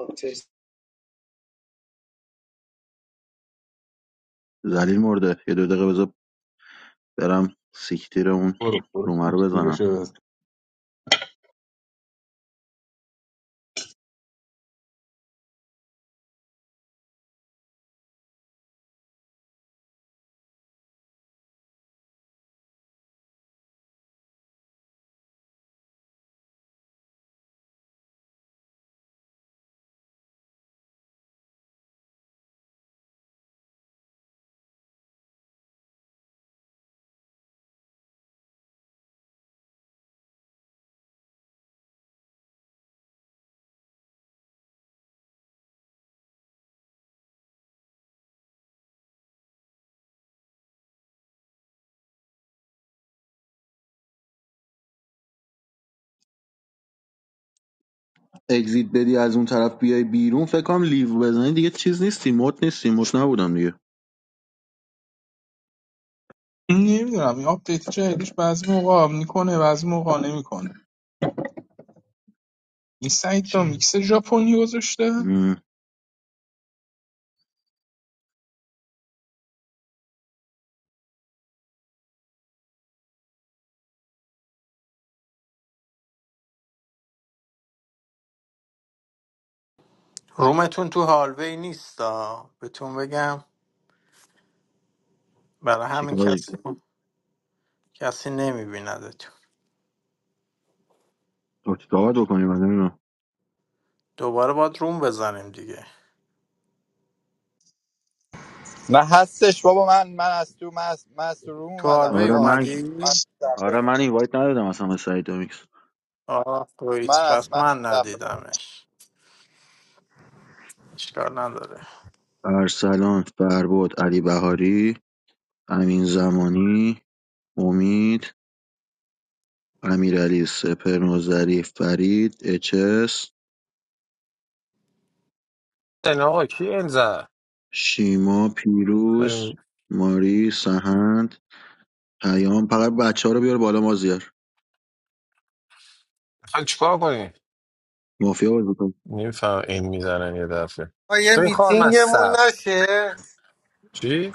آپدیت ذلیل مرده یه دو دقیقه بذار برم سیکتیر اون برو برو رومه رو گیره بزنم شده اگزیت بدی از اون طرف بیای بیرون فکر کنم لیو بزنی دیگه چیز نیستی موت نیستی موت نبودم دیگه نمیدونم این آپدیت جدیدش بعضی موقع میکنه بعضی موقع نمیکنه این سعید دا چی؟ میکس ژاپنی گذاشته مم. رومتون تو هالوی نیستا بهتون بگم برای همین چیکار کسی کسی نمیبیندتون چیکار باید بکنیم من نمی‌دونم. دوباره باید روم بزنیم دیگه نه هستش بابا من من از تو من از, من از تو روم تو اومدم هالوی آره آقا من من از اومدی؟ دفعه آره من این اومدم وایت ندادم اصلا به سعید دامیکس آه تو من هیچ از پس من از من دفعه اومدم ندیدمش اشکال نداره ارسلان فربود علی بهاری امین زمانی امید امیرعلی سپرنوزری فرید اچس این آقا کی این زد شیما پیروز داریم ماری سهند پیام فقط بچه ها رو بیار بالا مازیار میخوای چیکار کنی مافیا بازی کن نمیفهم این میزنن یه دفعه آقا یه شوی خار میتینگمون مصب نشه چی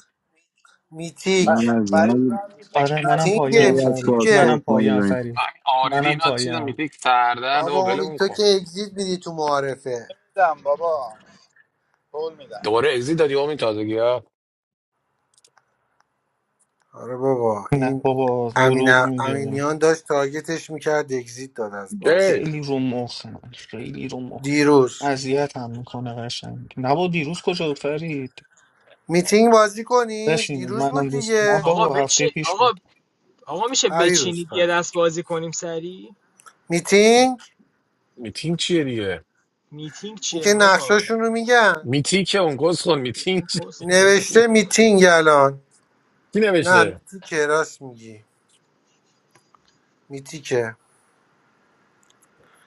نه میتیک نه ف- فرید نه من میتیک. میکنی آره منم فرید میتینگه پایم خیلی از فرید میتیکه منم پاسپورت ما پایم میزنیم فرید همین آردی منم اینا چیزا پایم میتیک سردرد بابا و امی ولمون تو که کن اگزیت میدی تو معارفه نمیدم بابا قول میدم دوباره ازی دادی همین تازگی ها آره بابا نه این بابا امین دروغ میگه امینیان داشت تارگتش میکرد اگزیت داد از بازی ای خیلی رو مخم خیلی رو مخ دیروز اذیت هم میکنه قشنگ نه بابا دیروز کجا بود فرید میتینگ بازی کنیم بشینیم دیروز منم بود دوست نه دیگه آقا بابا بچه هفته پیش آقا بود آقا میشه پریروز بچینید یه پری دست بازی کنیم سری میتینگ میتینگ چیه دیگه میتینگ چیه اینکه بابا نقشاشون رو میگن میتیک اون گز خون میتینگ اون چی کس میتینگ نوشته میتینگ الان کی نه نوشته میتیکه راست میگی میتیکه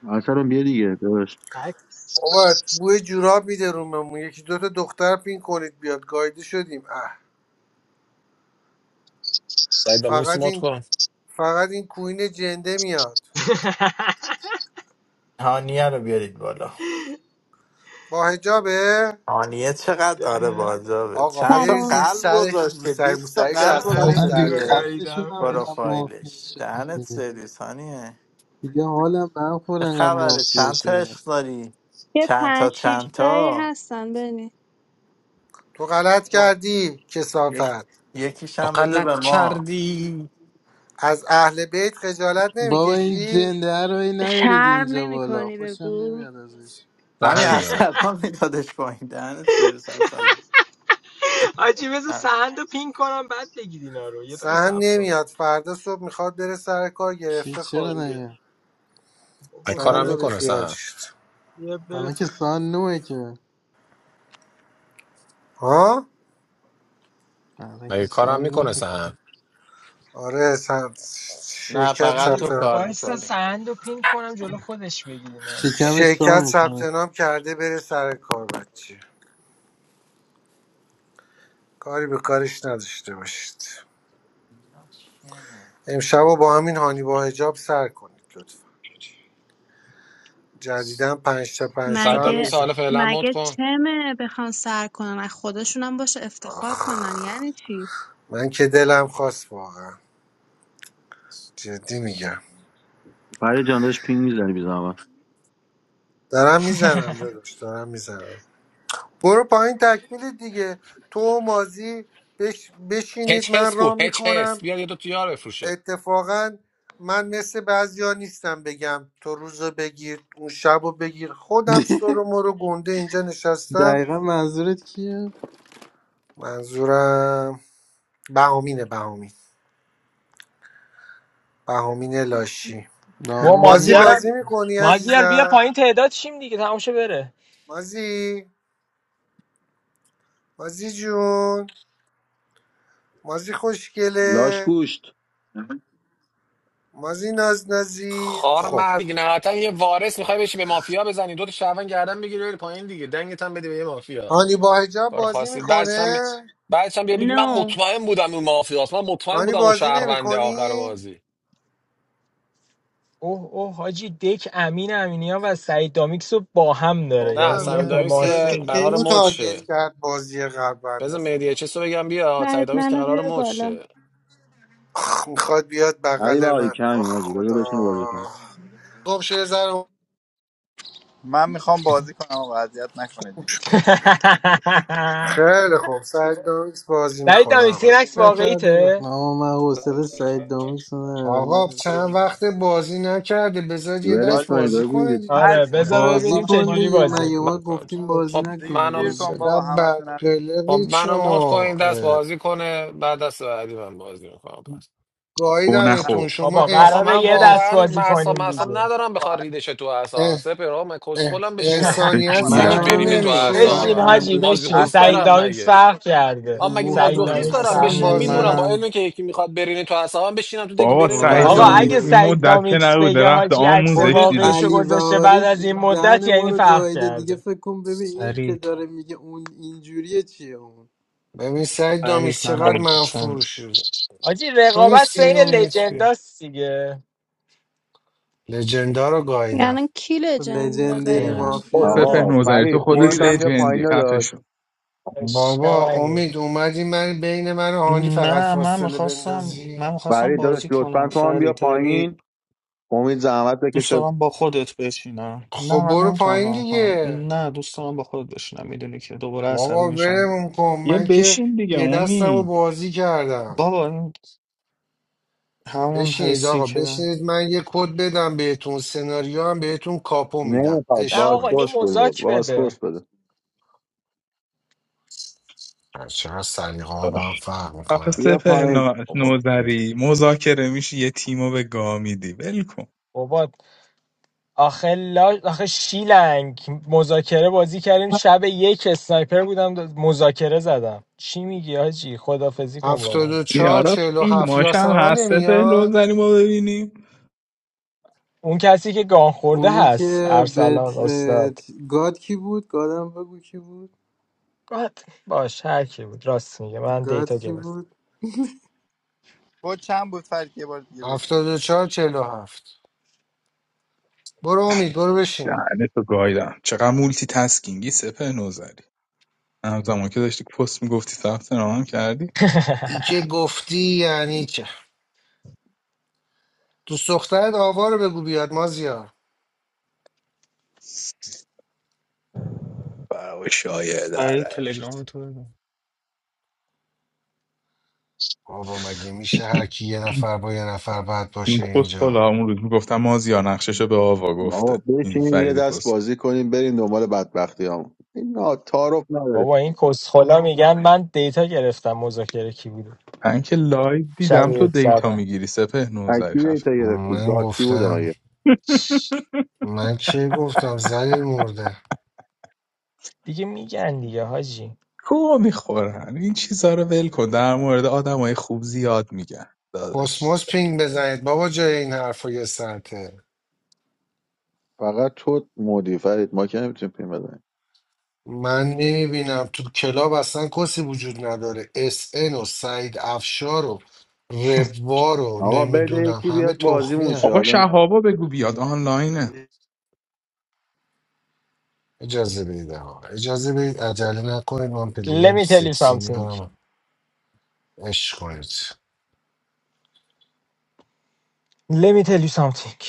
اصلا بیا دیگه داداش بکس بابا بوی جوراب میده روممون یکی دوتا دختر پین کنید بیاد گایده شدیم اه سعید با نیست فقط مات این کن فقط این کوین جنده میاد هانیه رو بیارید بالا با هجابه آنیه چقدر آره دهن- باجابه آقا چند تا سلام بریزیم قلب سرش رو گذاشته سر 20 تا موسریش قلب از آقا سرش من گذاشته دهنتون در دیگه رو توی بیاریم خسته گاییدم شدم انقدر حاجی مافیا پروفایلش شدم دهنت دیگه سرویس هانیه دیگه حالم به هم خور چه انقدر خبره مافیا چند تا شدم عشق داری یه چند تا پنج شیش چند تایی تا هستن بنی تو غلط کردی یک... کسافت یکیش تو هم بده به غلط ما کردی از اهل بیت خجالت بابا این نمیکشی جنده رو ای نیارید شرم اینجا نمی بالا کنی خوشم بگو نمیاد ازش و همین هم میاره ارسلان میدادش پایین دهنت سرویس ارسلان حاجی بذار نه سهند رو پین کنم بعد بگید اینا رو یه دقیقه سهن سب کن نمیاد فردا صبح میخواد بره سر کار چی گرفته چرا خوابیده نگه ای بابا سهند کارم بیاد رو میکنه بره- بیخیال سهم شد بیاد بره الان که تو سان نوه که ها الان که ای کارم سان میکنه نوه سهم آره سهند نه، شرکت فقط حاجی تو ثبت کار وایسا میکنی سهند رو پین کنم جلو خودش بگید اینا رو شکمش وایسا. کار شرکت ثبت میکنه نام کرده بره سر کار بچه کاری به کارش نداشته باشید امشب رو با همین هانی با هجاب سر کنید لطفا جدیدن پنج تا پنج سعید تا هم دامیکس مگه میزن حالا فعلا مات مگه کن چمه بخوان سر کنن از خودشونم باشه افتخار آخ کنن یعنی چی من که دلم خواست واقعا جدی میگم فرید جان داشت پینگ میزنی بی زحمت دارم میزنم داداش دارم میزنم برو پایین تکمیل دیگه تو و مازی بش... بشینید هچ هس من کو رام هچ هس میکنم بیا یه دو تیار بفروشه اتفاقا من مثل بعضیا نیستم بگم تو روزو بگیر اون شبو بگیر خودم سرو مرو گنده اینجا نشستم دقیقا منظورت کیه؟ منظورم بهامینه بهامین بهامین لاشی با دامی با مازی اینو مازیار بازی بگید میکنی مازیار بیا عزیزم پایین تعداد شیم دیگه تمام شه بره مازی مازی جون مازی لاش خوشگله گوشت مازی نازنازی خار خب مرد دیگه نهایتا یه وارث میخوای بشی به مافیا بزنی دو تا شهروند گردن بگیری بری پایین دیگه دنگت هم بده به یه مافیا هانی با هجاب کار بازی خاصی بعدش میکنه هم بعدش هم بیا بگی من نو no. مطمئن بودم اون مافیاست من مطمئن هانی بودم اون بازی شهرونده آخر نمیکنی بازی اوه اوه حاجی دک امین امینیان و سعید دامیکس رو با هم داره نه بابا یعنی امین یه سمیم دامیس امینیان که که حماسی قرار کینو مد شه تارگت کرد بازی قبل بنده بزن مهدی خدا چه رو بگم بیا سعید بعد دامیس که منو قرار بیار مد بالا شه میخواد بیاد علی بغل بهاری من کمی آخ ماجی بذار خدا بشینه بازی کنه خب شه یه ذره من میخوام بازی کنم آقا اذیت نکنید دیگه تو رو خدا. خیلی خوب سعید دامیکس بازی سعید میکنه دامیکس این آقا عکس نکرده به واقعیته آقا من حوصله سعید دامی ندارم آقا من چند وقت بازی نکرده بذار یه ولش دست ولی کنید بازی بازی کنه می‌دید. دیگه هر آره کی بذار میخواد بازی ببینیم با من چه کن جوری بازی دیگه کنه بازی مگه ما من- گفتیم آه، بازی خب دیگه نکنه سیر منو بازی کن کن چقدر بابا بد همتون هم خب قلقی منو هم مد کن کن این دست چون بازی کنه بعد دست بعدی من بازی میکنم گو گاهی نه نخور شما بابا آقا انس... من من قراره یه ان- دست واقعا بازی معصاب کنیم معصاب دیگه میخوام ندارم با بخواد علی ریدش تو اعصابم ان- سپر آقا من ان- کسخلم قورت بشینم انسانیت نمیکنم یکی بکیرم منم سرتون علی برینه تو دادا همینطور نمیشه من بشین به اعصابم مخ- حاجی اندازه بشین مازوخیست اصلا سعید کافی دارم دامیکس مگه فرق کرده آ رو مگه مخ سعید اصلا مازوخیست داریم دامیکس دارم اصلا فرق بشینم کرده بازی میدونم با نکن منم علمی که یکی میخواد برینه تو اعصابم بشینم تو دکی بابا برینه تو سعید آقا آره فرید اعصابم دامیک اگه دیگه. این سعید مدت که دامیکس نبوده بگه رفته حاجی عکس خود آموزش دیده واقعیشو علی گذاشته بعد بهاری از این مدت دهن ما یعنی رو فرق گایده کرده دیگه فکر کن ببین این که فرید داره میگه اون اینجوریه چیه اون ببین سعید دامیش فرید چقدر منم منفور چون شده آجی تو رقابت نیستی بین امید بیا لجنداست دیگه لجندا رو گاییدم یعنی کی لجنده لژندری خیلی دقیقا خوب. خود سپه مافیاست اینجا آقا نوزری تو فرید خودت خودت دیره هم بیا پایین لجندی خفه داداش شو. بابا اشکمه امید نیست اومدی من بین من و هانی فقط نه من فاصله میخواستم بندازی من میخواستم فرید داداش بازی کنم لطفا تو هم بیا فرید ولی پایین امید زحمت دوست بکشه دارم با خودت بشینم نه خب من برو نمیتونم پایین ران کنم دیگه نه دوست دارم با خودت بشینم میدونی که دوباره عصبی بابا میشم ولم کن یه من که بشین دیگه یه دستم رو امید بازی کردم بابا این همون بشینید حسی آقا که بشینید من یه کد بدم بهتون سناریو هم بهتون کاپو میدم نمیخواد نه عشق آقا یه پاسپورت کنید بده مزاک بده پاسپورت بده چقدر سلیقه ها با هم فرق آخه میکنه بیا سپه پایین نا- بابا نوزری مذاکره میشه یه تیمو به گاه میدی ول کن بابا آخه, لا... آخه شیلنگ مذاکره بازی کردیم شب یک اسنایپر بودم مذاکره زدم چی میگی آجی خدافزی کن با هفتاد من. و این چهار آرا چهل و هفت فیلماش هم یاسمن هست سپه نمیاد نوزری ما ببینیم اون کسی که گان خورده اونی هست که به ارسلان استاد گاد کی بود گادم بگو کی بود گاد باش هر کی بود راست میگه من گاد دیتا کی گرفتم بود خود چند بود فرید یه بار دیگه بگو هفتاد و چهار چهل و هفت برو امید برو بشین دهنتو گایدم چقدر مولتی تسکینگی سپه نوزری همزمان که داشتی پست میگفتی ثبت نام هم کردی ای که گفتی یعنی که تو دخترت آوا رو بگو بیاد مازیار و شایه برای داره تلگرام تو بده بابا مگه میشه هر کی یه نفر با یه نفر بعد این باشه کس حالا اینجا اون روز میگفتم مازیار نقششو به آوا آقا گفته این بشینیم یه فرید دست کس بازی کنیم بریم دنبال بدبختی هم این نا- تعارف نداره بابا این کسخلا میگن من دیتا گرفتم مذاکره کی بود من که لایو شب دیدم تو یک دیتا زدم میگیری سپه نوزری اکی خفه دیتا گرفتی من ذاتی بوده گفتم مگه من چه گفتم زلیل مرده دیگه میگن دیگه حاجی کو میخورن این چیزا رو ول کن در مورد آدمای خوب زیاد میگن داداش کسموس پینگ بزنید بابا جای این حرفا یه ساعته فقط تو مودی فرید ما که نمیتونیم پیم بزنیم من نمیبینم تو کلاب اصلا کسی وجود نداره اس ان و سعید افشار و ربوا رو آقا بده نمیدونم یکی همه بیاد تخمی بازیمون شه هن. آقا حالا شهابا بگو بیاد آنلاینه اجازه بدید ها اجازه بدید عجله نکنید من Let پلیم me tell you سکسی something میارم عشق کنید Let me tell you something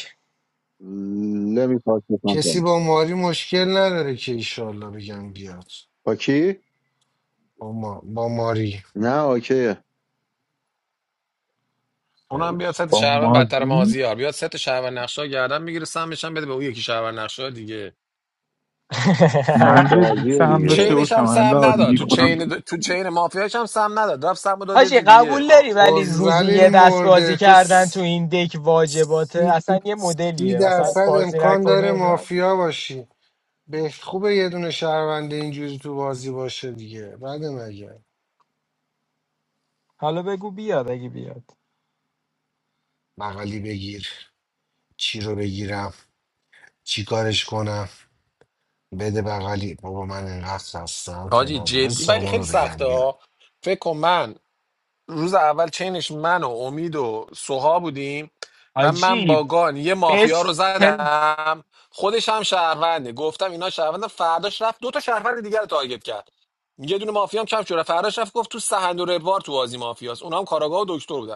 لمی پاس میکنم کسی کنیم با ماری مشکل نداره که ایشالله بگم بیاد با کی؟ با, ما... با ماری نه اوکیه خیلی اونم بیاد ست با شهروند بدتر مازی مازیار بیاد ست شهروند نقشه ها گردن میگیره سمش هم بده به اون یکی شهروند نقشه دیگه آه، من جدی بازی سهم تو دیگه داشته رو چینش باشم هم سم الان نداد تو میکنم تو چین د- تو چین مافیاش هم سم نداد رفت سمو داد یه حاجی جای دیگه قبول داری خوب. و ولی روزی زلیل یه دست مرده بازی تو کردن تو س- این دک واجباته سی, اصلا یه سی مدلیه مثلا درصد فارسی امکان نکنی داره اینا. مافیا باشی به خوبه یه دونه شهرونده اینجوری تو بازی باشه دیگه بعد مگه حالا بگو بیاد اگه بیاد بغلی بگیر چی رو بگیرم چی کارش کنم بده بغلی بابا من اینقدر هستم که حاجی نگو به جدی ولی سامان خیلی رو بگم سخته بیا ها فکر کن من روز اول چینش من و امید و سوها بودیم و من با حاجی گان یه مافیا رو بس پل... زدم خودش هم شهرونده گفتم اینا شهرونده فرداش رفت دو تا شهروند دیگر رو تارگت کرد یه دونه مافیا هم کم شده فرداش رفت گفت تو سهند و ربوار تو بازی مافیاست اونها هم کاراگاه و دکتر بودن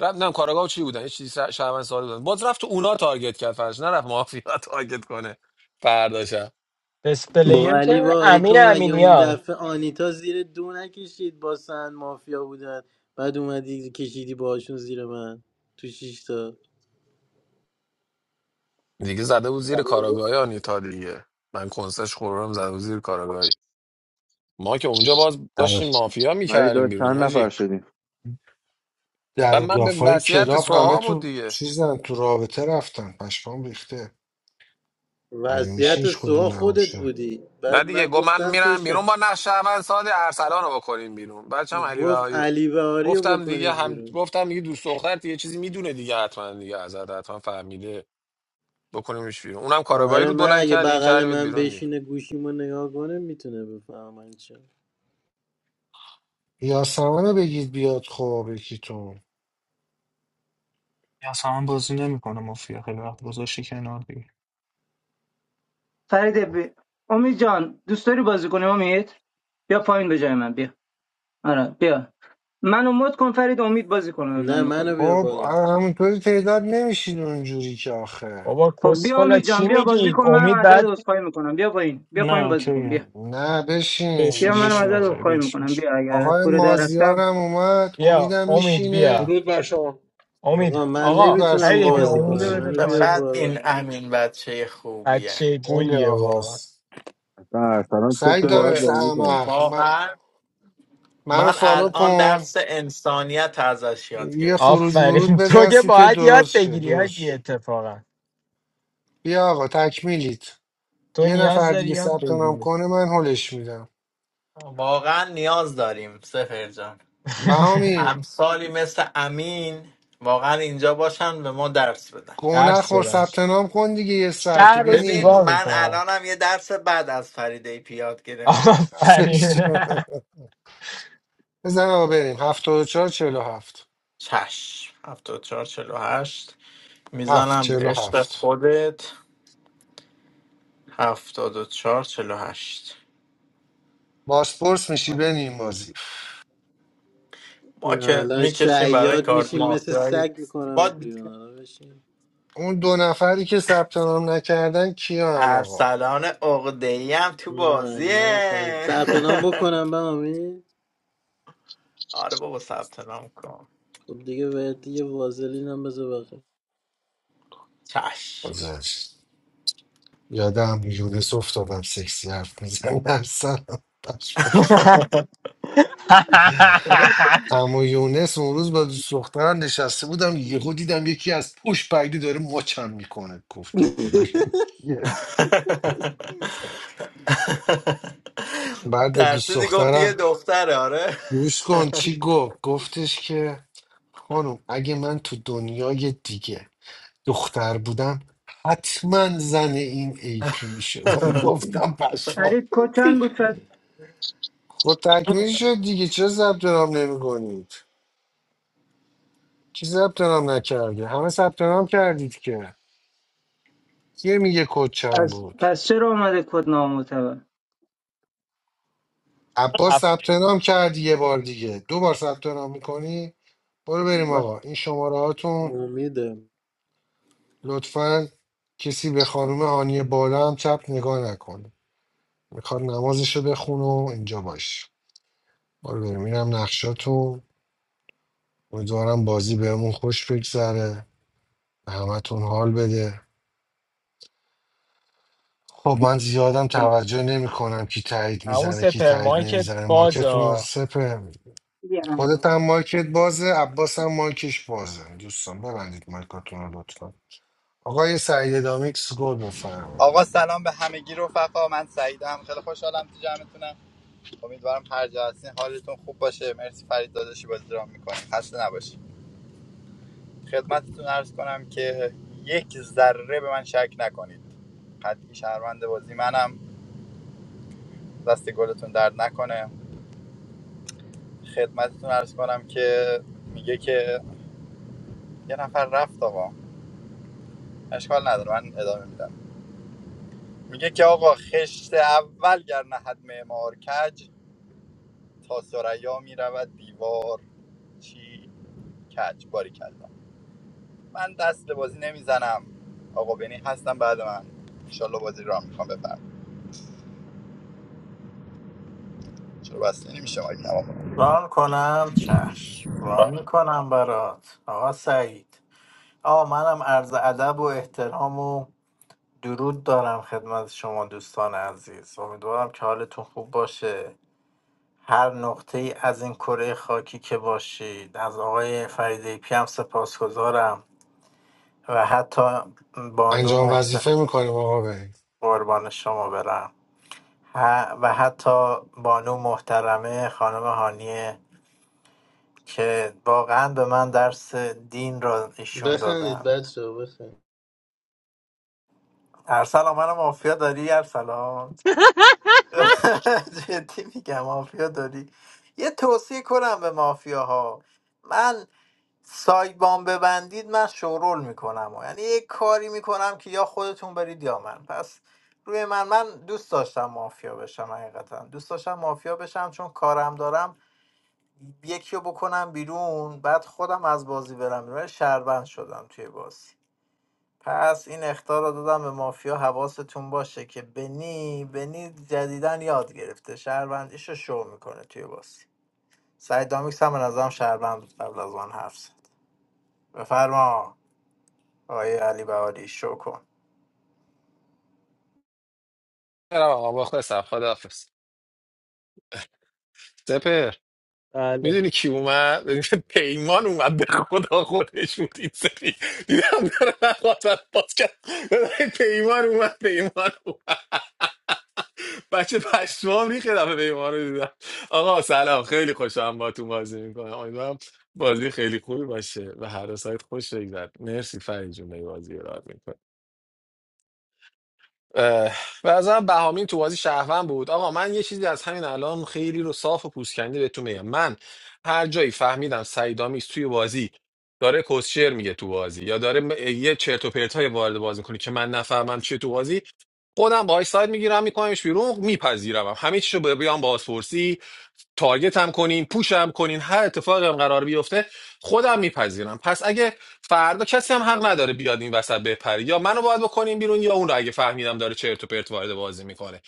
رفت نه کاراگاه و چی بودن یه چیزی س- شهروند ساده بودن باز رفت تو اونا تارگت کرد فرداش نرفت مافیا رو تارگت کنه فرداشم بس پلیر با علی که باری امین تو مگه اون امینیان دفعه آنیتا زیر دو نکشید با سن مافیا بودن بعد اومدی کشیدی باشون زیر من تو شیشتا دیگه زده بود زیر کاراگاهی آنیتا دیگه من کنسش خوردم زده بود زیر کاراگاهی ما که اونجا باز در داشتیم مافیا ولی میکردیم داشت بیرون چند نفر آجی شدیم در و و من به دافای وصیت کلاب همه سوها بود تو دیگه چیزن تو رابطه رفتن پشمام ریخته مگه میشه وضعیت هیچ سوها کدوم خودت نباشه بودی نه بعد من دیگه گفت من گفتم تو میرم شن. بیرون با نقش اول ساده ارسلان رو بکنیم بیرون بچه هم علی گفت بهایی رو علی بهاری رو گفتم دیگه بکنید هم بیرون گفتم دیگه دوست دختر یه چیزی میدونه دیگه حتما دیگه ازت حتما فهمیده بکنیمش بیرون اونم کاراگاهی آره رو من بلند اگه کرد دیگه بغل کردیمت من بیرون دیگه بشینه گوشیمو نگاه کنه میتونه بفهم من چه یا رو بگید بیاد خب یکیتون یا اصلا من بازی نمیکنه مافیا خیلی وقت گذاشتی کنار دیگه فرید بی... امید جان دوست داری بازی کنیم امید بیا پایین به جای من بیا آره بیا منو مد کن فرید امید بازی کنه، نه بنده منو خدا بیا خب بالا همونطوری تعداد نمیشید اونجوری که آخه بابا خب بیا کسفلا امید جان چی بیا بازی میگید کن منم امید ازت بعد عذرخواهی میکنم بیا پایین بیا نه پایین بازی کن بیا اوکیه نه بشین بیا بشین منم بشین بشین ازت اوکی آقا عذرخواهی بشین میکنم بشین بیا اگر از آقای کوره در رفتم مازیارم اومد بیا امیدم امید میشینه بیا درود بر شما امید آقا من آقا درود بر نمیتونم فرید شما ای پی آقای بازی امید کنم بده مازیار منو بیا پایین چقدر بالا این امین بچه خوبیه بچه خیلی گلیه واقعا آقاست اصلا ارسلان تو که سعید باید خیلی. دامیکس بازی کنیم احمق من... واقعا منو من فالو الان کن درس انسانیت ازش یاد یه گرفتم خروج ورود آفرین تو بزن که سیت باید یاد درست شد بگیری درست حاجی شد اتفاقا بیا آقا تکمیلیت تو یه نیاز نفر داری دیگه یاد ثبت نام بگیری کنه من هلش میدم واقعا نیاز داریم سفر جان بهامین امثالی مثل امین واقعا اینجا باشن به ما درس بدن گو درس نخور بدن ثبت نام کن دیگه یه ساعته شهر رو ببین زیبا بنی من میکنن الانم یه درس بعد از فریده پی یاد گرفتم افلش آفرین شو. بزن آقا بریم هفتاد و چهار چهل و هفت چشم 74 هشت. هفت میزنم به چهل و عشق هفت خودت 74 هشت. باسپورس میشی بنیم بازی ما نه، که الان میکشیم برای شعیاد کارت میشیم مثل مافیایی سگ ما میکنمت بیرون الان بشین اون دو نفری که ثبت نام نکردن کیان آقا ارسلان عقده‌ای هم تو نه من بازیه سب- ثبت نام بکنم به امید آره بابا ثبت نام کن خب دیگه بهت یه وازلین هم بذار بخیر چشم گذشت یادم یونس افتادم سکسی حرف میزن اصلا اما یونس اون روز با دوست دخترم نشسته بودم یهو دیدم یکی از پوش پگلی داره مچم میکنه گفتم خدا این کیه بعد به دوست ترسیدی گفتی یه دخترم دختره آره گوش کن چی گفت گفتش که خانم اگه من تو دنیای دیگه دختر بودم حتما زن این ای پی میشدم گفتم پشمان فرید کد چند بود ف... خود تکمیل شد دیگه چرا ثبت نام نمیکنید کی ثبت نام نکرده همه ثبت نام کردید که یه میگه کد چند از بود پس چرا اومده کد نامعتبر عباس ثبت نام کردی یه بار دیگه دو بار ثبت نام میکنی برو بریم باز- آقا این شماره هاتون امیدم لطفا کسی به خانم هانی بالا هم چپ نگاه نکنه میخواد نمازشو بخونه و اینجا باش برو بریم اینم نقشاتون امیدوارم بازی بهمون خوش بگذره به همتون حال بده خب من زیادم توجه نمیکنم کی تایید همون میزنه کی تایید سپرمایی که نمیزنه ماکتون بازا سپه بیا همین خودت بازی. هم ماکت بازه عباس هم ماکش بازه دوستان ببندید ماکتون رو لطفا آقای سعید دامیکس گل آقا بفرمایید سلام به همگی رفقا من سعیدم خیلی خوشحالم تو جمعتونم امیدوارم هر جا هستین حالتون خوب باشه مرسی فرید داداشی بازی را میکنید خسته نباشید خدمتتون عرض کنم که یک ذره به من شک نکنید قطعی شهروند بازی منم دست گلتون درد نکنه خدمتتون عرض کنم که میگه که یه نفر رفت آقا اشکال نداره من ادامه میدم میگه که آقا خشت اول گر نهد معمار کج تا ثریا میرود دیوار چی کج باری کردم. من دست به بازی نمیزنم آقا بینی هستم بعد من انشالله بازی را میخوام بفهم چرا بسته نمیشه ما کم آقا ران کنم چشم ران میکنم برات آقا سعید آقا منم عرض ادب و احترام و درود دارم خدمت شما دوستان عزیز امیدوارم که حالتون خوب باشه هر نقطه ای از این کره خاکی که باشید از آقای فریده پی هم سپاسگزارم و حتی بانو انجام وظیفه محسن میکنیم آقا بی قربان شما برم ه- و حتی بانو محترمه خانم هانیه که واقعا به من درس دین را ایشون بخندید دادن بچه ها بخند ارسلان منو مافیا داری ارسلان جدی میگم مافیا داری یه توصیه کنم به مافیاها من سایبان ببندید من شورول میکنم یعنی یه کاری میکنم که یا خودتون برید یا من پس روی من من دوست داشتم مافیا بشم حقیقتا دوست داشتم مافیا بشم چون کارم دارم یکی رو بکنم بیرون بعد خودم از بازی برم بیرون ولی شهروند شدم توی بازی پس این اختار رو دادم به مافیا حواستون باشه که بنی بنی جدیدن یاد گرفته شهروندیش رو شو میکنه توی بازی سعید دامیکس هم به نظرم شهروند بود قبل از آن حرف زد بفرما آقای علی بهاری شو کن برم آقا بخواه خداحافظ سپه بله میدونی کی اومد پیمان اومد به خدا خودش بود این سری دیدم داره نخواست باز کرد ببین پیمان اومد پیمان اومد بچه پشمام ریخ یه دفعه پیمان رو دیدم آقا سلام خیلی خوشحالم با تو بازی میکنم امیدوارم بازی خیلی خوبی باشه و هر دو سایت خوش بگذر مرسی فرید جون داری بازی رو راه اه، به نظرم بهامین تو بازی شهروند بود آقا من یه چیزی از همین الان خیلی رو صاف و پوسکنده بهتون میگم من هر جایی فهمیدم سعید آمیز توی بازی داره کوسشر میگه تو بازی یا داره م- یه چرت و پرتای وارد بازی میکنه که من نفهمم چیه تو بازی خودم باهاش ساید میگیرم میکنمش بیرون میپذیرم همه چیشو بیام بازپرسی تارگت هم کنین پوش هم کنین هر اتفاقی هم قرار بیفته خودم میپذیرم پس اگه فردا کسی هم حق نداره بیاد این وسط بپری یا منو باید بکنین بیرون یا اون رو اگه فهمیدم داره چرت و پرت وارد بازی میکنه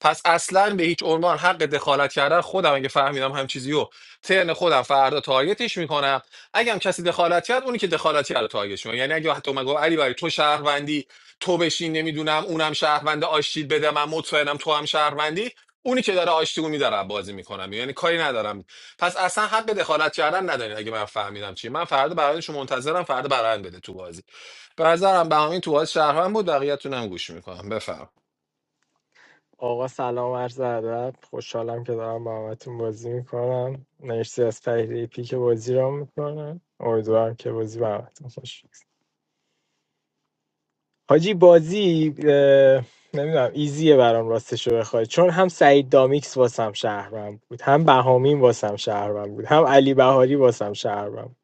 پس اصلا به هیچ عنوان حق دخالت کردن خودم اگه فهمیدم هم چیزی رو ترن خودم فردا تارگتش میکنم اگه هم کسی دخالت کرد اونی که دخالت کرد رو تارگتش میکنم یعنی اگه حتی اومد گفت علی برای تو شهروندی تو بشین نمیدونم اونم شهروند آشتید بده من مطمئنم تو هم شهروندی اونی که داره آشتیگو میداره بازی میکنم یعنی کاری ندارم پس اصلا حق دخالت کردن ندارین اگه من فهمیدم چی من فردا برندشو منتظرم فردا برند بده تو بازی به نظرم بهامین تو بازی شهروند بود بقیه‌تون هم گوش میکنم بفرم آقا سلام عرض ادب خوشحالم که دارم با همتون بازی میکنم مرسی از فریده پی که بازی را میکنم امیدوارم که بازی به همتون خوش بگذره. حاجی بازی نمیدونم ایزیه برام راستشو بخوای چون هم سعید دامیکس واسم شهرم بود هم بهامین واسم شهرم بود هم علی بهاری واسم شهرم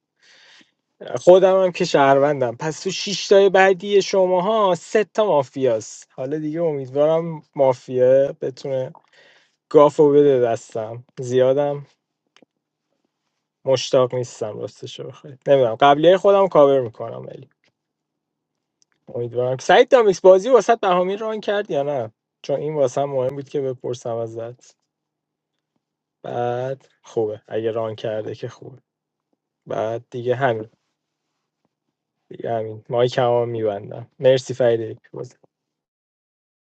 خودم هم که شهروندم پس تو شش تای بعدی شماها سه تا مافیاست حالا دیگه امیدوارم مافیا بتونه گافو بده دستم زیادم مشتاق نیستم راستشو بخوای نمیدونم قبلی خودم کاور میکنم امیدوارم سعید دامیکس بازی واسه بهامین ران کرد یا نه چون این واسه هم مهم بود که بپرسم ازت بعد خوبه اگه ران کرده که خوبه بعد دیگه همین دیگه همین مایک هم میبندم مرسی فرید بازی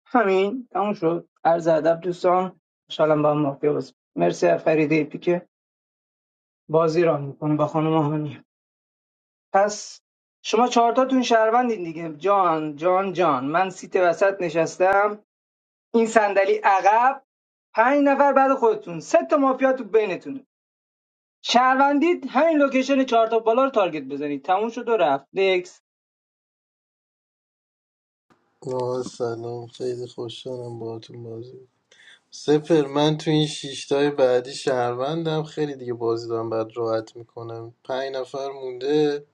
همین تموم شد عرض ادب دوستان ان با هم مافیا بازی مرسی از فریده پی که بازی را میکنه با خانم هانی پس شما چهارتاتون شهروندین دیگه جان جان جان من سیت وسط نشستم این صندلی عقب پنج نفر بعد خودتون سه تا مافیا تو بینتونه شهروندید همین لوکیشن چهار تا بالا رو تارگت بزنید تموم شد و رفت نکس آه سلام خیلی خوشحالم باهاتون بازی سپر من تو این شیشتای بعدی شهروندم خیلی دیگه بازی دارم بعد راحت میکنم پنج نفر مونده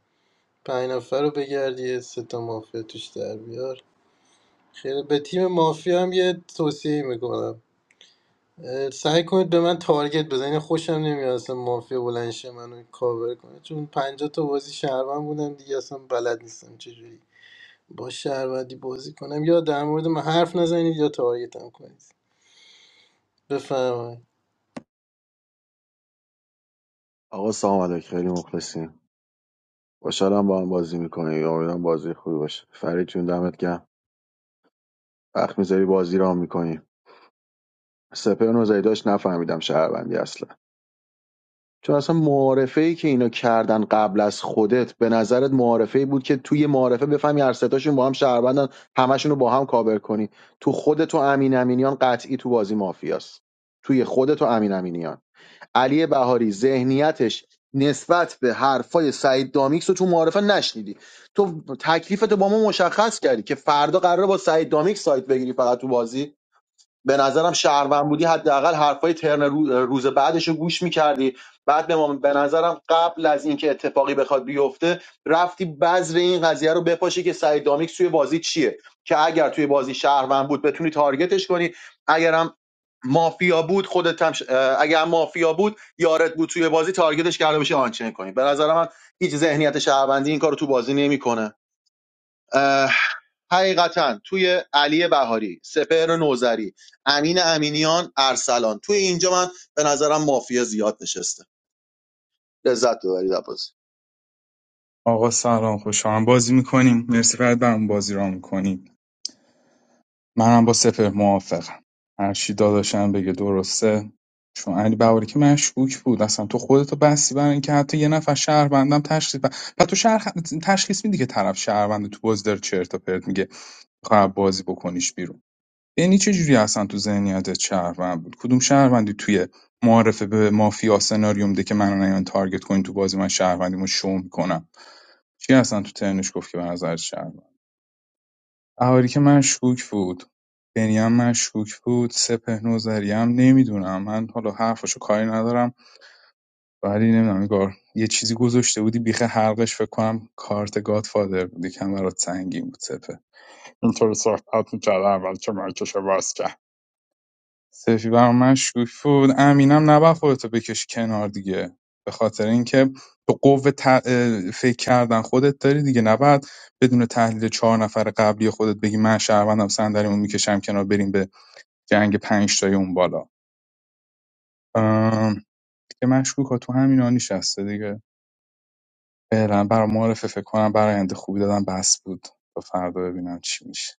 پنج نفر رو بگردی یه سه تا مافیا توش در بیار خیلی به تیم مافیا هم یه توصیه میکنم سعی کنید به من تارگت بزنید یعنی خوشم نمیاد اصلا مافیا بلند شه منو کاور کنه چون 50 تا بازی شهروند بودم دیگه اصلا بلد نیستم چجوری با شهروندی بازی کنم یا در مورد من حرف نزنید یا تارگتم کنید بفرمایید آقا سلام علیک خیلی مخلصیم خوشحالم با هم بازی میکنیم امیدوارم بازی خوبی باشه فرید جون دمت گرم وقت میذاری بازی رام میکنیم سپر نوزری داشت نفهمیدم شهروندی اصلا چون اصلا معارفه که اینا کردن قبل از خودت به نظرت معارفه بود که توی معارفه بفهمی هر ستاشون با هم شهروندن همشون رو با هم کابر کنی تو خودت و امین امینیان قطعی تو بازی مافیاست توی خودت و امین امینیان علی بهاری ذهنیتش نسبت به حرفای سعید دامیکس رو تو معارفه نشنیدی تو تکلیفتو با ما مشخص کردی که فردا قراره با سعید دامیکس سایت بگیری فقط تو بازی به نظرم شهروند بودی حداقل حرفای ترن رو- روز بعدش رو گوش میکردی بعد به, ما- به نظرم قبل از اینکه اتفاقی بخواد بیفته رفتی بذر این قضیه رو بپاشی که سعید دامیکس توی بازی چیه که اگر توی بازی شهروند بود بتونی تارگتش کنی اگرم مافیا بود خودت هم ش... اه، اگر هم مافیا بود یارت بود توی بازی تارگتش کرده بشه آنچین کنی به نظر من هیچ ذهنیت شهروندی این کارو تو بازی نمیکنه اه، حقیقتا توی علی بهاری سپهر نوزری امین امینیان ارسلان توی اینجا من به نظرم مافیا زیاد نشسته لذت ببرید عباس آقا سلام خوشحالم بازی میکنیم مرسی فرد برام بازی را میکنیم منم با سپر موافقم هرچی داداشم بگه درسته چون علی بهاری که مشکوک بود اصلا تو خودتو بسی برای اینکه حتی یه نفر شهروندم تشخیص بد پس تو شهر... تشخیص میدی که طرف شهروند تو باز داره چرت و پرت میگه خب بازی بکنیش بیرون بنی چجوری اصلا تو ذهنیتت شهروند بود کدوم شهروندی توی معارفه به مافیا سناریوم ده که منو نیان تارگت کنین تو بازی من شهروندیمو شو میکنم چی اصلا تو ترنش گفت که به نظر شهروند اهاری که مشکوک بود بنیام هم مشکوک بود سپه نوذری هم نمیدونم من حالا حرفشو کاری ندارم ولی نمیدونم نگار یه چیزی گذاشته بودی بیخ حلقش فکر کنم کارت گادفادر بود یکم برات سنگین بود سپه اینطور صحبت میکرد اول که مایکشو باز کرد سفی برای من شوک بود امینم نباید خودتو بکشی کنار دیگه به خاطر اینکه تو قوه ت- اه، فکر کردن خودت داری دیگه نباید بدون تحلیل چهار نفر قبلی خودت بگی من شهروندم صندلیمو میکشم کنار بریم به جنگ پنج تای اون بالا ام، دیگه مشکوک ها تو همینا نشسته دیگه فعلا برای معرفه فکر کنم برای آینده خوبی دادم بس بود تا فردا ببینم چی میشه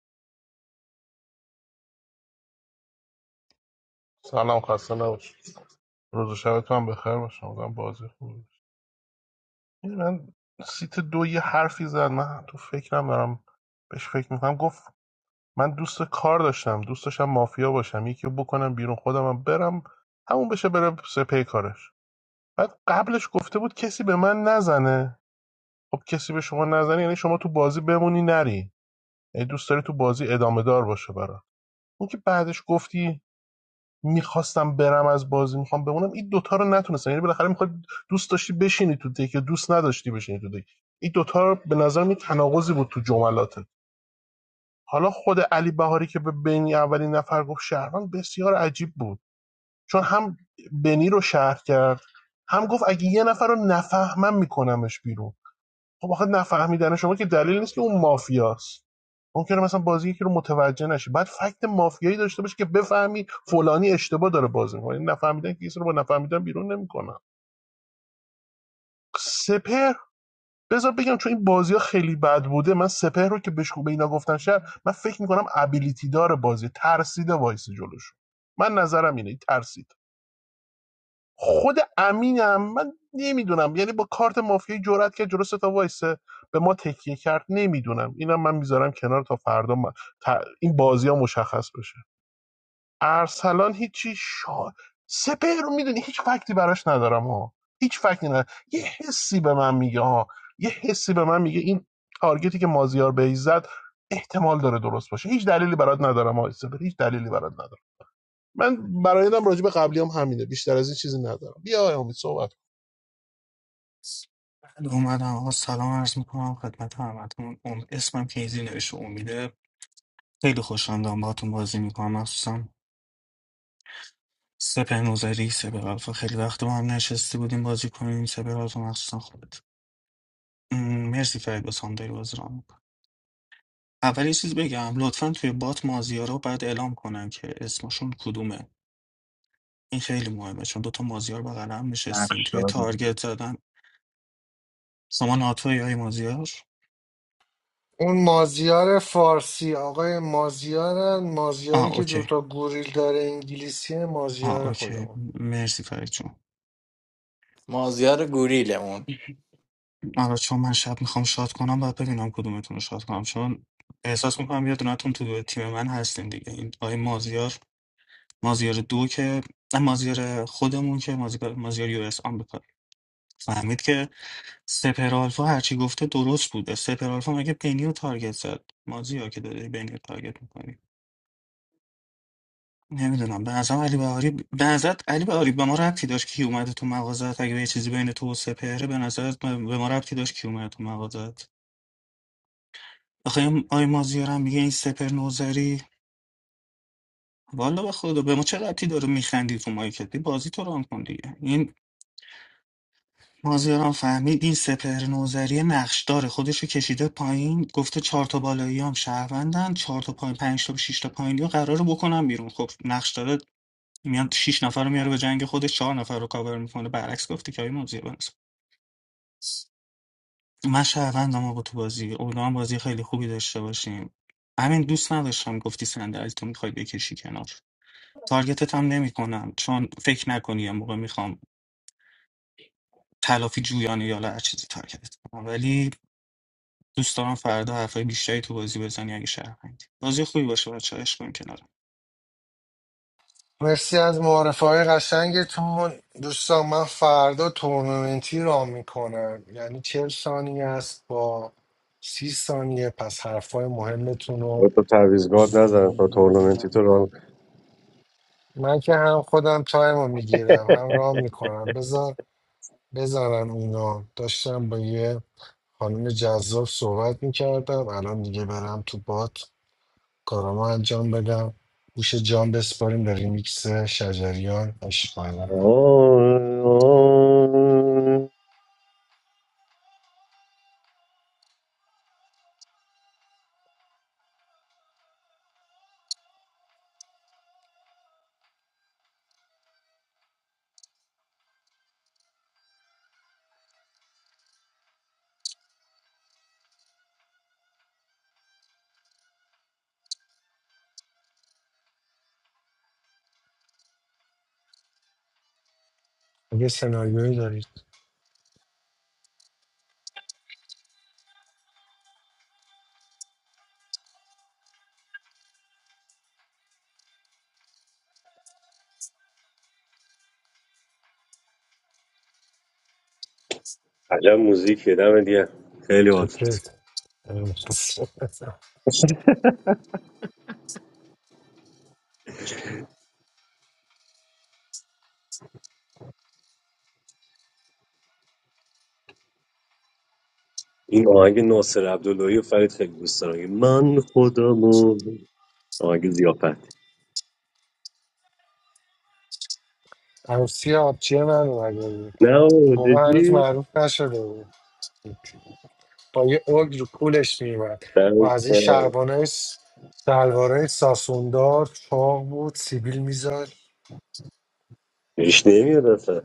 سلام خسته نباشید روز و شبتون هم بخیر باشه امیدوارم بازی خوبی باشه ببین، من سیت دو یه حرفی زد من تو فکرم دارم بهش فکر میکنم گفت من دوست کار داشتم دوست داشتم مافیا باشم یکی رو بکنم بیرون خودم هم برم همون بشه بره سپی کارش بعد قبلش گفته بود کسی به من نزنه خب کسی به شما نزنه یعنی شما تو بازی بمونی نری یعنی دوست داری تو بازی ادامه دار باشه برات اون که بعدش گفتی میخواستم برم از بازی میخوام بمونم این دوتا رو نتونستم یعنی بالاخره میخواد دوست داشتی بشینی تو دک یا دوست نداشتی بشینی تو دک این دوتا رو به نظر می تناقضی بود تو جملاتت حالا خود علی بهاری که به بنی اولین نفر گفت شهروند بسیار عجیب بود چون هم بنی رو شهر کرد هم گفت اگه یه نفر رو نفهمم میکنمش بیرون خب آخه نفهمیدن شما که دلیل نیست که اون مافیاست ممکنه مثلا بازی یکی رو متوجه نشی بعد فکت مافیایی داشته باشه که بفهمی فلانی اشتباه داره بازی می‌کنه نفهمیدن که کسی رو با نفهمیدن بیرون نمیکنن سپر بذار بگم چون این بازی خیلی بد بوده من سپر رو که بهش به اینا گفتن شر من فکر می‌کنم ابیلیتی داره بازی ترسیده وایسی جلوش من نظرم اینه ترسید خود امینم من نمیدونم یعنی با کارت مافیایی جرأت کرد جلو سه تا وایسه به ما تکیه کرد نمیدونم اینم من میذارم کنار تا فردا من- تا- این بازی مشخص بشه ارسلان هیچی شا... سپهر رو میدونی هیچ فکتی براش ندارم ها هیچ فکتی ندارم یه حسی به من میگه ها یه حسی به من میگه این تارگتی که مازیار به زد احتمال داره درست باشه هیچ دلیلی برات ندارم ها سپهر هیچ دلیلی برات ندارم من برایدم راجع به قبلی هم همینه بیشتر از این چیزی ندارم بیا آقای امید صحبت کن بله، اومدم آقا سلام عرض میکنم خدمت همتون ام... اسمم کیزی نوشته امیده خیلی خوشم دارم باهاتون بازی میکنم مخصوصا سپهر سپه آلفا خیلی وقت با هم نشسته بودیم بازی کنیم سپه آلفا مخصوصا خودت م، مرسی فرید بازی داری بازی رام می‌کنی. اول یه چیز بگم لطفا توی بات مازیارا باید اعلام کنن که اسمشون کدومه این خیلی مهمه چون دوتا مازیار بغل هم نقش نشستیم توی داری. تارگت زدن شما ناتوی یا مازیار اون مازیار فارسی آقای مازیارن مازیاری آه که اوکی دوتا گوریل داره انگلیسی آه مازیار اوکی خودمون مرسی فرید جون مازیار گوریلمون آره چون من شب میخوام شاد کنم باید ببینم کدومتون رو شاد کنم چون احساس میکنم یه دونتون تو تیم من هستین دیگه این آقای مازیار مازیار دو که نه، مازیار خودمون که مازیار, مازیار یو اس آمریکا فهمید که سپر آلفا هرچی گفته درست بوده سپر آلفا مگه بنی رو تارگت زد مازیار که داری بنی رو تارگت میکنی نمیدونم به نظرم علی بهاری به نظرت علی بهاری به ما ربطی داشت کی اومده تو مغازت اگه یه چیزی بین تو و سپهره به نظرت به ما ربطی داشت کی اومده تو مغازت آخه این- آی مازیارم میگه این سپر نوزری والا به خدا به ما چه ربطی داره میخندی تو مایکت بازی تو ران کن دیگه این مازیارم فهمید این سپر نوزری نقش داره خودشو کشیده پایین گفته چهار تا بالایی هم شهروندن چهار تا پایین پنج تا شش تا پایینی رو قراره بکنم بیرون خب نقش داره میان شش نفر رو میاره به جنگ خودش چهار نفر رو کاور میکنه برعکس گفتی که آی مازیار بنز. من شهروندم آقا تو بازی امیدوارم بازی خیلی خوبی داشته باشیم همین دوست نداشتم گفتی صندلیتو میخوای بکشی کنار تارگتت هم نمیکنم چون فکر نکنی یه موقع میخوام تلافی جویانه یا هر چیزی تارگتت کنم ولی دوست دارم فردا حرفای بیشتری تو بازی بزنی اگه شهروندی بازی خوبی باشه بچه‌ها عشق کنیم کنارم مرسی از معارفه های قشنگتون دوستان من فردا تورنمنتی را میکنم یعنی چهل ثانیه است با سی ثانیه پس حرفای مهمتون رو حالا تو تعویضگاه نزن تا تورنمنتی تو ران من که هم خودم تایم رو میگیرم هم رام میکنم بذار بذارن اونا داشتم با یه خانم جذاب صحبت میکردم الان دیگه برم تو بات کارامو انجام بدم گوش جان بسپاریم به ریمیکس شجریان عشقانه اگه سناریویی دارید عجب موزیکیه دم دیگه خیلی عادت چکرت این آهنگ ناصر عبداللهی و فرید خیلی دوست دارم من خودمو آهنگ زیافت عروسی آبچی من اومده بود نه اون بابا، موقع هنوز جدی معروف نشده بود با یه اوگ رو کولش میومد و دمت از این گرم. شربانه سلواره ساسوندار چاق بود سیبیل میزد ریش نمیاد اصلا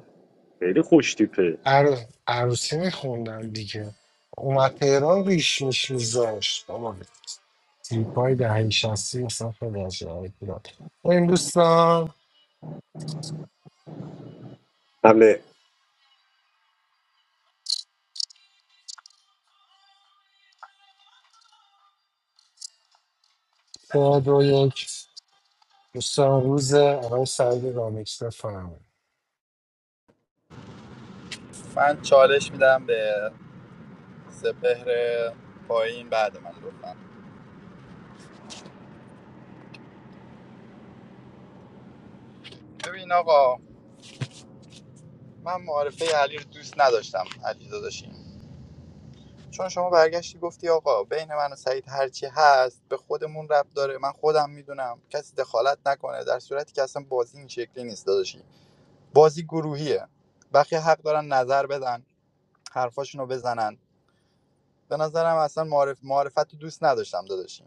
خیلی خوش تیپه عر... عروسی میخوندن دیگه اومد تهران ریش میش میذاشت تریپ های دهی شستی مثلا خیلی عجیب بود. این دوستان حمله سه دو یک دوستان روز آقای سعید رامیکس بفرمایید من چالش میدم به سپهر پایین بعد من لطفا ببین آقا من معارفه علی رو دوست نداشتم علی داداشیم چون شما برگشتی گفتی آقا بین من و سعید هرچی هست به خودمون رب داره من خودم میدونم کسی دخالت نکنه در صورتی که اصلا بازی این شکلی نیست داداشی. بازی گروهیه بقیه حق دارن نظر بدن حرفاشونو بزنن به نظرم اصلا معرف معرفت دوست نداشتم داداشی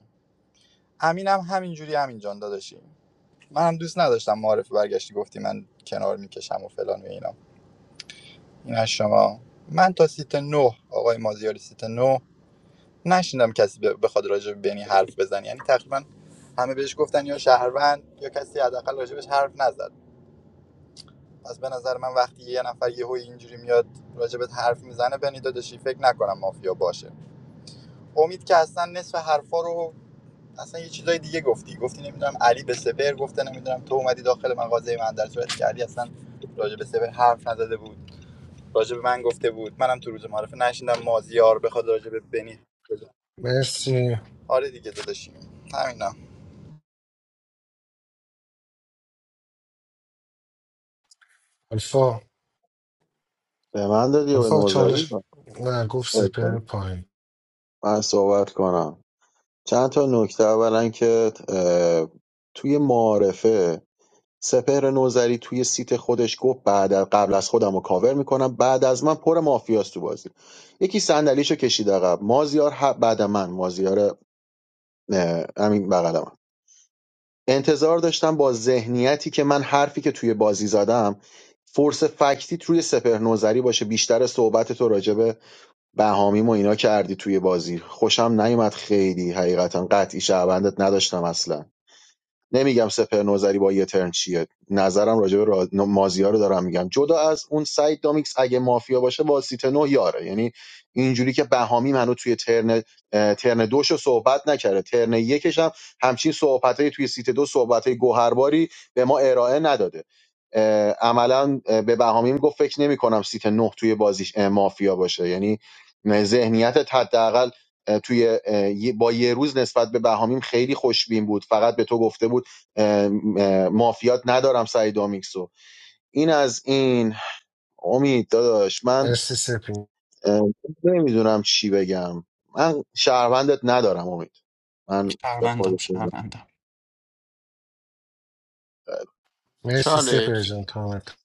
امینم همینجوری همین جان داداشی منم دوست نداشتم معرف برگشتی گفتی من کنار میکشم و فلان و اینا این از شما من تا سیت نه آقای مازیاری سیت نه نشیندم کسی ب- بخواد راجع به بنی حرف بزنه یعنی تقریبا همه بهش گفتن یا شهروند یا کسی حداقل راجبش حرف نزد از به نظر من وقتی یه نفر یهو اینجوری میاد راجبت حرف میزنه بنی داداشی فکر نکنم مافیا باشه امید که اصلا نصف حرفا رو اصلا یه چیزای دیگه گفتی گفتی نمیدونم علی به سپر گفته نمیدونم تو اومدی داخل مغازه من در صورتی که علی اصلا راجب سپر حرف نزده بود راجب من گفته بود منم تو روز معرفه نشیندم مازیار بخواد راجب بنی مرسی آره دیگه داداشی همینا الفا به من دادی یا به الفا نوزری چالش نه گفت سپر پایین من صحبت کنم چند تا نکته اولا که اه، توی معارفه سپهر نوزری توی سیت خودش گفت بعد از- قبل از خودم رو کاور میکنم بعد از من پر مافیاست تو بازی یکی صندلیشو کشید عقب مازیار ه- بعد من مازیار اه، همین بغلم انتظار داشتم با ذهنیتی که من حرفی که توی بازی زدم فورس فکتیت روی سپهر نوزری باشه بیشتر صحبت تو راجع به بهامیم و اینا کردی توی بازی خوشم نیومد خیلی حقیقتا قطعی شعبندت نداشتم اصلا نمیگم سپر نوزری با یه ترن چیه نظرم راجع به را... مازیا رو دارم میگم جدا از اون سعید دامیکس اگه مافیا باشه با سیت نو یاره یعنی اینجوری که بهامی منو توی ترن اه، ترن دوش رو صحبت نکرده ترن یکش هم همچین صحبتای توی سیت دو صحبتای گوهرباری به ما ارائه نداده اه، عملا اه، به بهامی میگفت فکر نمی کنم سیت نه توی بازیش اه، مافیا باشه یعنی ذهنیت حداقل اه، توی اه، یه- با یه روز نسبت به بهامیم خیلی خوشبین بود فقط به تو گفته بود مافیات ندارم سعید آمیکسو این از این امید داداش من مرسی سپی نمیدونم چی بگم من شهروندت ندارم امید من به شهروندم خودت میگم. شهروندم مرسی سپر چالش جان تامت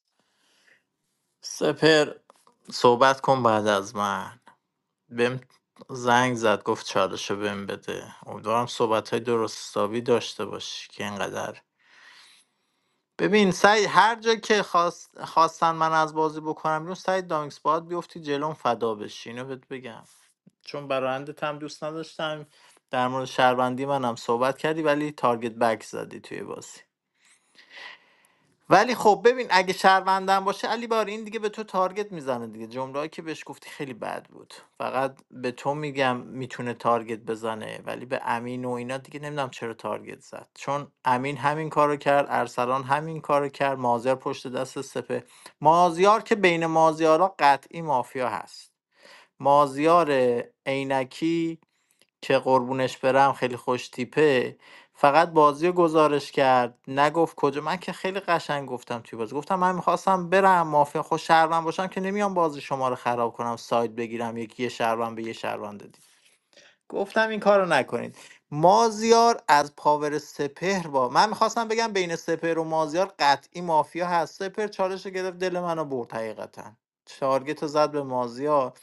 سپر صحبت کن بعد از من بهم زنگ زد گفت چالشو بهم بده امیدوارم صحبت های درست حسابی داشته باشی که اینقدر ببین سعی هر جا که خواست... خواستن من از بازی بکنم بیرون سعی دانکس باید بیفتی جلون فدا بشی اینو بهت بگم چون برایندت هم دوست نداشتم در مورد شهروندی منم صحبت کردی ولی تارگت بک زدی توی بازی ولی خب ببین اگه شهروندم باشه علی بار این دیگه به تو تارگت میزنه دیگه جمله که بهش گفتی خیلی بد بود فقط به تو میگم میتونه تارگت بزنه ولی به امین و اینا دیگه نمیدونم چرا تارگت زد چون امین همین کارو کرد ارسلان همین کارو کرد مازیار پشت دست سپه مازیار که بین مازیارا قطعی مافیا هست مازیار عینکی که قربونش برم خیلی خوش تیپه فقط بازی رو گزارش کرد نگفت کجا من که خیلی قشنگ گفتم توی بازی گفتم من میخواستم برم مافیا خوش شهروند باشم که نمیام بازی شما رو خراب کنم ساید بگیرم یکی یه شهروند به یه شهروند دیگه گفتم این کارو نکنید مازیار از پاور سپهر با من میخواستم بگم بین سپهر و مازیار قطعی مافیا هست سپهر چالش رو گرفت دل منو برد حقیقتا تارگت رو زد به مازیار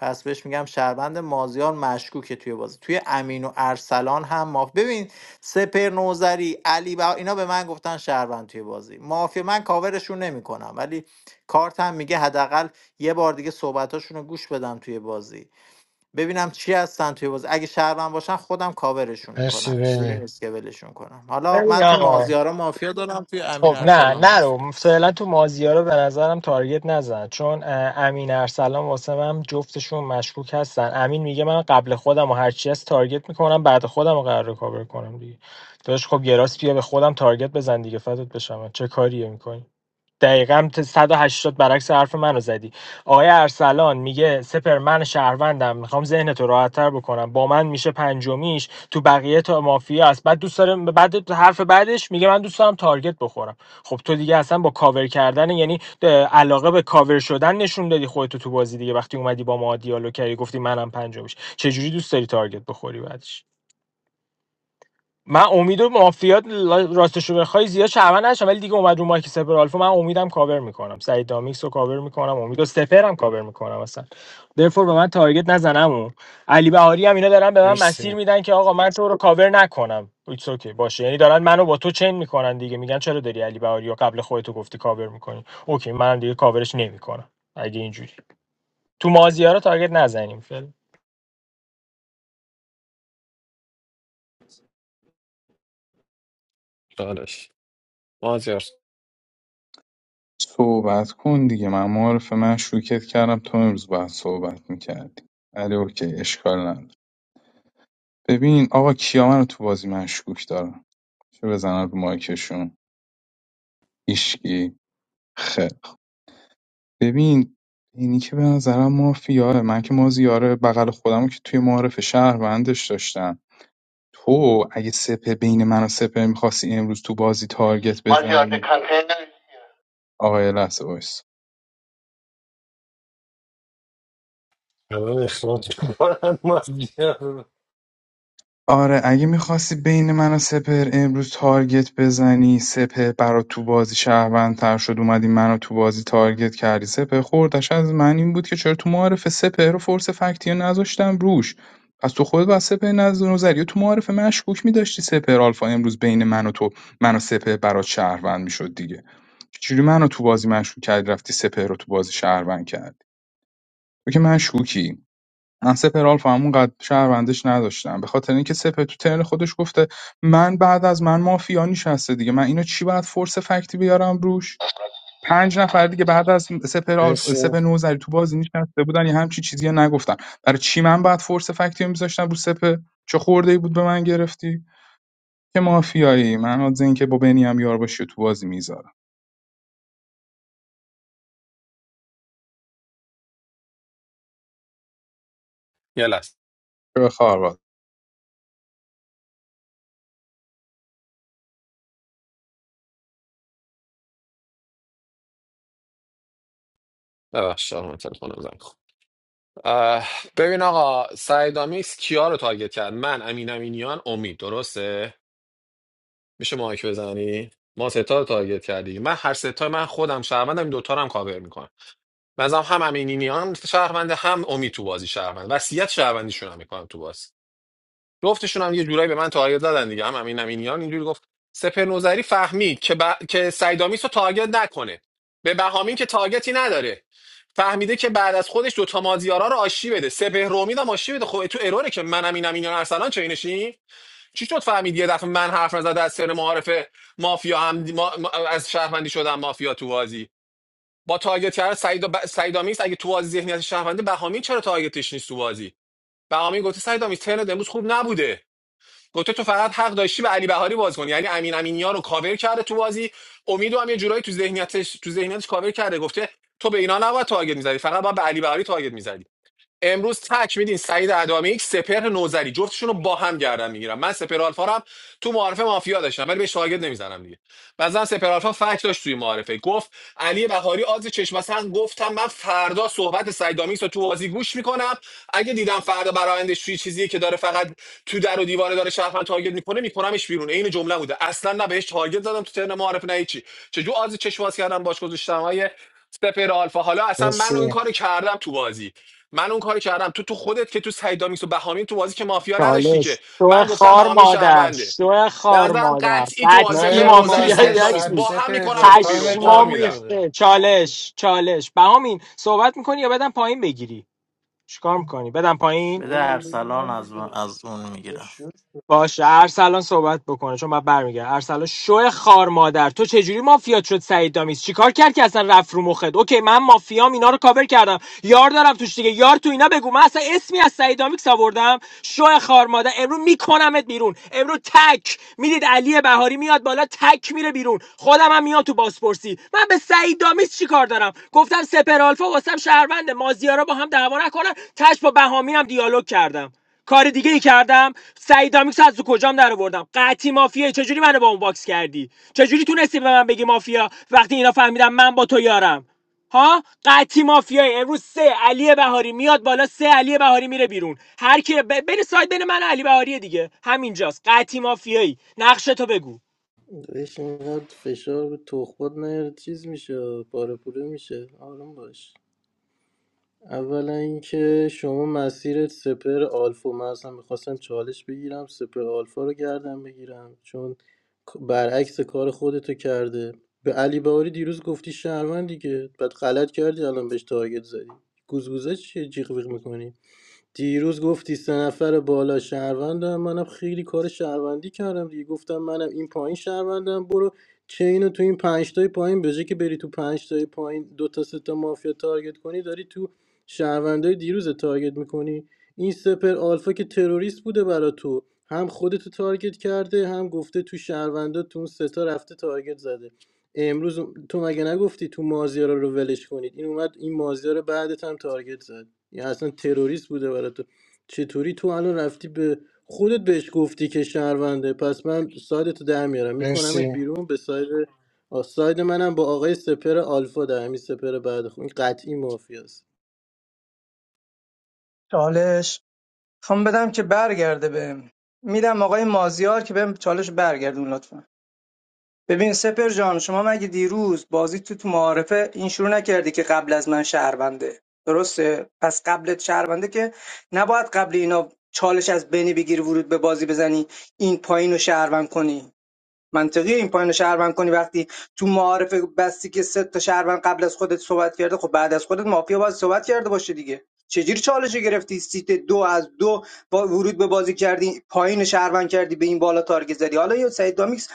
پس بهش میگم شهروند مازیار مشکوکه توی بازی توی امین و ارسلان هم ماف ببین سپر نوزری علی بها اینا به من گفتن شهروند توی بازی مافیا من کاورشون نمیکنم ولی کارتم میگه حداقل یه بار دیگه صحبتاشون رو گوش بدم توی بازی ببینم چی هستن توی بازی اگه شهروند باشن خودم کاورشون مرسی میکنم جوری ونی نیست که ولشون کنم حالا ببین من تو آقا مازیارا مافیا دارم توی امین خب نه ارسلان مافیا نرو است فعلا تو مازیار رو به نظرم تارگت نزن چون اه، امین ارسلان واسه من جفتشون مشکوک هستن امین میگه من قبل خودم و هرچی هست تارگت میکنم بعد خودم رو قرار کاور کنم دیگه داداش خب یه راست بیا به خودم تارگت بزن دیگه فدات بشم چه کاریه میکنی دقیقا 180 برعکس حرف منو زدی آقای ارسلان میگه سپر من شهروندم میخوام ذهن تو راحتتر بکنم با من میشه پنجمیش تو بقیه تا مافیا است بعد دوست داره بعد حرف بعدش میگه من دوست دارم تارگت بخورم خب تو دیگه اصلا با کاور کردن یعنی علاقه به کاور شدن نشون دادی خودتو تو بازی دیگه وقتی اومدی با ما دیالوگ کردی گفتی منم پنجمیش چجوری دوست داری تارگت بخوری بعدش من امید و مافیات راستش رو بخوای زیاد شعبن نشم ولی دیگه اومد رو مایک سپر آلفا من امیدم کاور میکنم سعید دامیکس رو کاور میکنم امید و سپر هم کاور میکنم اصلا درفور به من تارگت نزنم و علی بهاری هم اینا دارن به من مرسی مسیر میدن که آقا من تو رو کاور نکنم ایتس اوکی باشه یعنی دارن منو با تو چین میکنن دیگه میگن چرا داری علی بهاری رو قبل خودتو گفتی کاور میکنی اوکی منم دیگه کاورش نمیکنم اگه اینجوری تو مازیارا تارگت نزنیم فعلا. داداش مازیار. صحبت کن دیگه من معارف من شوکت کردم تو امروز باید صحبت میکردی ولی اوکی اشکال نداره ببین آقا کیا من رو تو بازی مشکوک دارم چه بزنن رو مایکشون هیشکی خیلی خوب. ببین اینی که به نظرم مافیاره من که مازیاره بغل خودم که توی معارف شهروندش داشتم تو اگه سپه بین من و سپه میخواستی امروز تو بازی تارگت بزنی آقای لحظه وایس. الان اخراج کنم مافیا رو. آره اگه میخواستی بین من و سپهر امروز تارگت بزنی سپهر برات تو بازی شهروندتر شد اومدی منو تو بازی تارگت کردی سپهر خوردش از من این بود که چرا تو معارف سپهر رو فورس فکتی رو نذاشتم روش پس تو خود با سپهر نظر نظری و تو معارف مشکوک میداشتی سپهر آلفا امروز بین من و تو من و سپهر برات شهروند میشد دیگه چجوری منو تو بازی مشکوک کردی رفتی سپهر رو تو بازی شهروند کردی تو که مشکوکی من سپر آلفا همون قد شهروندش نداشتم به خاطر اینکه سپر تو ترن خودش گفته من بعد از من مافیا نشسته دیگه من اینو چی باید فورس فکتی بیارم روش پنج نفر دیگه بعد از سپر آلفا مرسی سپر نوزری تو بازی نشسته بودن یه همچی چیزی رو نگفتن برای چی من باید فورس فکتی رو میذاشتم رو سپر چه خورده بود به من گرفتی که مافیایی من از اینکه با بنی هم یار باشی تو بازی میذارم یه لحظه به خارباد ببخشید آقا، تلفنم زنگ خورد. اه، ببین آقا سعید آمیس کیا رو تارگت کرد من امین امینیان امید درسته میشه مایک بزنی ما ستا رو تارگت کردی من هر ستا من خودم شهروندم این دوتا رو هم کاور میکنم بنظرم هم امینیان شهرونده هم امید تو بازی شهروند وصیت شهروندیشون هم میکنم تو بازی جفتشون هم یه جورایی به من تارگت زدن دیگه هم امین امینیان اینجوری گفت سپر نوزری فهمید که, ب... که سیدامیس رو تارگت نکنه به بهامین که تارگتی نداره فهمیده که بعد از خودش دوتا مازیارا رو آشتی بده سپه رومید هم آشتی بده خب تو اروره که من امین امینیان ارسلان چه اینشی چی شد فهمید یه دفعه من حرف نزده از سر معارف مافیا هم ما... ما- از شهروندی شدم مافیا تو بازی با تارگت کردن سعید ب... سعیدامیس اگه تو بازی ذهنیت شهروندی بهامین چرا تارگتش نیست تو بازی بهامین گفته سعیدامیس ترنت امروز خوب نبوده گفته تو فقط حق داشتی به علی بهاری باز کنی یعنی امین امینیان رو کاور کرده تو بازی امیدو هم یه جورایی تو ذهنیتش تو ذهنیتش کاور کرده گفته تو به اینا نباید تارگت میزدی فقط باید به علی بهاری تارگت میزدی امروز تک میدین سعید ادامه یک سپر نوزری جفتشون رو با هم گردن میگیرم من سپر آلفا رو هم تو معارف مافیا داشتم ولی بهش تارگت نمیزنم دیگه بعضا سپرالفا فکت توی معارفه گفت علی بهاری آز چشم از هم گفتم من فردا صحبت سیدامیکس رو تو بازی گوش میکنم اگه دیدم فردا برایندش توی چیزیه که داره فقط تو در و دیواره داره شهروند تارگت میکنه میکنمش بیرون این جمله بوده اصلا نه بهش تارگت زدم تو ترن معارف نه هیچی چجور آز چشم باز کردم باش گذاشتم های سپر آلفا حالا اصلا من اون مرسی کارو کردم تو بازی من اون کاری کردم تو تو خودت که تو سیدامیکس و بهامین تو بازی که مافیا نداشتی چالش که شو من گفتم خار بهامین مادر شهرونده شو به خار نظرم مادر قطعی تو نه بدسی سپر یارو نوزری مایکش سعید مافیایی دامیس سم یکی با هم سپر جان میکنمتون تایم بیرون قول پشمام تموم میدم شده ریخته چالش چالش بهامین صحبت میکنی یا بدم پایین بگیری چیکار میکنی بدم پایین بده شورال بده ارسلان من از, من- دیگه از اون تو میگیرم شور باشه ارسلان صحبت بکنه چون من برمیگردم ارسلان شو خار مادر تو چجوری مافیات شد سعید دامیز چیکار کرد که اصلا رفت رو مخت اوکی من مافیام اینا رو کاور کردم یار دارم توش دیگه یار تو اینا بگو من اصلا اسمی از سعید دامیکس آوردم شو خار مادر امرو میکنمت بیرون امرو تک میدید علی بهاری میاد بالا تک میره بیرون خودم هم میاد تو بازپرسی من به سعید دامیز چیکار دارم گفتم سپر آلفا واسم شهروند مازیارا با هم دعوا نکنن تش با بهامین هم دیالوگ کردم کار دیگه ای کردم سعیدامیکس از تو کجام در آوردم قطعی مافیایی چجوری منو با اون باکس کردی چجوری تونستی به من بگی مافیا وقتی اینا فهمیدن من با تو یارم ها قطعی مافیایی امروز سه علی بهاری میاد بالا سه علی بهاری میره بیرون هر کی ب... بین ساید بین من و علی بهاری دیگه همینجاست قطعی مافیایی نقش تو بگو داداش اینقدر فشار رو تخبات نیاره چیز میشه پاره پوره میشه آروم باش اولا اینکه شما مسیرت سپر آلفا من اصلا میخواستم چالش بگیرم سپر آلفا رو گردم بگیرم چون برعکس کار خودتو کرده به علی بهاری دیروز گفتی شهروند دیگه بعد غلط کردی الان بهش تارگت زدی گوزگوزه چیه جیغ ویغ میکنی دیروز گفتی سه نفر بالا شهروندم منم خیلی کار شهروندی کردم دیگه گفتم منم این پایین شهروندم برو چینو تو این پنج تای پایین به جای که بری تو پنج تای پایین دو تا سه تا مافیا تارگت کنی داری تو شهروندای دیروز تارگت میکنی این سپر آلفا که تروریست بوده برا تو هم خودتو تارگت کرده هم گفته تو شهروندا تو اون سه تا رفته تارگت زده امروز تو مگه نگفتی تو مازیارا رو ولش کنید این اومد این مازیارا رو بعدت هم تارگت زد یا اصلا تروریست بوده برای تو چطوری تو الان رفتی به خودت بهش گفتی که شهرونده پس من سایدتو در میارم میکنمت مرسی بیرون به ساید آه، ساید منم با آقای سپر آلفا در همین سپر بعد خون این قطعی مافیاست چالش خوام بدم که برگرده بهم میدم آقای مازیار که بهم چالش برگردون لطفا ببین سپر جان شما مگه دیروز بازی تو تو معارفه این شروع نکردی که قبل از من شهرونده درسته پس قبلت شهرونده که نباید قبل اینا چالش از بنی بگیر ورود به بازی بزنی این پایین رو شهروند کنی منطقی این پایین رو شهروند کنی وقتی تو معارف بستی که سه تا شهروند قبل از خودت صحبت کرده خب بعد از خودت مافیا باید صحبت کرده باشه دیگه چجوری چالش گرفتی سیت دو از دو با ورود به بازی کردی پایین شهروند کردی به این بالا تارگت زدی حالا یا سعید دامیکس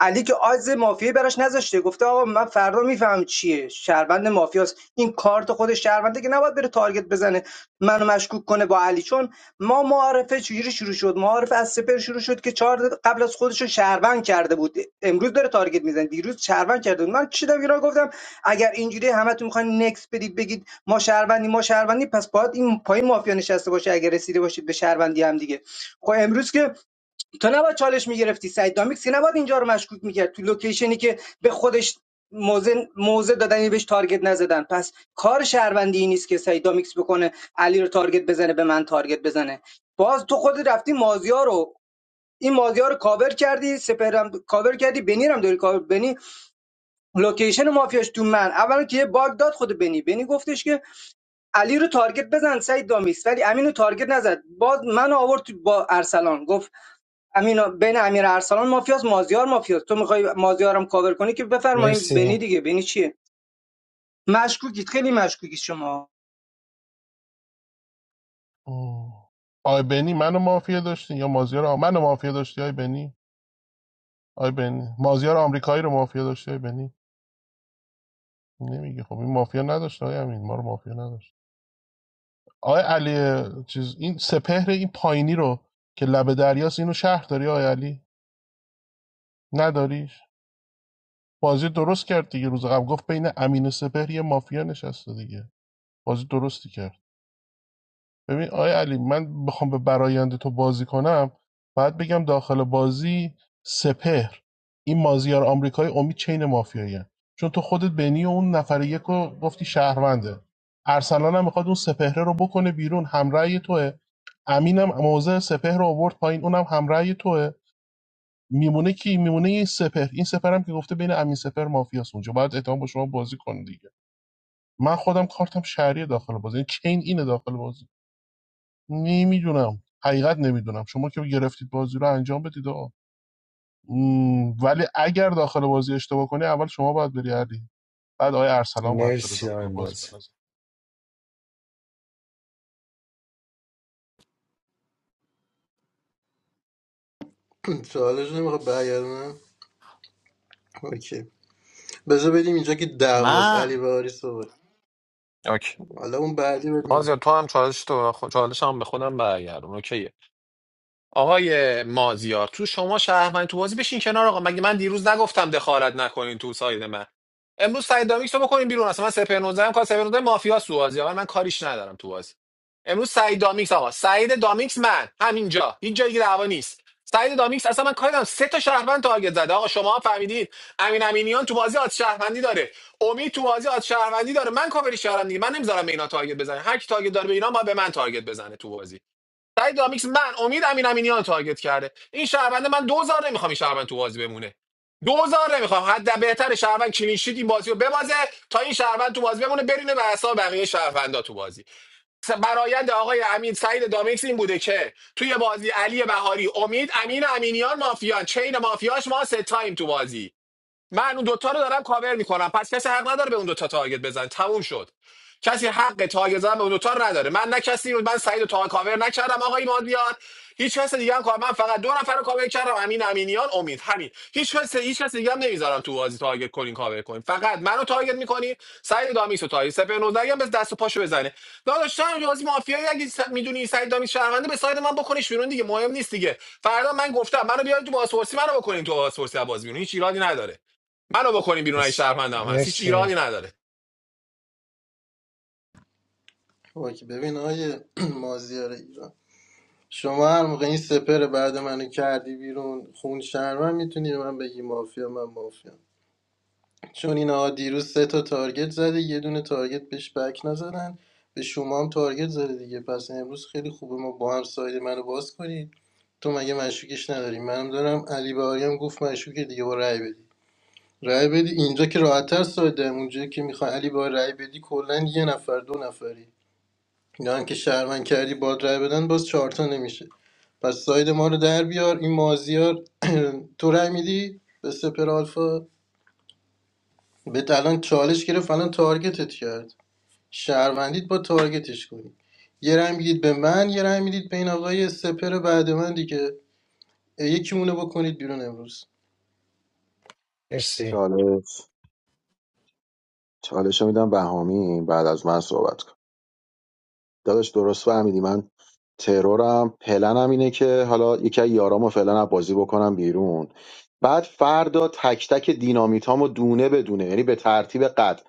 علی که آز مافیایی براش نذاشته گفته آقا من فردا میفهم چیه شهروند مافیاست این کارت خود شهرونده که نباید بره تارگت بزنه منو مشکوک کنه با علی چون ما معارفه چجوری شروع شد معارفه از سپر شروع شد که چهار دقیقه قبل از خودش رو شهروند کرده بود امروز داره تارگت میزنه دیروز شهروند کرده بود من چیدم اینا گفتم اگر اینجوری همتون میخواین نکس بدید بگید ما شهروندی ما شهروندی پس باید این پای مافیا نشسته باشه اگر رسیده باشید به شهروندی هم دیگه خب امروز که تو نباید چالش میگرفتی سعید دامیکس که نباید اینجا رو مشکوک میکرد تو لوکیشنی که به خودش موزه موزه دادن یعنی بهش تارگت نزدن پس کار شهروندی این نیست که سعید دامیکس بکنه علی رو تارگت بزنه به من تارگت بزنه باز تو خودت رفتی مازیا رو این مازیار رو کاور کردی سپرم کاور کردی بنی رو هم داری کاور بنی لوکیشن مافیاش تو من اولا که یه باگ داد خود بنی بنی گفتش که علی رو تارگت بزن سعید دامیس ولی امین رو تارگت نزد باز من آورد تو- با ارسلان گفت امین بین امیر ارسلان مافیاس مازیار مافیاس تو میخوای مازیارم کاور کنی که بفرمایین بنی مرسی دیگه بنی چیه مشکوکید خیلی مشکوکید شما آه. آی بنی منو مافیا داشتی یا مازیار آه، منو مافیا داشتی آی بنی آی بنی مازیار آمریکایی رو مافیا داشته آی بنی نمیگه خب این مافیا نداشت آقای امین ما رو مافیا نداشت آقای علی چیز این سپهر این پایینی رو که لب دریاست اینو شهر داری آقای علی نداریش بازی درست کرد دیگه روز قبل گفت بین امین و سپهر یه مافیا نشسته دیگه بازی درستی کرد ببین آیا علی من بخوام به برایند تو بازی کنم باید بگم داخل بازی سپهر این مازیار آمریکای امید چین مافیایی هن. چون تو خودت بینی و اون نفر یک رو گفتی شهرونده ارسلان هم میخواد اون سپهره رو بکنه بیرون همرأی توه امینم موضع سپهر رو آورد پایین اونم همرأی توه میمونه کی میمونه این سپهر این سپهر هم که گفته بین امین سپهر مافیاس اونجا باید اعتماد با شما بازی کنه دیگه من خودم کارتم شهری داخل بازی یعنی چین اینه داخل بازی نمیدونم حقیقت نمیدونم شما که گرفتید بازی رو انجام بدید آقا م، ولی اگر داخل بازی اشتباه کنی اول شما باید بری علی بعد آقای ارسلان باید بره مرسی آقای داخل بازی بازی بنازه سوالش نمیخواد برگردونم اوکی بذار بریم اینجا که دعواست علی من بهاری صحبت اوکی حالا اون بعدی بهت می‌رسه. مازیار تو هم چالش تو چالش هم به خودم برگردون اوکی آقای مازیار تو شما شهروند تو بازی بشین کنار آقا مگه من دیروز نگفتم دخالت نکنین تو ساید من امروز سعید دامیکس رو بکنین بیرون اصلا من سپر 19 هم کار سپر 19 مافیا سو بازی آقا من کاریش ندارم تو بازی امروز سعید دامیکس آقا سعید دامیکس من همینجا هیچ جای دیگه دعوا نیست سعید دامیکس اصلا من کاری ندارم سه تا شهروند تارگت زده آقا شما هم فهمیدید امین امینیان تو بازی آت شهروندی داره امید تو بازی آت شهروندی داره من کاوری شهروندی من نمیذارم به اینا تارگت بزنه هر کی تارگت داره به اینا ما به من تارگت بزنه تو بازی سعید دامیکس من امید امین امینیان رو تارگت کرده این شهرونده من دوزار نمیخوام این شهروند تو بازی بمونه دوزار نمیخوام حد بهتر شهروند کلینشیت این بازی رو ببازه تا این شهروند تو بازی بمونه برینه بر حساب بقیه شهروندا تو بازی س- برایند آقای امین سعید دامیکس این بوده که توی بازی علی بهاری امید امین امینیان مافیان چین مافیاش ما ستاییم تو بازی من اون دوتا رو دارم کاور میکنم پس کسی حق نداره به اون دوتا تارگت بزن تموم شد کسی حق تارگت زدن به اون دوتا رو نداره من نه کسی رو من سعید و تا کاور نکردم آقای مازیار هیچ کس دیگه هم کار من فقط دو نفر رو کاور کردم امین امینیان امید همین هیچ کس هیچ کس دیگه هم نمیذارم تو بازی تارگت کنین کاور کنین فقط منو تارگت میکنی سعید دامیس و تارگت سپر 19 هم به دست و پاشو بزنه داداش تو هم بازی مافیایی اگه س- میدونی سعید دامیس شهرونده به ساید من بکنیش بیرون دیگه مهم نیست دیگه فردا من گفتم منو بیارید تو بازپرسی منو بکنین تو بازپرسی از بازی بیرون هیچ ایرادی نداره منو بکنیم بیرون ای مرسی شهروند هم هست هیچ مرسی ایرادی نداره اوکی ببین آیه مازیار ایران شما هر موقع این سپر بعد منو کردی بیرون خون شهر من میتونی من بگی مافیا من مافیا چون اینا دیروز سه تا تارگت زده یه دونه تارگت بهش بک نزدن به شما هم تارگت زده دیگه پس امروز خیلی خوبه ما با هم ساید منو باز کنید تو مگه مشکوکش نداری منم دارم علی بهاری هم گفت مشکوکه دیگه با رأی بدی رأی بدی اینجا که راحت‌تر ساده اونجا که میخوای علی با رأی بدی کلا یه نفر دو نفری اینا هم که شهروند کردی با رأی بدن باز چهار تا نمیشه پس ساید ما رو در بیار این مازیار تو رأی میدی به سپر آلفا بهت الان چالش گرفت الان تارگتت کرد شهروندید با تارگتش کنید یه رای میدید به من یه رای میدید به این آقای سپر بعد من دیگه اه، یکی مونه بکنید بیرون امروز مرسی. چالش چالش رو میدم بهامی بعد از من صحبت کن داداش درست فهمیدی من ترورم پلنم اینه که حالا یکی از یارامو فعلا از بازی بکنم بیرون بعد فردا تک تک دینامیتامو دونه بدونه یعنی به ترتیب قد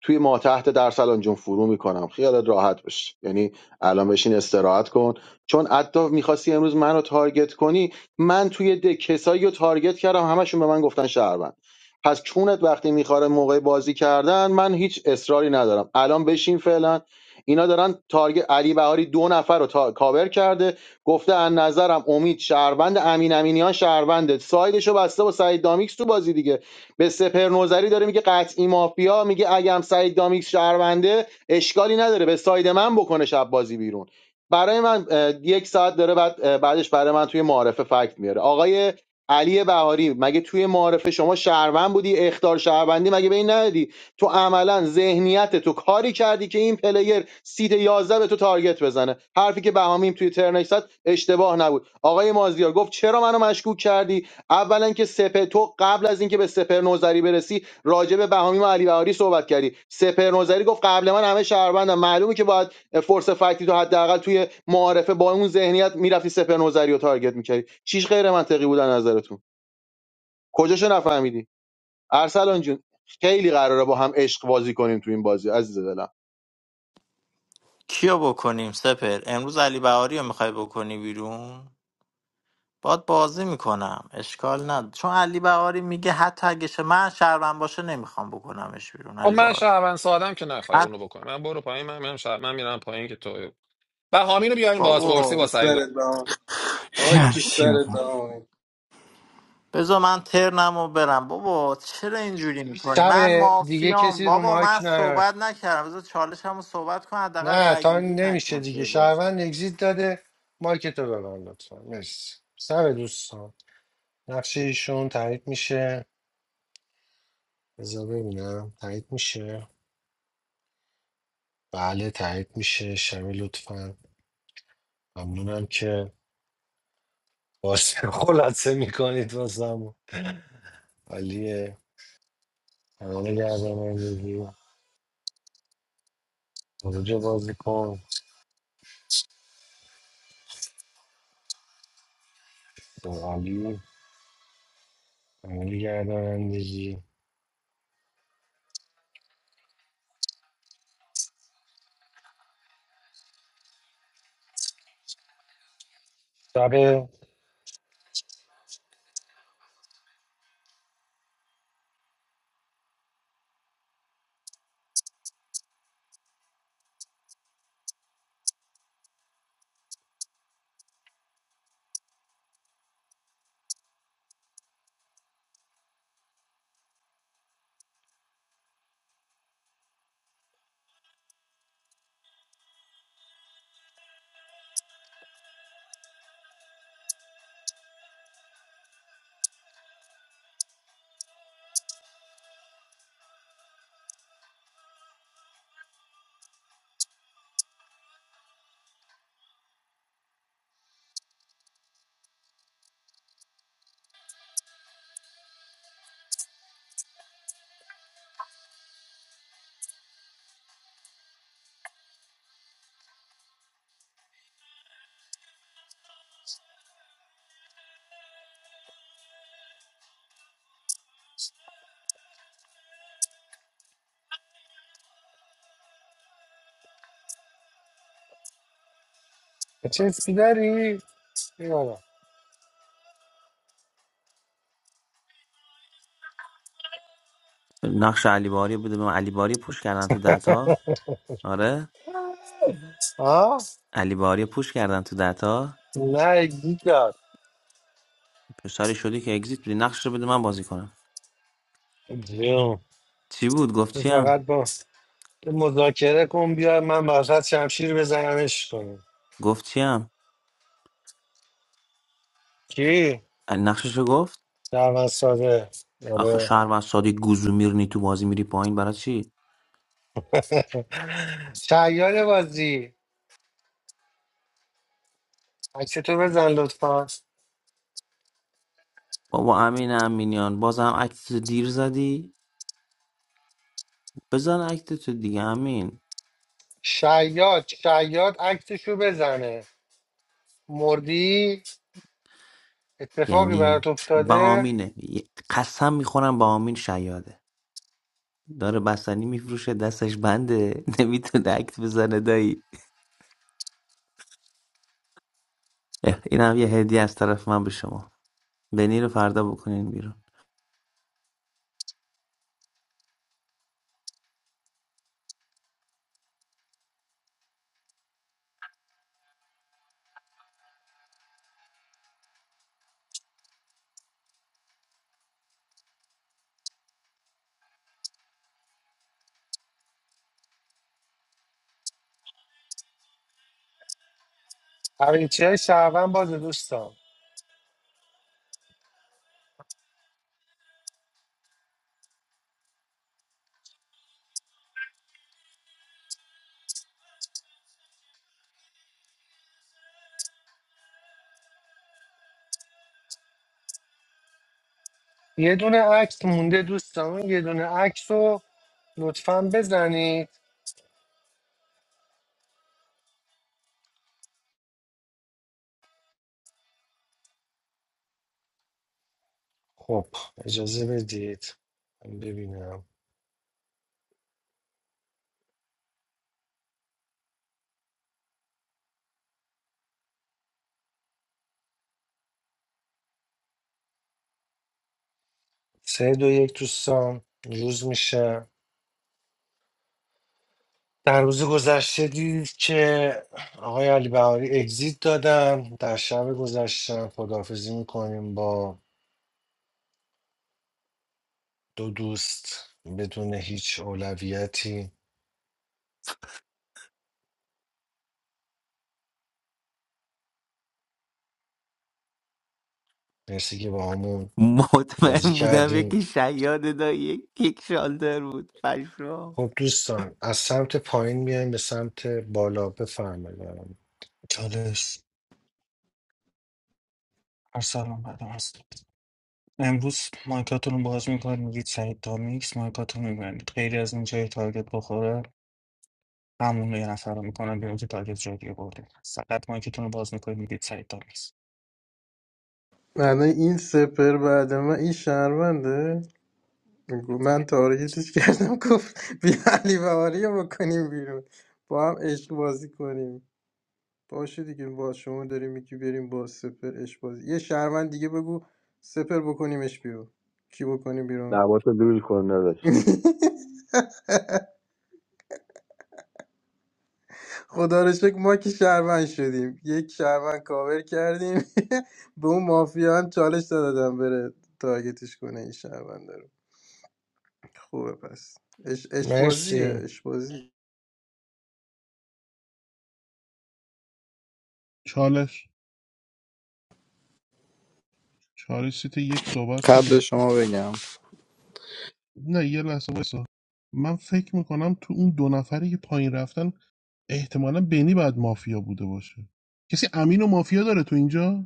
توی ما تحت در الان جون فرو میکنم خیالت راحت باشه یعنی الان بشین استراحت کن چون حتی میخواستی امروز منو تارگت کنی من توی ده کسایی رو تارگت کردم همشون به من گفتن شهروند پس چونت وقتی میخواره موقع بازی کردن من هیچ اصراری ندارم الان بشین فعلا اینا دارن تارگت علی بهاری دو نفر رو تا... کاور کرده گفته از نظرم امید شهروند امین امینیان شهرونده سایدشو بسته با سعید دامیکس تو بازی دیگه به سپر نوزری داره میگه قطعی مافیا میگه اگم سعید دامیک شهرونده اشکالی نداره به ساید من بکنه شب بازی بیرون برای من یک ساعت داره بعد بعدش برای من توی معارفه فکت میاره آقای علی بهاری مگه توی معارفه شما شهروند بودی اختار شهروندی مگه به این ندادی تو عملا ذهنیت تو کاری کردی که این پلیر سیت 11 به تو تارگت بزنه حرفی که بهامیم توی ترنکس زد اشتباه نبود آقای مازیار گفت چرا منو مشکوک کردی اولا که سپر تو قبل از اینکه به سپر نوذری برسی راجع به بهامی و علی بهاری صحبت کردی سپر نوذری گفت قبل من همه شهروندم معلومه که باید فورس فکتی تو حداقل توی معارفه با اون ذهنیت میرفتی سپر نوذری رو تارگت میکردی چیش غیر منطقی بود از نظرتون کجاشو نفهمیدی ارسلان جون خیلی قراره با هم عشق بازی کنیم تو این بازی عزیز دلم کیو بکنیم سپر امروز علی بهاری رو میخوای بکنی بیرون باد بازی میکنم اشکال نداره چون علی بهاری میگه حتی اگه شه- من شهروند باشه نمیخوام بکنمش بیرون خب علی من بهاری شهروند سادم که نخوای بعد اونو بکنم من برو پایین من میرم شهر من میرم پایین که تو و حامینو بیارین خاک بازپرسی بابا تو با سعید سرت بهام خاک تو سرت بهام بذار من ترنم و برم بابا چرا اینجوری میکنی شب من دیگه مافیام کسی رو بابا مایک من نیاد صحبت نکردم بذار چالش هم صحبت کن حداقل نه رای تا گیری نمیشه نکن دیگه توی بازی شهروند اگزیت داده مایکتو ببند لطفا مرسی سر دوستان نقشه ایشون تایید میشه بذار ببینم تایید میشه بله تایید میشه شبی لطفا ممنونم که واسه خلاصه میکنید واسم عالیه کانال گردانندگی خروج بازیکن به عالی کانال گردانندگی شب چه چیزی داری؟ نه نقش علی باری بوده به علی باری پوش کردن تو دتا آره آه؟ علی باری پوش کردن تو دتا نه پسری شدی که اگزییت بدی نقش رو بده من بازی کنم جیان چی بود گفت تو چیم فقط با تو مذاکره کن بیای من وسط شمشیر بزنمش کنم گفت چیم کی؟ نقشش رو گفت شهروند ساده آخه آره شهر و سادی گوزو میرنی تو بازی میری پایین برای چی شیاد بازی عکستو بزن لطفا بابا امین امینیان بازم عکس دیر زدی بزن عکس تو دیگه امین شیاد شیاد عکسشو بزنه مردی اتفاقی برات یعنی افتاده بامینه قسم میخورم بامین شیاده داره بستنی میفروشه دستش بنده نمیتونه اکت بزنه دایی اینم یه هدیه از طرف من به شما بنی رو فردا بکنین بیرون هرینچه های شهروند باز دوستان یه دونه عکس مونده دوستان اون یه دونه عکس رو لطفا بزنید خب اجازه بدید من ببینم سه دو یک دوستان روز میشه در روز گذشته دیدید که آقای علی بهاری اگزیت دادن در شب گذشتم خداحافظی میکنیم با دو دوست بدون هیچ اولویتی مرسی که با همون بازی مطمئن بودم یکی کردیم شیاد دا یک کیک شالتر بود پشمام خب دوستان از سمت پایین میایم به سمت بالا بفرمایید چالش ارسلان بعد هست امروز مایکاتون رو باز میکنید میگید سعید دامیکس مایکاتون رو میبندید خیلی از این جای تارگت بخوره همون یه نفر رو میکنم بیرون که تارگت جای دیگه برده فقط مایکتون رو باز میکنید میگید سعید دامیکس معنی این سپر بعد من این شهرونده گو- من تارگتش کردم گفت بیا علی بهاری رو بکنیم بیرون با هم عشق بازی کنیم باشه دیگه با شما داری میگی بریم با سپر اش بازی یه شهروند دیگه بگو سپر بکنیمش بیرون کی بکنیم بیرون لباتو لول کن نداشت خدا رو شکر ما که شهروند شدیم یک شهروند کاور کردیم به اون مافیا هم چالش دادم بره تارگتش کنه این شهروند رو خوبه پس اش عشق بازیه مرسی عشق بازی چالش چالش سیت یک صحبت قبل کنم شما بگم نه یه لحظه وایسا من فکر میکنم تو اون دو نفری که پایین رفتن احتمالا بینی بعد مافیا بوده باشه کسی امین و مافیا داره تو اینجا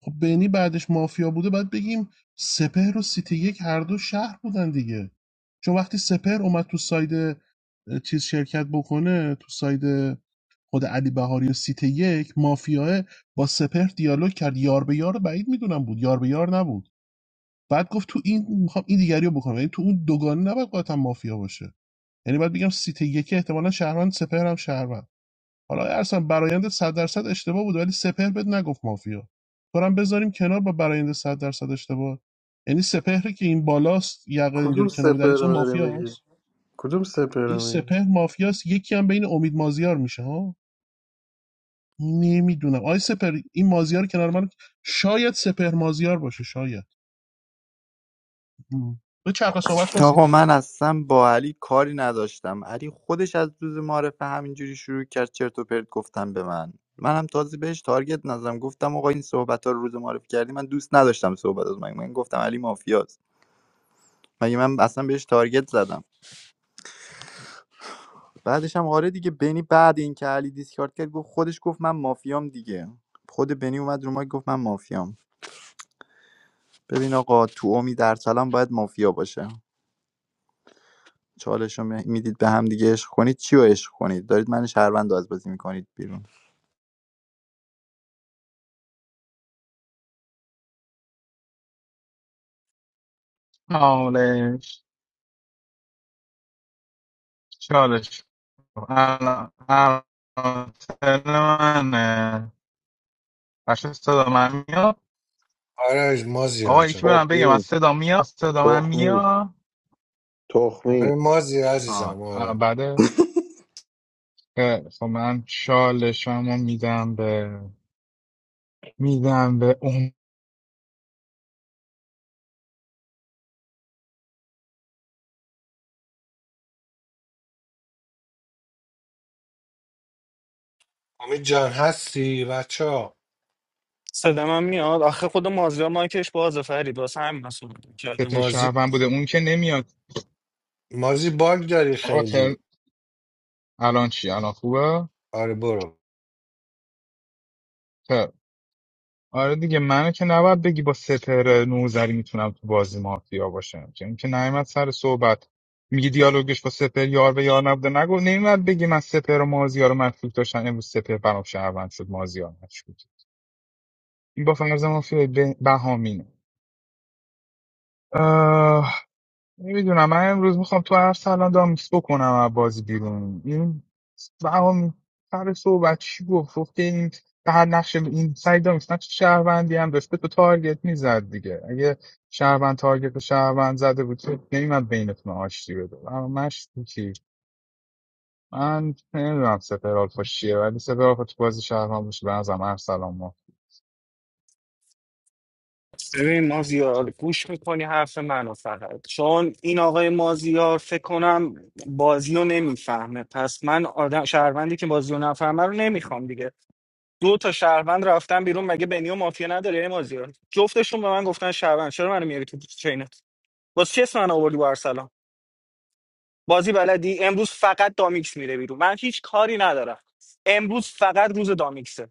خب بینی بعدش مافیا بوده باید بگیم سپهر و سیتی یک هر دو شهر بودن دیگه چون وقتی سپهر اومد تو ساید چیز شرکت بکنه تو ساید خود علی بهاری و سیت یک مافیاه با سپهر دیالوگ کرد یار به یار بعید میدونم بود یار به یار نبود بعد گفت تو این میخوام این دیگری رو بکنم یعنی تو اون دوگانه نباید قاطعا مافیا باشه یعنی باید بگم سیت یک احتمالا شهروند سپهر هم شهروند حالا ارسم برایند 100 درصد اشتباه بود ولی سپهر بهت نگفت مافیا تو رو هم بذاریم کنار با برایند 100 درصد اشتباه یعنی سپهری که این بالاست یقه کدوم اینجوری کنار سپر دریاست رو اون داری میگی مافیاست کدوم سپر این رو میگی سپهر مافیاست یکی هم بین امید مازیار میشه ها نمیدونم آی سپهر این مازیار کنار من شاید سپهر مازیار باشه شاید م. به چرخ صحبت کن سیت آقا من یک اصلا با علی کاری نداشتم علی خودش از روز معرفه همینجوری شروع کرد چرت و پرت گفتن به من منم تازه بهش تارگت نزدم گفتم آقا این صحبت ها رو روز معرفی کردی من دوست نداشتم صحبت از من من گفتم علی مافیاست مگه من اصلا بهش تارگت زدم بعدش هم آره دیگه بنی بعد این که علی دیسکارد کرد گفت خودش گفت من مافیام دیگه خود بنی اومد رو ما گفت من مافیام ببین آقا تو امید در باید مافیا باشه چالش رو میدید به هم دیگه عشق کنید چی رو عشق کنید دارید من شهروند رو از بازی میکنید بیرون چالش چالش الان الان ترم منه. بچه صدا من میاد آره مازیار آقا یکی جان برم بگم از تخمی صدا میاد صدا من تخمی میاد آره تخمی مازی آه عزیزم آه، آره بله خیلی خب من شالشم رو میدم به میدم به اون امید جان هستی بچه ها صدام هم میاد آخه خود مازیار مایکش بازه فرید واسه همین مسئول کرده سپه شهروند بوده اون که نمیاد مازی باگ داری آقا تل خیلی الان چی الان خوبه آره برو خب آره دیگه منو که نباید بگی با سپر نوزری میتونم تو بازی مافیا باشم که اینکه نیومد سر صحبت میگی دیالوگش با سپر یار به یار نبوده نگو نمیاد بگی من سپر و مازیار رو مشکوک داشتن امروز سپر برام شهروند شد مازیار مشکوک این با فرض مافیای به- بهامینه نمیدونم من امروز میخوام تو هر سلام دامیکس بکنم از بازی بیرون این بهامین سر صحبت چی گفت گفت که این به هر نقش این سعی دامیکس نقش شهروندی هم داشته تو تارگت میزد دیگه اگه شهروند تارگت به شهروند زده بود که نمیمد بینتون آشتی بده اما من شوکی من نمیدونم سپر آلفا چیه ولی سپر آلفا تو بازی شهروند باشه به نظرم هر سلام ما ببین مازیار گوش میکنی حرف منو فقط چون این آقای مازیار فکر کنم بازی رو نمیفهمه پس من آدم شهروندی که بازی رو نفهمه رو نمیخوام دیگه دو تا شهروند رفتن بیرون مگه بنی و مافیا نداره ای مازیار جفتشون به من گفتن شهروند چرا منو میاری تو چینت واسه چه اسم من آوردی با ارسلان بازی بلدی امروز فقط دامیکس میره بیرون من هیچ کاری ندارم امروز فقط روز دامیکسه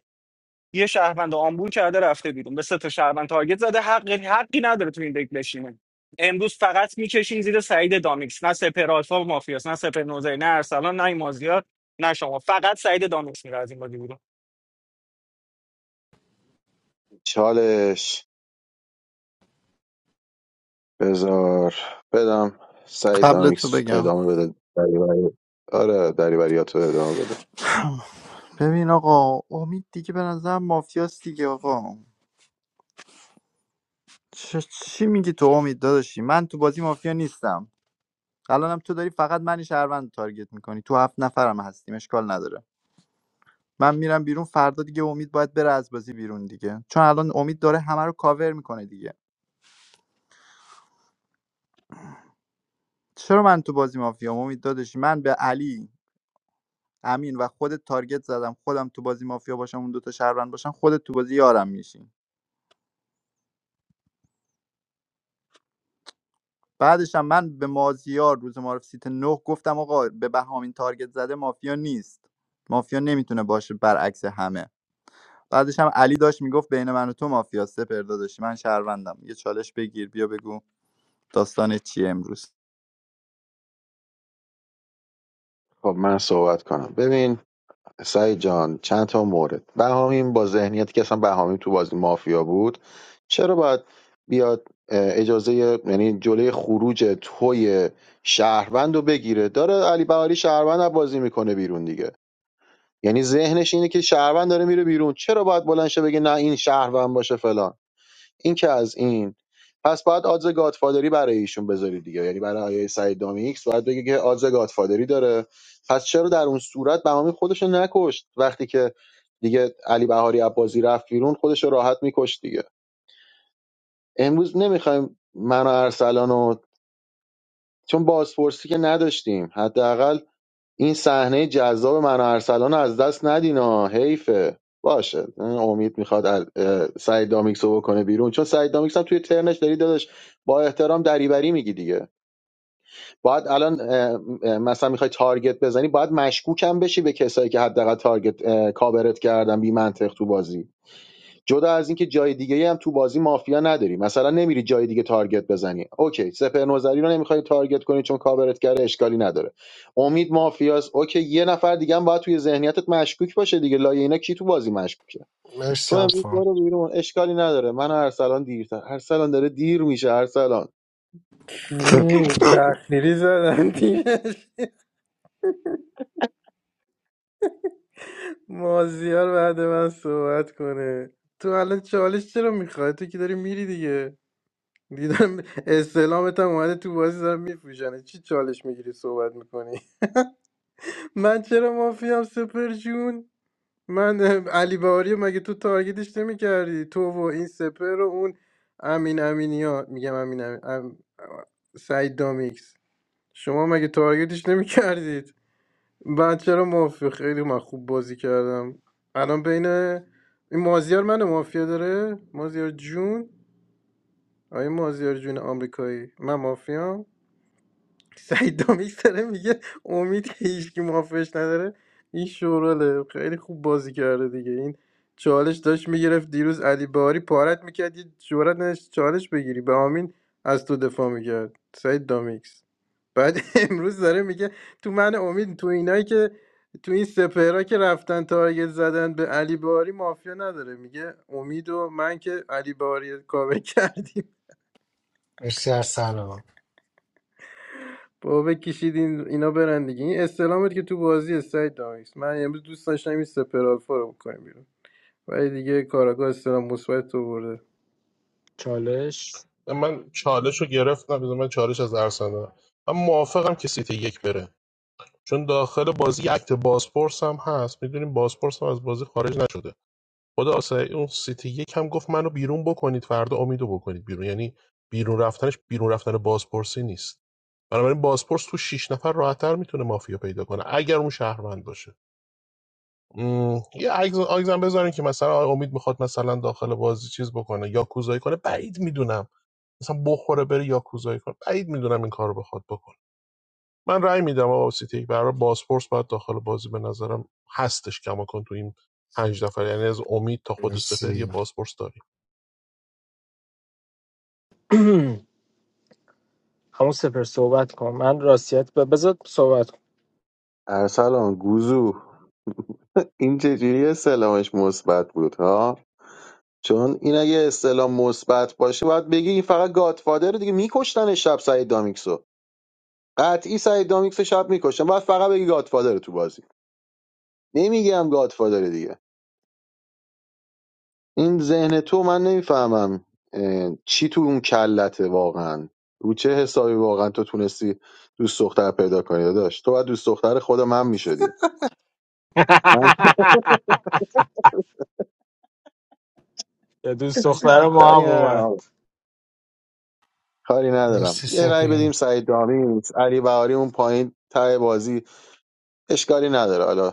یه شهروند آمبول کرده رفته بیرون به سه تا شهروند تارگت زده حق حقی نداره تو این دک بشینه امروز فقط میکشین زیر سعید دامیکس نه سپر آلفا و مافیاس نه سپر نوزه نه ارسلان نه این مازیار نه شما فقط سعید دامیکس میره از این بازی بیرون چالش بذار بدم سعید قبل تو دامیکس بگم ادامه بده دریوری آره دریوریات رو ادامه بده ببین آقا امید دیگه به نظر مافیاست دیگه آقا چ- چی میگی تو امید داداشی من تو بازی مافیا نیستم الانم تو داری فقط من شهروند رو تارگت میکنی تو هفت نفرم هستیم اشکال نداره من میرم بیرون فردا دیگه امید باید بره از بازی بیرون دیگه چون الان امید داره همه رو کاور میکنه دیگه چرا من تو بازی مافیا امید داداشی من به علی امین و خودت تارگت زدم خودم تو بازی مافیا باشم اون دوتا شهروند باشن خودت تو بازی یارم میشین بعدش هم من به مازیار روز معرف سیت نه گفتم آقا به بهامین تارگت زده مافیا نیست مافیا نمیتونه باشه برعکس همه بعدش هم علی داشت میگفت بین من و تو مافیا سپر داداشی من شهروندم یه چالش بگیر بیا بگو داستان چیه امروز خب من صحبت کنم ببین سعید جان چند تا مورد بهامین با ذهنیتی که اصلا بهامین تو بازی مافیا بود چرا باید بیاد اه، اجازه یعنی جلوی خروج توی شهروند رو بگیره داره علی بهاری شهروند رو بازی میکنه بیرون دیگه یعنی ذهنش اینه که شهروند داره میره بیرون چرا باید بلند شه بگه نه این شهروند باشه فلان این که از این پس باید آدز گادفادری برای ایشون بذاری دیگه یعنی برای آیه سعید دامیکس باید بگه که آدز گادفادری داره پس چرا در اون صورت بهامی خودش رو نکشت وقتی که دیگه علی بهاری عباسی رفت بیرون خودش رو راحت میکشت دیگه امروز نمیخوایم من و ارسلان و چون بازپرسی که نداشتیم حداقل این صحنه جذاب من و ارسلان از دست ندین ها حیفه باشه امید میخواد ال... اه، سعید دامیکس رو بکنه بیرون چون سعید دامیکس هم توی ترنش داری داداش با احترام دریبری میگی دیگه باید الان اه، مثلا میخوای تارگت بزنی باید مشکوکم بشی به کسایی که حداقل تارگت اه، کاورت کردن بی منطق تو بازی جدا از اینکه جای دیگه هم تو بازی مافیا نداری مثلا نمیری جای دیگه تارگت بزنی اوکی سپر نظری رو نمیخوای تارگت کنی چون کاورت کرده اشکالی نداره امید مافیاست اوکی یه نفر دیگه هم باید توی ذهنیتت مشکوک باشه دیگه لای اینا کی تو بازی مشکوکه تو مرسی امروز آلفا برو بیرون اشکالی نداره من و ارسلان دیرتر ارسلان داره دیر میشه ارسلان اوه، تأخیری زدن تیمش مازیار بعد من صحبت کنه تو الان چالش چرا میخوای تو که داری میری دیگه دیدم استلامت هم اومده تو بازی دارم میفروشنه چی چالش میگیری صحبت میکنی من چرا مافیام سپر جون من اه، علی بهاری رو مگه تو تارگتش نمیکردی تو و این سپر و اون امین امینی ها میگم امین امین ام- سعید دامیکس شما مگه تارگتش نمیکردید من چرا مافیا خیلی من خوب بازی کردم الان بین این مازیار منو مافیا داره مازیار جون آیا مازیار جون آمریکایی من مافیام سعید دامیک داره میگه امید که هیچکی مافیاش نداره این شوراله خیلی خوب بازی کرده دیگه این چالش داشت میگرفت دیروز علی باری پارت میکرد یه جورت نداشت چالش بگیری به امین از تو دفاع میکرد سعید دامیک بعد امروز داره میگه تو من امید تو اینایی که تو این سپهرا که رفتن تارگت زدن به علی باری مافیا نداره میگه امید و من که علی باری کاوه کردیم مرسی ارسلان بابا کشیدین اینا برن دیگه این استلامت که تو بازی سعید دامیکس من امروز دوست داشتم این سپر آلفا رو بکنیم بیرون ولی دیگه کاراگاه استلام مثبت تو برده من چالش رو گرفتم بذار من چالش از ارسنال من موافقم که سیتی یک بره چون داخل بازی یه اکت بازپرس هم هست میدونیم بازپرس هم از بازی خارج نشده خدا آسای اون سیتی یک هم گفت منو بیرون بکنید فردا امیدو بکنید بیرون یعنی بیرون رفتنش بیرون رفتن بازپرسی نیست بنابراین بازپرس تو شش نفر راحتتر میتونه مافیا پیدا کنه اگر اون شهروند باشه م، یه عکس عکسم بذارین که مثلا امید میخواد مثلا داخل بازی چیز بکنه یا کوزایی کنه بعید میدونم مثلا بخوره بره یا کوزایی کنه بعید میدونم این کارو بخواد بکنه من رأی میدم آقا سیتی یک برای بازپرس باید داخل بازی به نظرم هستش کماکن تو این پنج نفر یعنی از امید تا خود سپر یه مرسی بازپرس داریم همون سپر صحبت کن من راستیت ب- بذار صحبت کن ارسلان گوزو این چجوری استلامش مثبت بود ها چون این اگه استلام مثبت باشه باید بگی این فقط گاتفادر دیگه میکشتن شب سعید دامیکسو قطعی سعید دامیکس شب میکشم بعد فقط بگی گادفادر تو بازی نمیگم گادفادر دیگه این ذهن تو من نمیفهمم چی تو اون کلته واقعا رو چه حسابی واقعا تو تونستی دوست دختر پیدا کنی داداش تو باید دوست دختر خود من میشدی من یه دوست دختر ما هم کاری اومد ندارم کاری ندارم. مرسی یه رأی سپی بدیم سعید دامیکس علی بهاری اون پایین ته بازی اشکالی نداره حالا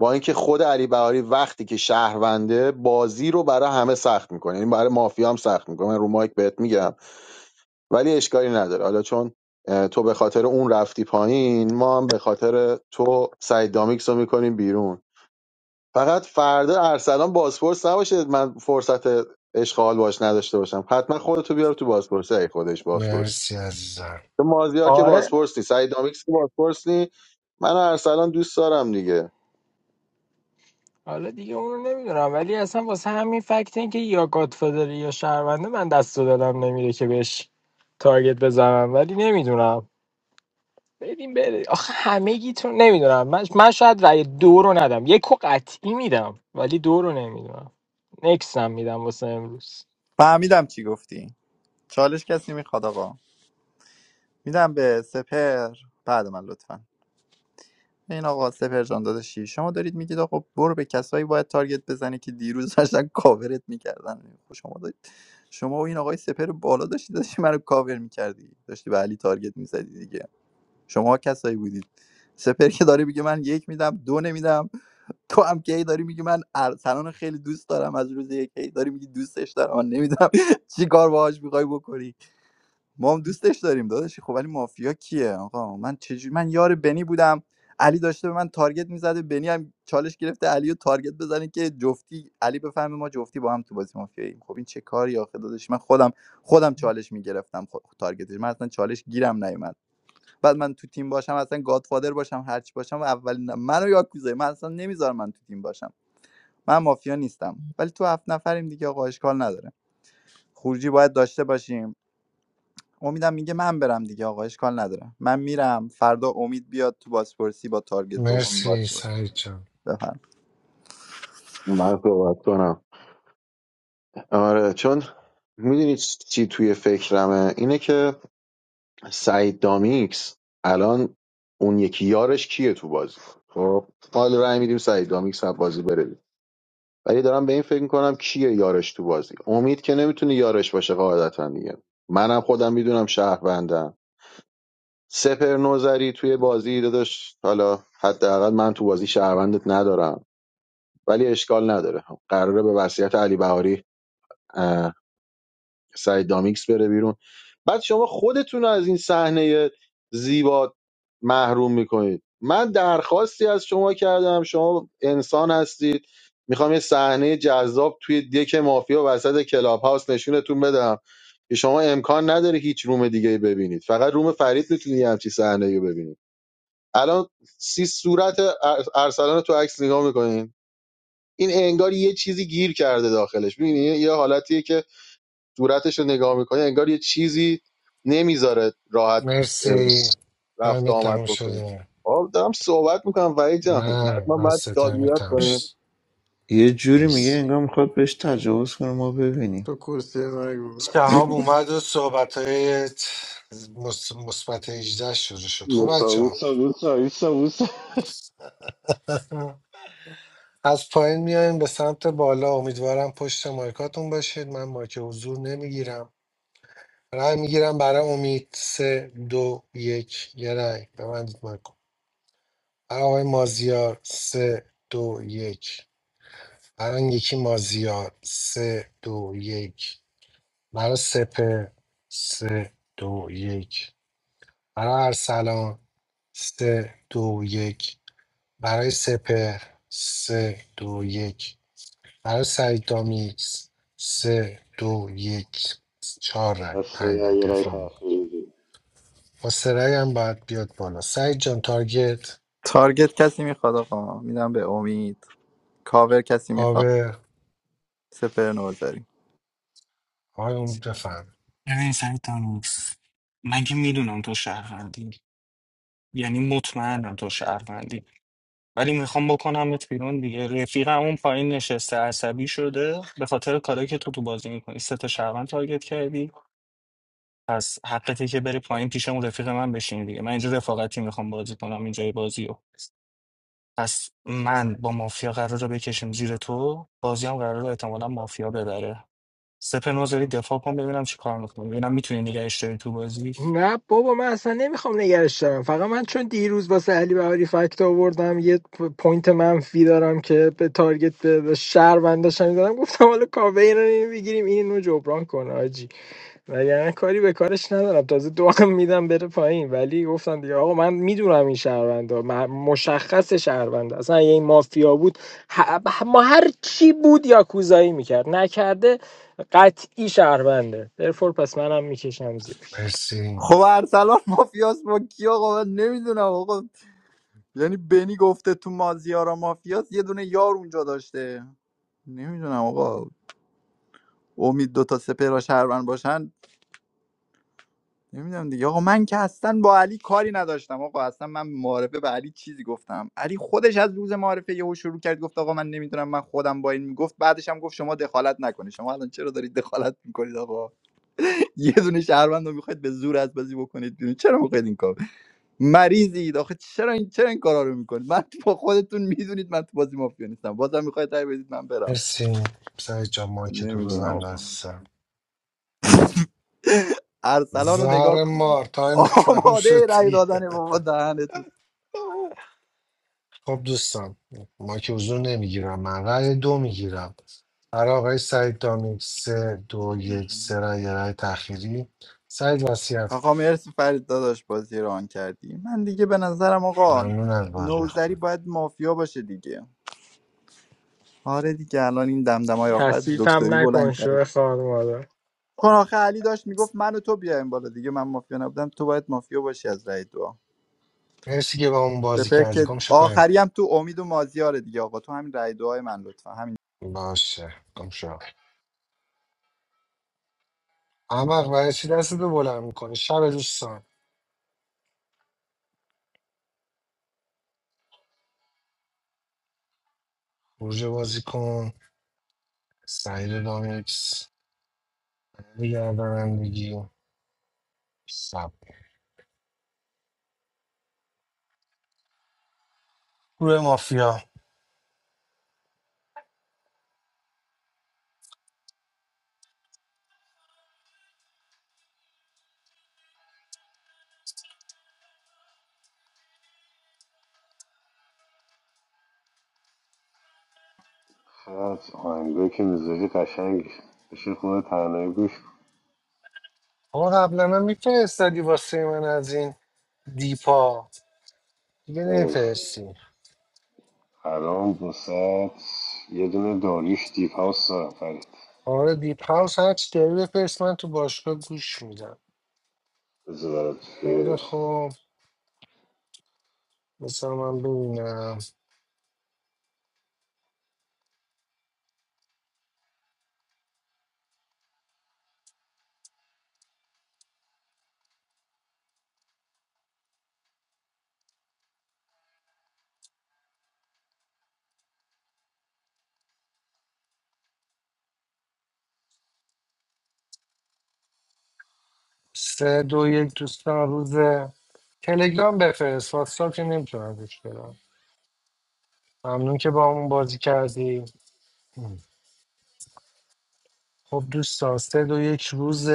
با اینکه خود علی بهاری وقتی که شهرونده بازی رو برای همه سخت میکنه یعنی برای مافیا هم سخت میکنه من رو مایک بهت میگم ولی اشکالی نداره حالا چون تو به خاطر اون رفتی پایین ما هم به خاطر تو سعید دامیکس رو میکنیم بیرون فقط فردا ارسلان بازپرس نباشه من فرصت اشغال باش نداشته باشم حتما خودتو بیار تو بازپرسی ای خودش بازپرسی مرسی عزیزم تو مازیار که آره بازپرس نی سعید دامیکس که بازپرس نی من و ارسلان دوست دارم دیگه حالا دیگه اونو نمیدونم ولی اصلا واسه همین فکت این که یا گادفادره یا شهرونده من دست و دلم نمیره که بهش تارگت بزنم ولی نمیدونم بدیم بره آخه همه گیتون نمیدونم من, من شاید رأی دو رو ندم یک و قطعی میدم ولی دو رو نمیدونم نکسم میدم واسه امروز فهمیدم چی گفتی چالش کسی میخواد آقا میدم به سپر بعد من لطفا این آقا سپر جان داداشی شما دارید میگید آقا برو به کسایی باید تارگت بزنی که دیروز داشتن کاورت میکردن شما دارید شما و این آقای سپر بالا داشتی داشتی منو کاور میکردی داشتی به علی تارگت میزدی دیگه شما کسایی بودید سپر که داره میگه من یک میدم دو نمیدم تو هم کی داری میگی من ارسلان خیلی دوست دارم از روز یک هی داری میگی دوستش دارم من نمیدونم چی کار باهاش میخوای بکنی ما هم دوستش داریم داداشی خب ولی مافیا کیه آقا من چجوری من یار بنی بودم علی داشته به من تارگت میزده بنی هم چالش گرفته علی رو تارگت بزنه که جفتی علی بفهمه ما جفتی با هم تو بازی مافیاییم خب این چه کاری آخه داداش من خودم خودم چالش میگرفتم خود تارگتش من اصلا چالش گیرم نیومد بعد من تو تیم باشم اصلا گادفادر باشم هرچی باشم اولین منو یاکوزای من اصلا نمیذارم من تو تیم باشم من مافیا نیستم ولی تو هفت نفریم دیگه آقا اشکال نداره خروجی باید داشته باشیم امیدم میگه من برم دیگه آقا اشکال نداره من میرم فردا امید بیاد تو بازپرسی با تارگت دومی مرسی بازپرسی سعید جان بفهم من صحبت کنم آره چون میدونی چی توی فکرمه اینه که سعید دامیکس الان اون یکی یارش کیه تو بازی خب حال رای میدیم سعید دامیکس از بازی بره بیرون. ولی دارم به این فکر میکنم کیه یارش تو بازی امید که نمیتونه یارش باشه قاعدتا دیگه منم خودم میدونم شهروندم سپر نوزری توی بازی داداش حالا حداقل من تو بازی شهروندت ندارم ولی اشکال نداره خب، قراره به وصیت علی بهاری سعید دامیکس بره بیرون بعد شما خودتون رو از این صحنه زیبا محروم میکنید من درخواستی از شما کردم شما انسان هستید میخوام یه صحنه جذاب توی دک مافیا وسط کلاب هاوس نشونتون بدم که شما امکان نداره هیچ روم دیگه ای ببینید فقط روم فرید میتونی یه همچی صحنه ای ببینید الان سی صورت ار- ارسلان رو تو عکس نگاه میکنین این انگار یه چیزی گیر کرده داخلش ببینید یه یه حالتیه که صورتش رو نگاه میکنی انگار یه چیزی نمیذاره راحت اه، مرسی رفت تایم و آمد تمام بکنه شده آه دارم صحبت میکنم وحید جان نه حتما باید بس داد تایم میاد تمام کنیم شد یه جوری میگه مرسی انگار میخواد بهش تجاوز کنه ما ببینیم تو کرسی من بود شهاب اومد و صحبت های مثبت 18 شروع شد خب موسا بچه ها موسا موسا موسا موسا از پایین میایم به سمت بالا امیدوارم پشت مایکاتون باشید من مایک حضور نمیگیرم رای میگیرم برای امید سه دو یک یه رأی ببندید مایکو برای آقای مازیار سه دو یک برای آن یکی مازیار سه دو یک برای سپه سه دو یک برای ارسلان سه دو یک برای سپه سه دو یک برای سعید دامیکس سه دو یک چهار رأی بسه پنج رأی یه رای دفاع تأخیری خسرای هم باید بیاد بالا سعید جان تارگت تارگت کسی میخواد آقا میدم به امید کاور کسی میخواد کاور سپر نوزاری آقای اون بفهم ببین سعید دامیکس من که میدونم تو شهروندی یعنی مطمئنم تو شهروندی ولی میخوام بکنمت بیرون دیگه رفیقم اون پایین نشسته عصبی شده به خاطر کارایی که تو تو بازی میکنی سه تا شهروند تارگت کردی پس حقته که بری پایین پیش اون رفیق من بشین دیگه من اینجا رفاقتی میخوام بازی کنم اینجای بازی رو پس من با مافیا قرار رو بکشم زیر تو بازی هم قرار رو احتمالا مافیا ببره سپه نوزاری دفاع کن ببینم چی کار میکنم ببینم میتونی نگهش داری تو بازی نه بابا من اصلا نمیخوام نگرش دارم فقط من چون دیروز واسه علی بهاری فکت آوردم یه پ- پوینت منفی دارم که به تارگت به به شهرونداشم میدادم گفتم حالا کاوه این رو اینو بگیریم این اینو جبران کنه آجی وگرنه کاری به کارش ندارم تازه دو هم میدم بره پایین ولی گفتم دیگه آقا من میدونم این شهروندا م- مشخص شهروندا اصلا اگه این مافیا بود ه- ما هر چی بود یا کوزایی میکرد نکرده قطعی شهرونده درفور پس منم میکشم زیرش مرسی خب ارسلان مافیاس با کی آقا من نمیدونم آقا یعنی بنی گفته تو مازیارا مافیاس یه دونه یار اونجا داشته نمیدونم آقا امید دوتا سپر و شهروند باشن نمیدونم دیگه آقا من که اصلا با علی کاری نداشتم آقا اصلا من معارفه به علی چیزی گفتم علی خودش از روز معارفه یهو شروع کرد گفت آقا من نمیدونم من خودم با این میگفت بعدش هم گفت شما دخالت نکنید شما الان چرا دارید دخالت میکنید آقا یه دونه شهروند رو میخواید به زور از بازی بکنید بیرون چرا میخواید این کار مریضید آخه چرا این چرا این کارا رو میکنید من با خودتون میدونید من تو بازی مافیا نیستم بازم میخواید رای بدید من برم مرسی سعید جان مایک تو نمیدونم ببند آقا عزیزم ارسلان رو نگاه زهر کن مار تایم تموم آماده شد رای دیگه دادن بابا دهنت خب دوستان مایک حضور نمیگیرم من رای دو میگیرم برای آقای سعید دامیک سه دو یک سه رای یه رأی تخیری سعید وصیت کن آقا مرسی فرید داداش بازی رو آن کردی من دیگه به نظرم آقا ممنون از بازی نوزری خوبی باید مافیا باشه دیگه آره دیگه الان این دمدمای آخر کثیفم دکتری بلند نکن شو کرده خار مادر چون آخه علی داشت میگفت من و تو بیایم بالا دیگه من مافیا نبودم تو باید مافیا باشی از رای دعا مرسی که با اون بازی سپر که کردی گم شو پایین آخری هم تو امید و مازیاره دیگه آقا تو همین رای دعای من لطفا همین باشه گم شو احمق برای چی دست تو بلند میکنی شب دوستان خروج بازی کن سعید دامیکس گردانندگی سب گروه مافیا چقدر آهنگایی که میذاری قشنگ بشه خود تنهایی گوش کن آقا قبلا هم میفرستادی واسه من از این دیپا دیگه خب، نفرستی الان وسط یه دونه داریش دیپ هاوس دارم فرید آره دیپ هاوس هر چی داری بفرست من تو باشگاه گوش میدم بذار برات خیلی توی خوب مثلا من ببینم سه دو یک دوستان روز تلگرام بفرست واتساپ که نمیتونم گوش بدم ممنون که با همون بازی کردی خب دوستان سه دو یک روز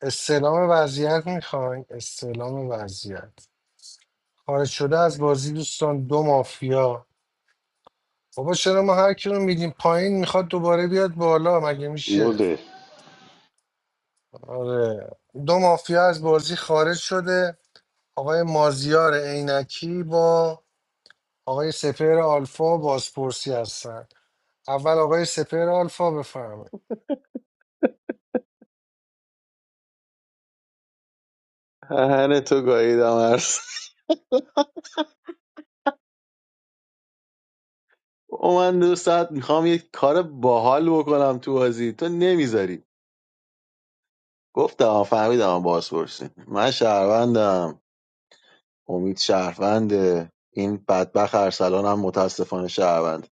استعلام وضعیت میخواین استعلام وضعیت خارج شده از بازی دوستان دو مافیا بابا چرا ما هر کی رو میدیم پایین میخواد دوباره بیاد بالا مگه میشه مده آره دو مافیا از بازی خارج شده آقای مازیار عینکی با آقای سپر آلفا بازپرسی هستن اول آقای سپر آلفا بفرمایید هن تو گاهیدم عرض او من دو ساعت میخوام یه کار باحال بکنم تو بازی تو نمیذاری گفتم فهمیدم باز پرسیم من شهروندم امید شهرونده این بدبخ ارسلان هم متاسفانه شهروند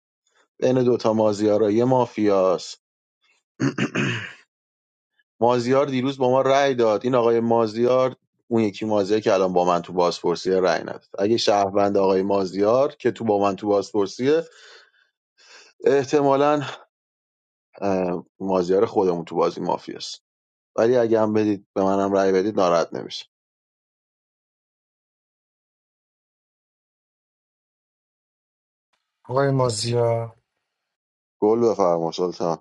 بین دوتا مازیارا یه مافیاست مازیار دیروز با ما رأی داد این آقای مازیار اون یکی مازیار که الان با من تو بازپرسی رأی نداد اگه شهروند آقای مازیار که تو با من تو بازپرسیه احتمالا اه، مازیار خودمون تو بازی مافیاست ولی اگه هم بدید به منم رأی بدید ناراحت نمیشه آقای مازیار گل بفرما سلطان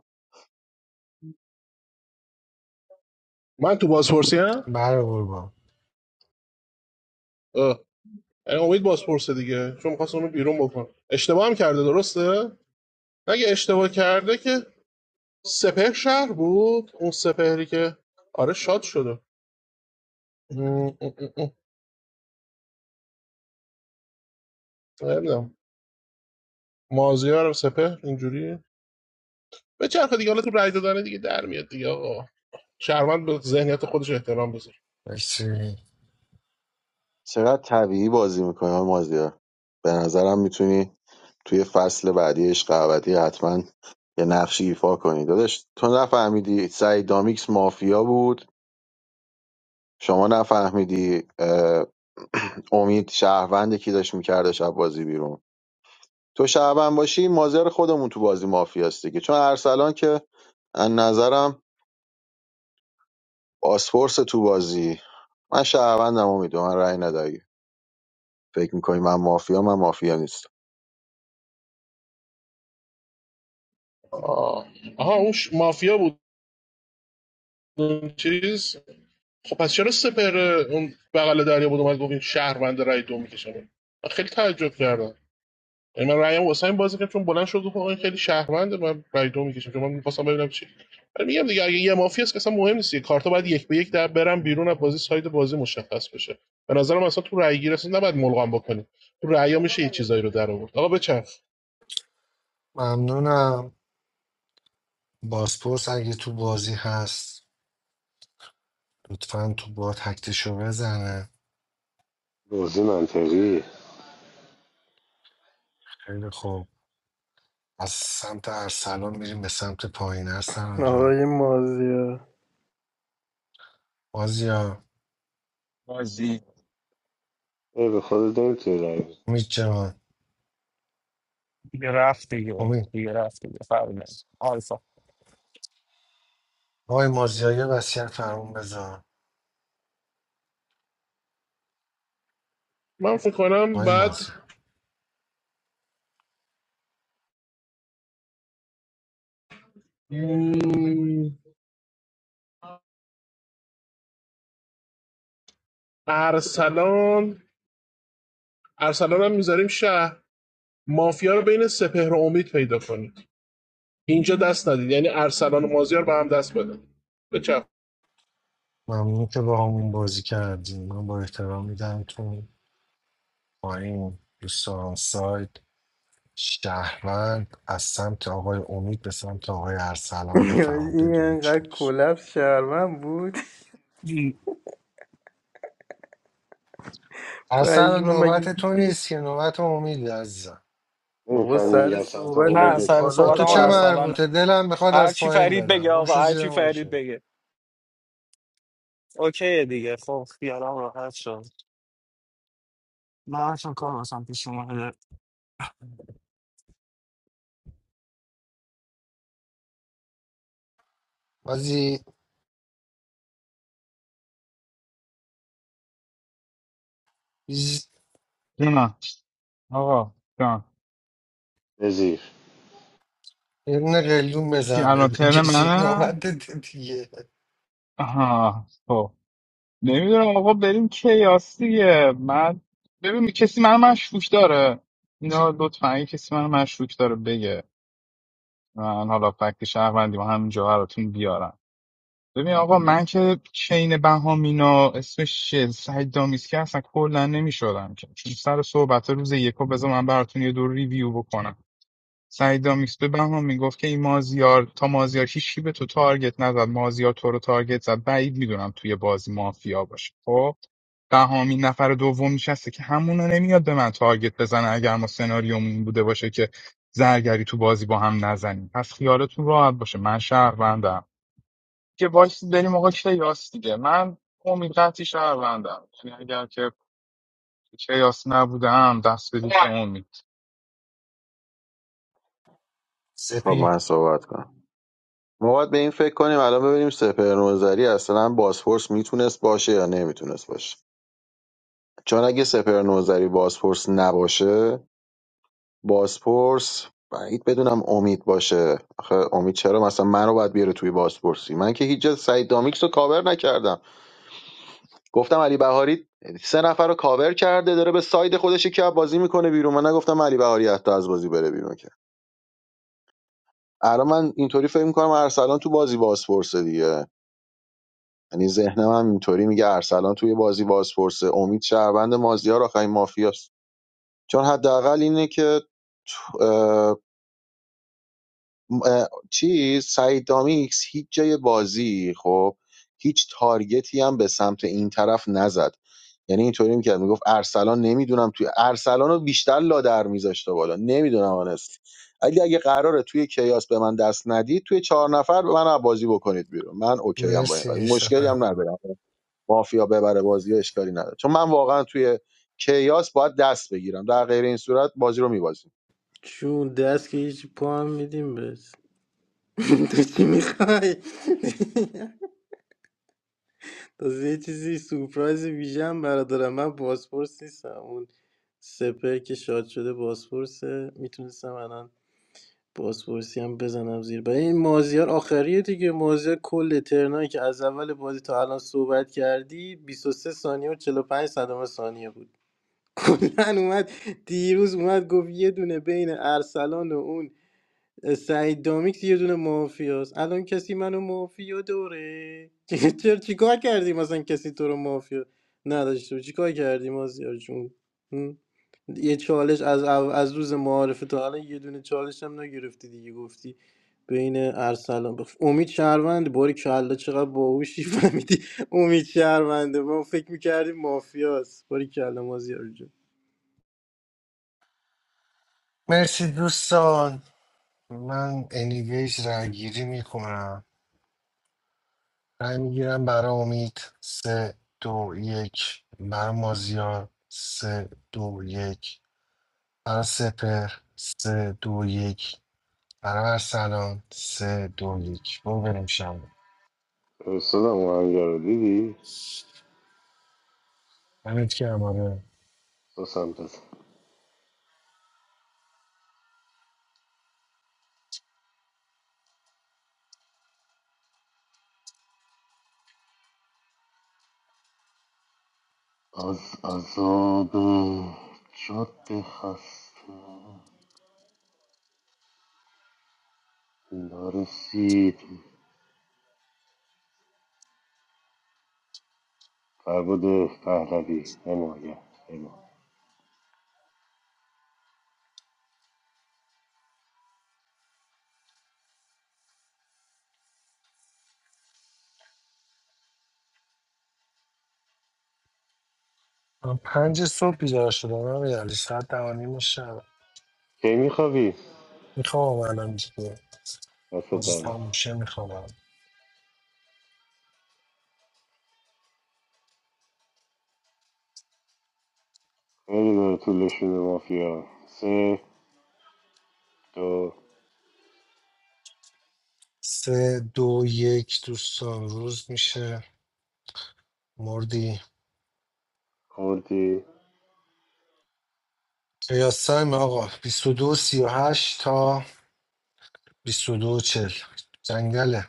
من تو بازپرسی هم بله قربان آه. یعنی امید بازپرسه دیگه چون می‌خواست اونو بیرون بکنم. اشتباه هم کرده درسته اگه اشتباه کرده که سپهر شهر بود اون سپهری که آره شاد شده نمیدونم مازیار سپهر اینجوری به چرخ دیگه حالا تو رای دادن دیگه در میاد دیگه آقا شهروند به ذهنیت خودش احترام بذاره. مرسی. چقدر طبیعی بازی میکنی آقای مازیار به نظرم میتونی توی فصل بعدی عشق ابدی حتما یه نقشی ایفا کنی داداش تو نفهمیدی سعید دامیکس مافیا بود شما نفهمیدی اه، امید شهروند کی داشت میکرده شب بازی بیرون تو شهروند باشی مازر خودمون تو بازی مافیاست دیگه چون ارسلان که از نظرم پاسپورس تو بازی من شهروندم امید به من رأی نده اگه فکر میکنی من مافیا من مافیا نیستم. آه. آها اون ش- مافیا بود اون چیز خب پس چرا سپر اون بغل دریا بود اومد گفت این شهروند رای دو میکشن خیلی تعجب کردم یعنی من رایم واسه این بازی که چون بلند شد گفت آقا این خیلی شهرونده من رای دو میکشم چون من میخواستم ببینم چی ولی میگم دیگه اگه یه مافیا است که اصلا مهم نیست کارتا باید یک به یک در برن بیرون از بازی ساید بازی مشخص بشه به نظرم اصلا تو رای گیر اصلا نباید ملغم بکنی تو رأی‌ها میشه یه چیزایی رو در آورد آقا بچخ ممنونم بازپرس اگه تو بازی هست لطفا تو بات تکتشو بزنه بازی منطقی خیلی خوب از سمت ارسلان میریم به سمت پایین ارسلان جان آقای مازیار مازیا بازی ای به خود داریم توی رنگ امید جان دیگه رفت دیگه امید دیگه رفت دیگه فرق نداره. آلفا آقای مازیا یه وصیت فرمون بذار من فکر کنم آقای بعد مازیا م، ارسلان ارسلان هم میذاریم شهر مافیا رو بین سپهر و امید پیدا کنید اینجا دست ندید یعنی ارسلان و مازیار به هم دست بدن بچه ممنون که با همون بازی کردیم من با احترام میدم تو پایین دوستان سایت شهروند از سمت آقای امید به سمت آقای ارسلان بفرما این بگویم چی انقدر بود. کلپس شرمن بود اصلا پشمام مگه نوبت تو نیست که نوبت امید عزیزم بابا نمیفهمی سر میگن چند تا صحبت نه امیده از سر چند به تا از صحبت تو هم چه بالاست بلا ارسلان مربوطه دلم میخواد از هرچی پایین فرید بدم بگه گم شو آقا زیر هرچی فرید ماشه بگه اوکی دیگه خب خیالم راحت شد من اصلا کار واسم پیش اومده بازی بیز- نه. آقا جان بزیر یه دونه قلیون چی بزن به الان ترن بکشی منه نوبت دیگه آها خب نمیدونم آقا بریم کیاس دیگه من ببین کسی من مشکوک داره اینا لطفا اگه کسی من مشکوک داره بگه من حالا فکت شهروندی و همینجا براتون بیارم ببین آقا من که چین بهامینا اسمش چیه سعید دامیسکی اصلا کلا نمیشدم که چون سر صحبت روز یکو بذار من براتون یه دور ریویو بکنم. سعید دامیکس به بهمان میگفت که این مازیار تا مازیار هیچکی به تو تارگت نزد مازیار تو رو تارگت زد بعید میدونم توی بازی مافیا باشه خب بهام این نفر دوم نشسته که همونو نمیاد به من تارگت بزنه اگر ما سناریومون این بوده باشه که زرگری تو بازی با هم نزنیم پس خیالتون راحت باشه من شهروندم که وایس بریم آقا کیاس دیگه من امید قطعی شهروندم یعنی اگر که کیاس نبودم دست بدید به امید خب سپی من صحبت کنم ما باید به این فکر کنیم الان ببینیم سپر نوزری اصلا بازپرس میتونست باشه یا نمیتونست باشه چون اگه سپر نوزری بازپرس نباشه بازپرس بعید بدونم امید باشه آخه امید چرا مثلا منو باید بیاره توی بازپرسی من که هیچ جا سعید دامیکس رو کاور نکردم گفتم علی بهاری سه نفر رو کاور کرده داره به ساید خودش یکی از بازی میکنه بیرون من نگفتم علی بهاری حتی از بازی بره بیرون که الان من اینطوری فکر میکنم ارسلان تو بازی بازپرسه دیگه یعنی ذهنم هم اینطوری میگه ارسلان توی بازی بازپرسه امید شهروند مازیار آخرین مافیاست چون حداقل اینه که اه، چیز سعید دامیکس هیچ جای بازی خب هیچ تارگتی هم به سمت این طرف نزد یعنی اینطوری میکرد میگفت ارسلان نمیدونم توی ارسلان رو بیشتر لادر میذاشته بالا نمیدونم آنست اگه اگه قراره توی کیاس به من دست ندید توی چهار نفر به من از بازی بکنید بیرون من اوکی هم با این قضیه مرسی مشکلی سپه هم ندارم مافیا ببره بازی رو اشکالی نداره چون من واقعا توی کیاس باید دست بگیرم در غیر این صورت بازی رو میبازیم چون دست که هیچ پا هم میدیم بهش تو چی میخوای تازه یه چیزی سورپرایز ویژه هم برات دارم من باسپورس نیستم اون سپر که شاد شده باسپورسه میتونستم الان باسپورسی هم بزنم زیر برای این مازیار آخریه دیگه مازیار کل ترنایی که از اول بازی تا الان صحبت کردی 23 ثانیه و 45 صدم ثانیه بود کلا اومد دیروز اومد گفت یه دونه بین ارسلان و اون سعید دامیکس یه دونه مافیاست الان کسی منو مافیا دوره چه- چرا چیکار کردی مثلا کسی تو رو مافیا نداشته بود؟ چیکار کردی مازیار جون هم؟ یه چالش از او- از روز معارفه تا الان یه دونه چالش هم نگرفتی دیگه گفتی بین ارسلان بخ... امید شهروند باری کلا چقدر باهوشی فهمیدی امید شهرونده ما فکر میکردیم مافیاست باری کلا مازیار جون مرسی دوستان من انیویز رای گیری میکنم رای میگیرم برای امید سه دو یک برای مازیار سه دو یک برای سپر سه دو یک برابر سلام سه دو یک برو بریم شنبه فرستادم اون آهنگه رو دیدی همینت که اماره سوسم بزن از عذاب جاده خسته نرسید فربود پهلوی حمایت حمایت من پنج صبح بیدار شدم من یعنی ساعت دوانیم شب کی میخوابی میخوام الان دیگه دست بازی در تموم نکنه. شه میخوام خیلی داره طولشون مافیا سه دو سه دو یک دوستان روز میشه مردی خوردی قیاسایم آقا 22 هشت تا بیست و دو 40 جنگله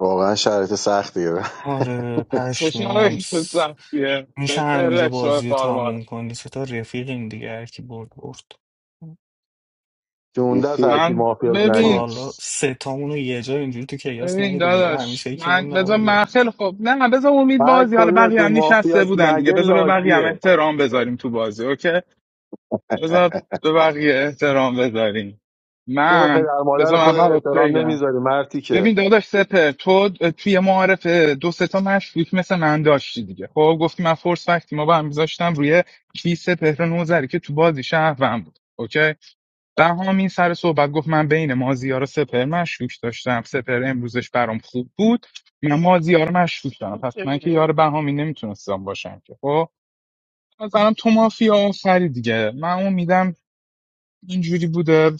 واقعا شرایط سختیه آره چشم پشمام آقای تو سختیه میشه به همینجا بازی رو چهره تموم کنی سه تا رفیقیم دیگه هر کی برد برد جونده است سیسی هر سی کی من مافیاس تا ببین نگه حالا سه تامون رو یه جا اینجوری تو کیاس ببین ندیده بودم داداش همیشه من یکیمون بذار نبوده من خیلی خوب نه بذار امید هر بازی حالا بقیه کدومتون هم نشسته مافیاس بودن دیگه نگه بذار به بقیه هم لاشیه احترام بذاریم تو بازی اوکی بذار به بقیه احترام بذاریم تو به من پدر مادر بذار اول خودت بهت احترام بگم نمیذاری مرتی که ببین داداش سپر تو توی معارف دو سه تا مشکوک مثل من داشتی دیگه خب گفتی من فورس وقتی ما با هم میذاشتم روی کیسه پهر نوزری که تو بازی شهروند بود اوکی بهامی سر صحبت گفت من بین مازیار و سپر مشکوک داشتم سپر امروزش برام خوب بود من مازیار رو مشکوک دارم پس من که یار بهامی نمیتونستم باشم که خب از برام تو مافیا آفری دیگه من امیدم اینجوری بوده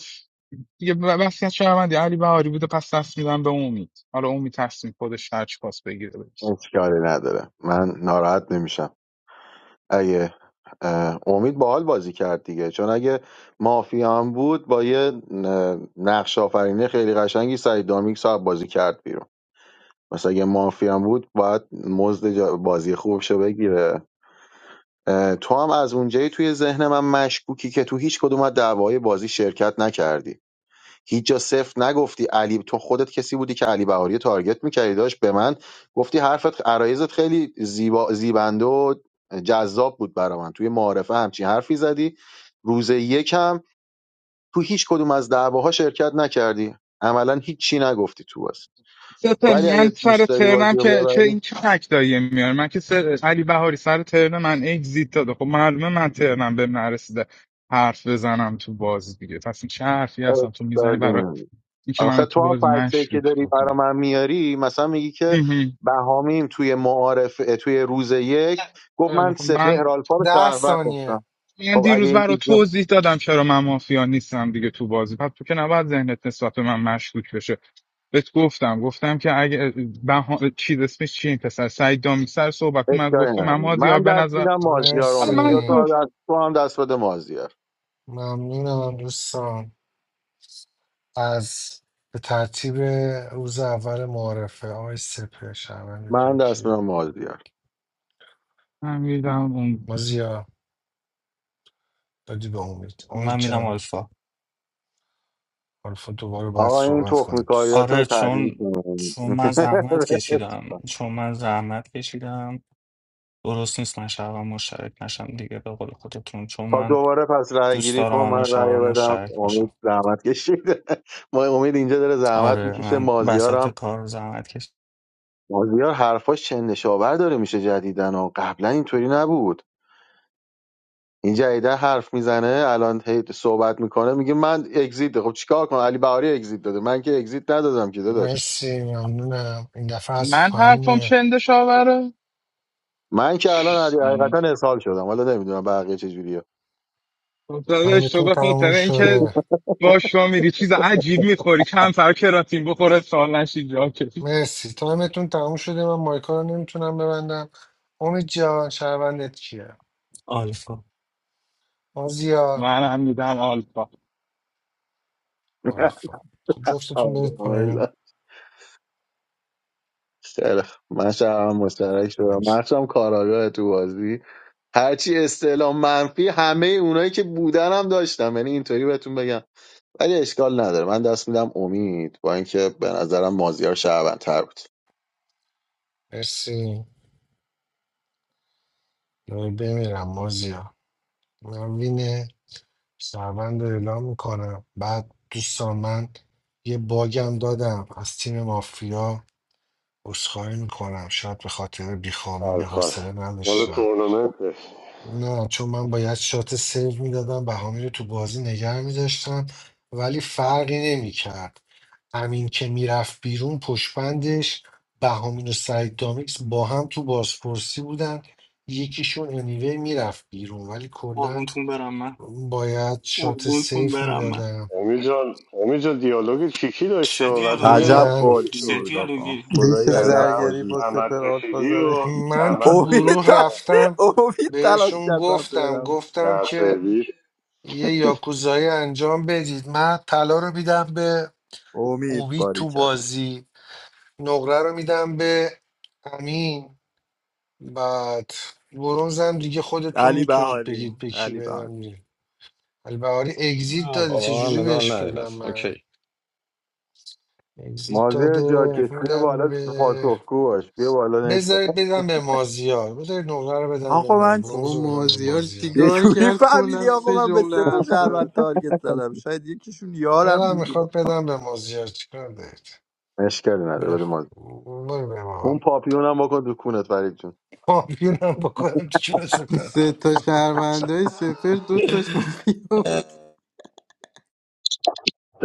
دیگه وصیت شهروندی علی بهاری بوده پس دست میدم به امید حالا امید تصمیم خودش هرچی پاس بگیره بگیره. من چیکاری نداره من ناراحت نمیشم اگه اه، امید باحال بازی کرد دیگه چون اگه مافیا هم بود با یه اه، نقش آفرینه خیلی قشنگی سعید دامیک صاحب بازی کرد بیرون مثلا اگه مافیا هم بود باید مزد جا- بازی خوبشو بگیره اه، تو هم از اونجایی توی ذهن من مشکوکی که تو هیچ کدوم از دعوای بازی شرکت نکردی هیچ جا صفر نگفتی علی تو خودت کسی بودی که علی بهاری رو تارگت میکردی داشت به من گفتی حرفت عرایزت خیلی زیبا زیبنده و جذاب بود برا من توی معارفه همچین حرفی زدی روز یکم تو هیچ کدوم از دعواها شرکت نکردی عملا هیچ چی نگفتی تو بازی سپر ولی من اگه سر دوست داری ترنم بازی رو که چه ببری این چه تکتاییه میاره من که سر... علی بهاری سر ترنم من اگزیت داده خب معلومه من ترنم به نرسیده حرف بزنم تو بازی دیگه پس این چه حرفی هستم تو میزنی اشکالی برای نداره. اینکه منو آخه تو تو هم بازی فکته که مشکوک داری برا بکنی من میاری مثلا میگی که اهم. بهامیم توی معارف توی روز یک گفت خیلی من خب. من سپهر آلفا رو ده شهروند ثانیه داشتم من خب اگه دیروز این برای چیزا توضیح دادم چرا من مافیا نیستم دیگه تو بازی پس تو که نباید ذهنت نسبت به من مشکوک بشه بهت گفتم گفتم که اگه بها... چیز اسمش چیه این پسر سعید دامی سر صحبت اومد اشکالی گفته من نداره. مازیار من به دست نظر میدم مازیار رو حالا امید بیا تو مرسی من هم دست تو هم دست بده مازیار ممنونم دوستان از به ترتیب روز اول معارفه آقای سپه من شهروندتون دست کیه میدم مازیار فهمیدم اون مازیا دادی به امید امید من میدم جان آلفا حالا دوباره باید آقا این صحبت تخمی کنید دوست کاریاتون رو آره تعطیل چون کنید. چون من زحمت کشیدم چون من زحمت کشیدم درست نیست من شبم مشترک نشم دیگه به قول خودتون چون خب من دوباره پس رأی دوست گیری کن دارم همه من رأی شبم بدم مشترک باشم امید زحمت کشید ما امید اینجا داره زحمت آره میکشه من مازیارم وسط کار زحمت کشید مازیار حرفاش چند نشابر داره میشه جدیدن و قبلا اینطوری نبود این جدیده حرف میزنه الان هی صحبت میکنه میگه من اگزیت ده. خب چیکار کنم علی بهاری اگزیت داده من که اگزیت ندادم که داداش مرسی ممنونم این دفعه از من پایین حرفم میه چنده شاوره من که الان علی- حقیقتا اسهال شدم حالا نمیدونم بقیه چجوریه داده تایمتون اشتباه کنی تموم تره اینکه شده باش رو میری چیز عجیب میخوری کم فر کراتین بخوره سال نشی جا کشی مرسی تایمتون تموم شده من مایکا رو نمیتونم ببندم امید جان شهروندت کیه آلفا مازیا من هم میدم آلفا آلفا خب آره، جفتتون برید پایین امیل. خیلی خوب. من شبم مشترک شدم مخشم کاراگاه تو بازی هرچی استعلام منفی همه اونایی که بودن هم داشتم یعنی اینطوری بهتون بگم ولی اشکال نداره من دست میدم امید با اینکه به نظرم مازیار شهروندتر بود مرسی دارم بمیرم مازیا من وین شهروند رو اعلام میکنم بعد دوستان من یه باگم دادم از تیم مافیا عذرخواهی میکنم شاید به خاطر بیخامی می خلخال حوصله مال نداشتم تورنمنته نه چون من باید شات سیو میدادم بهامی رو تو بازی نگه میداشتم ولی فرقی نمیکرد همین که میرفت بیرون پشپندش بهامین و سعید دامیکس با هم تو بازپرسی بودن یکیشون انیوی میرفت بیرون ولی کلا قربونتون برم من باید شات قربونتون سیف برم من میدادم امی جان امی جان دیالوگ کیکی داشته چه و بعد بینه دیالوگی عجب من مافیا بازی چه میشد بود آقا دیالوگی دیگه که خدایی عجب زم... زرگری بازی با بود زحمت سپر آلفا کشیدی زده و من تو زحمت امید بکشم گروه و داشت رفتم امید تلاش بهشون کرد من گفتم برم گفتم در که سرویس یه یاکوزایی انجام بدید من طلا رو میدم به امید اوبی باری تو بازی نقره رو میدم به امین بعد برونزم دیگه خودتون علی میتونید بهاری بگید به کی علی بهاری بدم دیگه البهاری اگزیت نه داده بابا من چجوری مدال بهش ندین بدم اصلا. من اوکی اگزیت مازیار جا داده بیا میدم بالا به پاسخگو باش بیا بالا نش بذارید بدم به مازیار بذارید نقره رو بدم به آقا ماز من برونز بابا رو بدم به مازیار مازیار یه چیکار جوری کرد فهمیدی کلا سه آقا من به جمله سه تا حرف زد شهروند تارگت زدم شاید یکیشون یارم دلم میبود میخواد بدم به مازیار چیکار دارید اشکالی نداره بیا بده مازیار برو به اون ما پاپیونم بکن تو کونت فرید جون پامپیونم بکنم تو چون سه سپرم تا شهروندای سپر دو تاش مافیا بود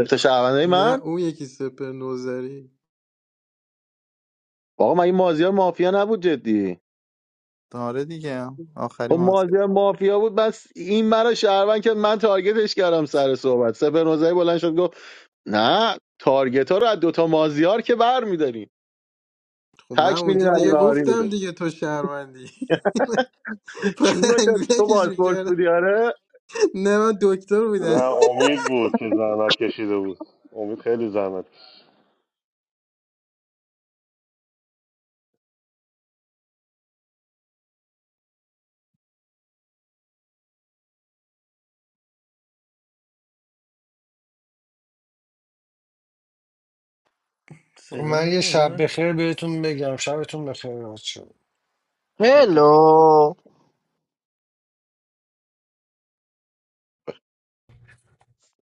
تا شهروندای نه من اون یکی سپر نوزری واقعا مگه مازیار مافیا نبود جدی آره دیگه آخری خب مازی مازیار مافیا بود بس این مرا شهروند کرد من تارگتش کردم سر صحبت سپر نوزهی بلند شد گفت نه تارگت ها رو از دوتا مازیار که بر میداریم خب من تک میدین اونجا علی دیگه بهاری گفتم میده دیگه تو شهروندی بعد چون باشد تو انگولکش بازپرس میکردم بودی آره نه من دکتر نه بودم امید بود که زحمت کشیده بود امید خیلی زحمت کشید صدا من من یه شب میاد بخیر بهتون بگم شبتون بخیر بچه‌ها. Hello.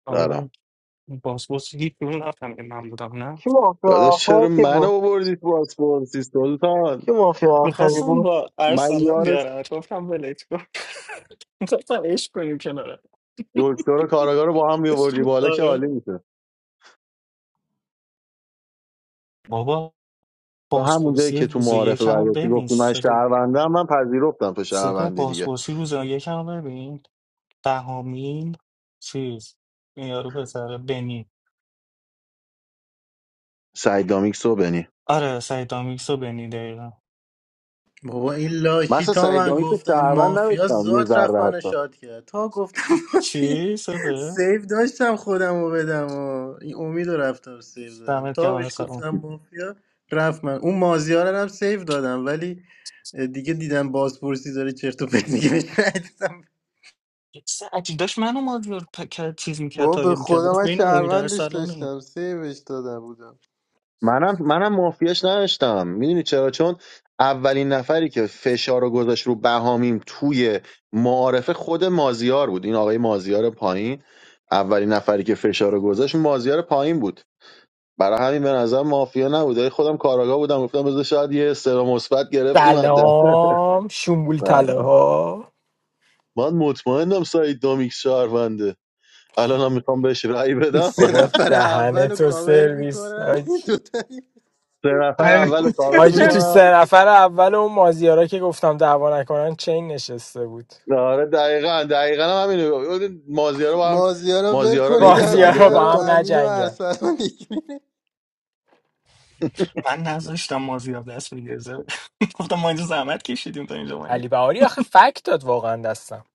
آقا برام باس باس گیت میون رفتم که من بودم نه Kim o fi داداش axer چرا ki bu? منو آوردی تو پاسپورتی سلطان Kim o fi axer ki bu? میخواستم با من ارسلان یار بیارم گفتم ولش کن میخواستم عشق کنیم کناره دکتر و کاراگاه رو با هم میآوردی بالا که عالی آره میشه بابا تو همون جایی بازپرسی که تو روز معارفه یکم رو برگشتی ببین گفتی من سپه شهروندم من پذیرفتم تو سپه شهروندی دیگه بازپرسی روز یکم رو ببین دهمین چیز این یارو پسره بنی سعید دامیکس و بنی آره سعید دامیکس و بنی دقیقا بابا این من لاشی اصلا تا سعید من دامیکس رو گفتم شهروند مافیا نداشتم یه زاد رفت ذره منو حتی شاد کرد تا گفتم مافیا چی سپه سیف داشتم خودم رو بدم و این امید رو رفتم سیف دادم دمت تا گرم بهش ارسلان گفتم مافیا رفت من اون مازیارن هم سیف دادم ولی دیگه دیدم بازپرسی داره چرت و پرت دیگه بهش ندیدم. سعید داشت منو مازیار پ- کرد- چیز میکرد بابا به تاگه میکرد خدا گفت من بین امید شهروندش ارسلانه من داشتم سیفش داده بودم منم منم مافیاش نداشتم میدونی چرا چون اولین نفری که فشار رو گذاشت رو بهامیم توی معارفه خود مازیار بود این آقای مازیار پایین اولین نفری که فشار رو گذاشت مازیار پایین بود برای همین به نظر مافیا نبود ولی خودم کاراگاه بودم گفتم بذار شاید یه استرا مثبت گرفتیم از دست سلام شنبول تله ها من مطمئنم سعید دامیک شهرونده الانم میخوام بهش رأی بدم سه بابا نفر دهنه اول رو تو کاور سرویس میکنم حاج- دوتایی سه نفر اول کاور حاجی تو میکنم سه نفر اول اون مازیارا که گفتم دعوا نکنن چین نشسته بود آره دقیقاً دقیقاً هم همینو مازیارا با هم مازیارا ول مازیارا رو کنید هیچکی هم تارگت مازیارا دیگه با رو نکن هم امین و نجنگن ارسلان دیگه. من نذاشتم مازیار دست بگیره زره. گفتم ما اینجا زحمت کشیدیم تا اینجا علی اومدیم بهاری آخه فک داد واقعا دستم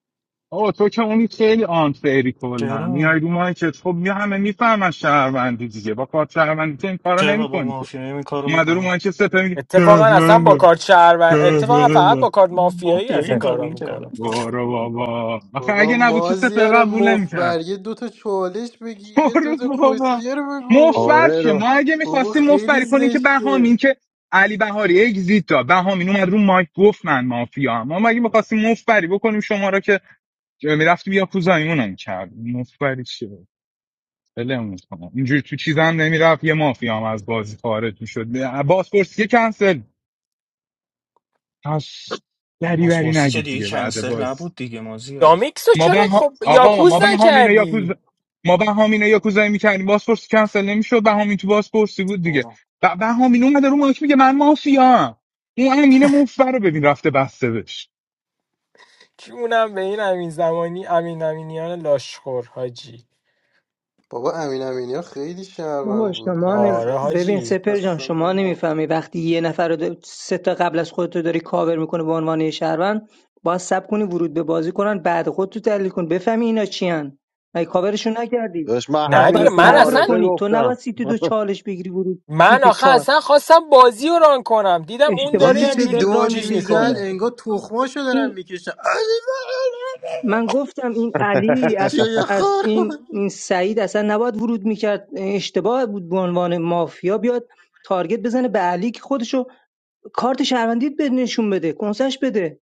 آه تو که اونی خیلی آنفیری کلا میای چرا رو مایکت خب می همه میفهمن شهروندی دیگه با کارت شهروندی که این کارو چرا با نمیکنی که مافیا این کارو اومده رو میکنم مایکت سپه میگه اتفاقا اصلا با شهروندم کارت شهر و اتفاقا فقط با شهروندم کارت با مافیایی مافیا از این این کارو کارا میکردم میکنه بارو بابا آخه بابا اگه نبود چه سپه مازیار قبول نمیکرد مفبر یه دوتا چالش بگی یه برو دوتا بابا کسیه رو بگو مفر آره شه رو ما اگه بابا میخواستیم خیلی مفری کنیم که بهامین زشته که علی بهاری اگزییت داد بهامین اومد رو مایک گفت من مافیا هم. ما اگه میخواستیم مفری بکنیم شما را که میرفتیم یا کوزایمون هم کرد مفری چیه بلمون کنم اینجوری تو چیزم نمیرفت یه مافیا هم از بازی خارج میشد بازپرسی کنسل پس دری بری پاسپورتی که نگید دیگه دیگه بعد کنسل باز نبود دیگه مازیار دامیکسو ما چرا به ها... خب آقا یاکوز ما به هامینو یاکوز نکردی ما به هامینو یاکوزایی میکردیم بازپرسی کنسل نمیشد به همین تو بازپرسی بود دیگه برو به به هامین اومده رو ماک میگه من مافیا اون امین مفبر رو ببین رفته بسته بهش چونم به این امین زمانی امین امینیان لاشخور حاجی بابا امین امینی ها خیلی بابا شرمم بود من شما نمی... آره اصلا ببین هیچ- حاجی سپر جان اصلا شما من ما نمیفهمی وقتی یه نفر رو د- سه تا قبل از خودت رو داری کاور میکنه به عنوان یه شهروند باید سب کنی ورود به بازی کنن بعد خود تو تحلیل کن بفهمی اینا چیان مگه کاورشون نکردی داشت من پس نه باید دیگه همینو تو من صبر اصلا معارفه کنی تو نباید گفتم سیت دو چالش بگیری ورود سیت من آخه چهار اصلا خواستم بازی رو ران کنم دیدم اون اشتباه داره دیدی چه کردی داره اینجوری ران دادی چیز میشه دیگه میزد این میکنه انگار تخماشو دارم این میکشم من گفتم این علی از شوی از خار این, بود. این سعید اصلا نباید ورود میکرد اشتباه بود به عنوان مافیا بیاد تارگت بزنه به علی که خودشو کارت شهروندیت بده نشون بده کنسش بده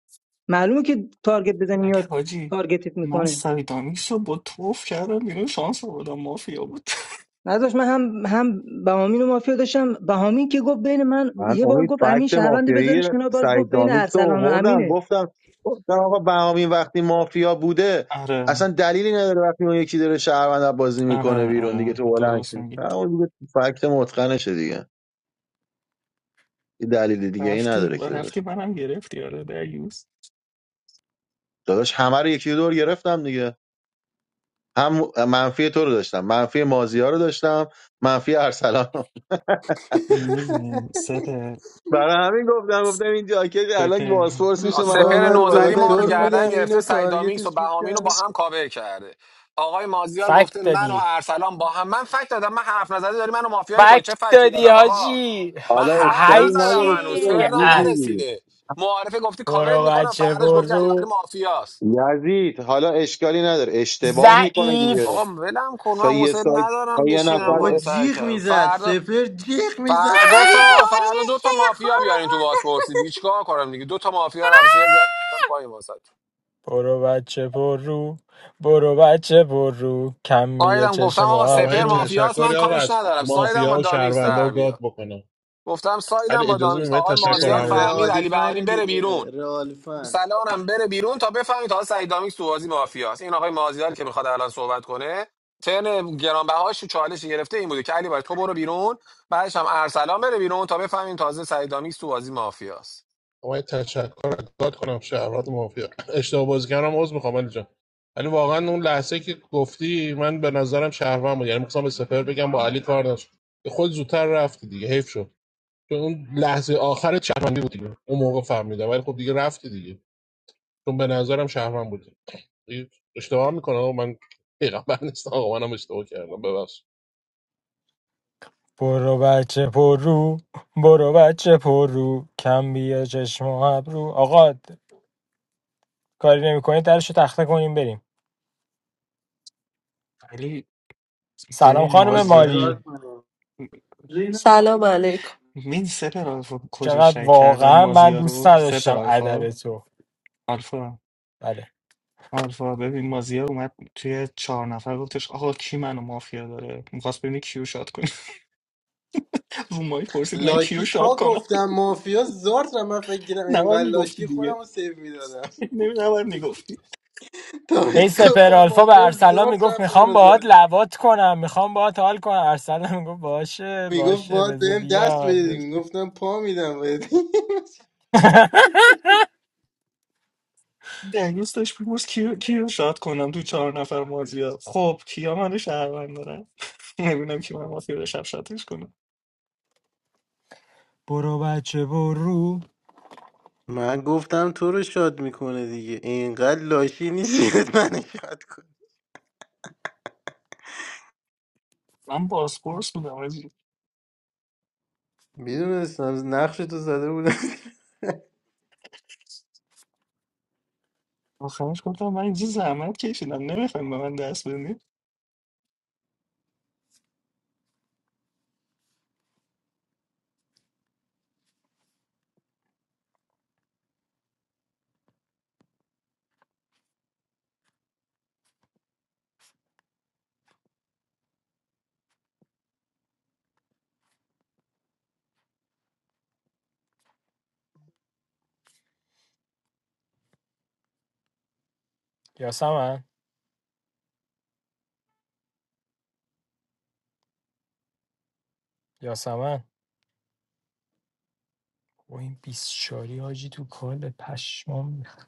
معلومه که تارگت بزنی اگه یا حاجی تارگتت من میکنه سعید دامیکس رو با توف کردم بیرون شانس آوردم مافیا بود نداشت من هم هم بهامین و مافیا داشتم بهامین که گفت بین من من یه بار امید گفت امین فکت شهروند مافیایی بذارش کنار باز گفت سعید بین دامیکس رو ارسلان و آوردم امینه گفتم نه آقا بهامین وقتی مافیا بوده آره اصلا دلیلی نداره وقتی اون یکی داره شهروند بازی میکنه آره بیرون دیگه آره تو بلند درست شد میگی نه، اون دیگه فکت متقنشه دیگه یه دلیل دیگه ای رفتی نداره و که رفتی داداش منم گرفتی آره دریوز داداش همه رو یکی دور گرفتم هم منفی تو رو داشتم منفی مازیار رو داشتم منفی ارسلان رو. میدونی سپر برای همین گفتم گفتم این جاکت الان سپر بازپرس میشه منو با سپر میاره من بالا نوزری ما رو دکتر نمیذاره گردن بودم گرفته اینو سیدامیکس و تارگتش بهامین رو میکردم با هم کاور کرده آقای مازیار فک گفته من و دادی ارسلان با هم من فکت دادم من حرف نزده داری منو مافیا میکنی فک چه فکتی دادی دادم آقا حاجی من حالا حرف اشکالی نزدم نداره هنوز حاجی چرا ترنم گوز اه میگیری نرسیده معارفه گفتی کاورت برو میکنم بچه فرداش گفتی علی برو بری مافیاست یزید حالا اشکالی نداره اشتباه میکنه دیگه آقا ضعیف ولم کن من تا یه حوصل سایت تا ندارم یه بشینم نفر بابا بازی سر جیغ کله. میزد فردا سپر جیغ ف... میزد علی گفتم آقا باری فردا دو تا شوی مافیا خارو بیارین تو بازپرسی دیگه چیکار کنم دیگه دو تا مافیا رو افسیت گفتم پای واسط برو بچه برو برو بچه برو رو کم بیا سایدم گفتم چشم و آقا آقا من یه سپر ابرو مافیاست تشکری من آقا کاریش از ندارم سایدم با مافیا و دامیس شهروندا و در گاد بیا بکنم گفتم ولی سایدم با اجازه میدم دامیس من یه آقای بیا تشکر مازیار این همو فهمید بکنم رئالی علی بهاری فنه بره بیرون دیگه رئالی فن سلام بره بیرون تا بفهمید تا سعید دامیکس تو بازی مافیاست این آقای مازیار که میخواد الان صحبت کنه ترن گرانبهاش چالش گرفته این بوده که علی باید تو برو بیرون بعدش هم ارسلان بره بیرون تا بفهمیم تازه سعید دامیکس تو بازی مافیاست آقا یه تشکر از گاد کنم شهروند مافیا اشتباه بازی کردم عذر میخوام علی جان ولی واقعا اون لحظه که گفتی من به نظرم شهروند بود یعنی میخواستم به سپر بگم با علی کار داشت خود زودتر رفتی دیگه حیف شد چون اون لحظه آخر شهروندی بود دیگه اون موقع فهمیدم ولی خب دیگه رفتی دیگه چون به نظرم شهروند بودی دیگه اشتباه میکنه من پیغمبر نیستم آقا منم اشتباه کردم ببخش برو بچه پر برو بچه پر رو کم بیا چشم و ابرو آقا کاری نمیکنید درشو تخته کنیم بریم ولی سلام ببین خانم باید مازیار چیکار ماری کنم Salah Malik. این سپر آلفا کجا چقدر شک کردم واقعا من مازیار دوست رو سپر نداشتم ادب آلفا تو آلفا بله آلفا ببین مازیار اومد توی چهار نفر گفتش آقا کی منو مافیا داره میخواست ببینی کیو شاد کنی رو مایی پرسید من کیو لاشی شاد تا کنم گفتم مافیا زارت رفت، من فکر کردم نباید انقدر میگفتی لاشی خودم دیگه رو سیف میدادم نمی نباید میگفتی تا بهش این سپر گفتم آلفا به مافیا ارسلان زارت میگفت رفت میخوام منو باهات زد لوات کنم میخوام باهات حال کنم ارسلان میگفت باشه میگفت باشه باید بذار بهم دست بیا بدید میگفتم پا میدم بهت دنیس داشت میپرس کیو کیو شاد کنم تو چهار نفر مازیار خب کیا منو شهروند دارن نمیدونم که من مافیا رو شب شاتش کنم برو بچه برو من گفتم تو رو شاد میکنه دیگه اینقدر لاشی نیست من شاد کن من بازپرس بودم آجی میدونستم نقش تو زده بودم آخرش گفتم من اینجا زحمت کشیدم نمیخوایم به من دست بدین یاسمن یاسمن و این 24 حاجی تو کال پشمام ریخت.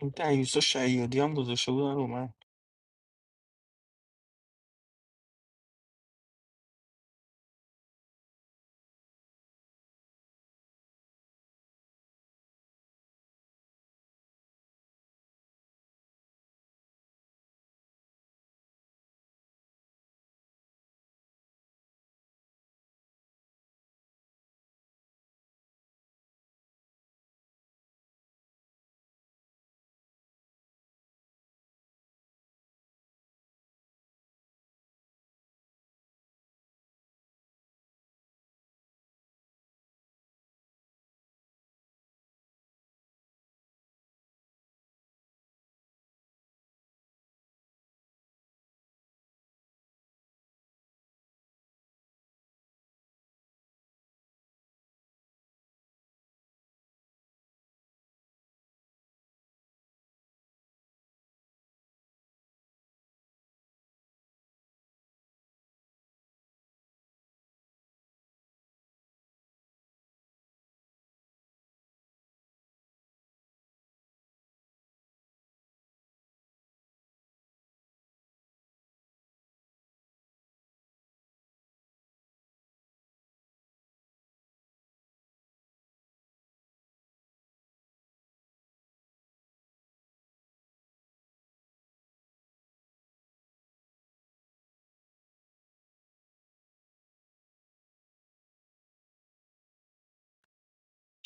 این دنیسا شیادی هم گذاشته بودن رو من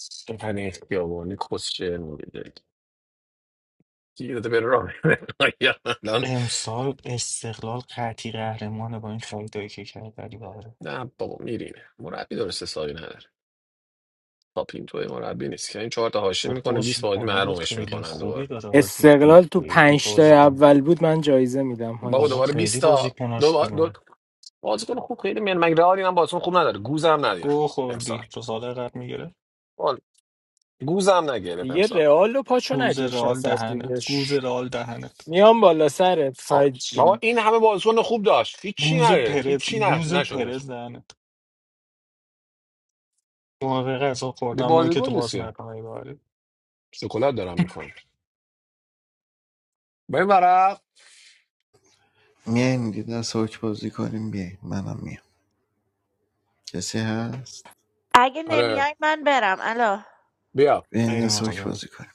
سخن اختیابانی کسچه میده گیر داده بره راه بره. الان امسال استقلال قطعی قهرمانه با این خریدایی که کرد علی بابا نه بابا میرینه مربی درست حسابی نداره تا توی مربی نیست که این چهار تا حاشیه و میکنه 20 بازی بازیکنهای محرومش خیلی میکنن خوبی دوباره داره حاجی استقلال تو خیلی پنج تا بازیکن اول بود من جایزه میدم بابا بابا حاجی دوباره خیلی 20 بازیکناش خوبه تا بازیکن خوب خیلی من مگه رئالی من بازیکن خوب نداره گوزم نداره گو امسال خوردی تو سال قبل بال گوزم نگرفت دیگه امسال رئال رو پاچو گوز نکش رئال از از دهنت دیگه گوز ش- رئال دهنت میام بالا سرت آ- بابا حاجی این همه بازیکن خوب داشت هیچی گوز نگرفت پرز هیچی نش گوز نشد امسال پرز دهنت موقع غذا به خوردم مایی که بازیکن تو نیست باز که. نکنه باری شکلات دارم میخوام به این ورق میایم یه دست حک بازی کنیم بیایم منم میام کسی هست اگه آره نمیای من برم الا بیا بیایم یه غیر دست حک مقابله بازی کنیم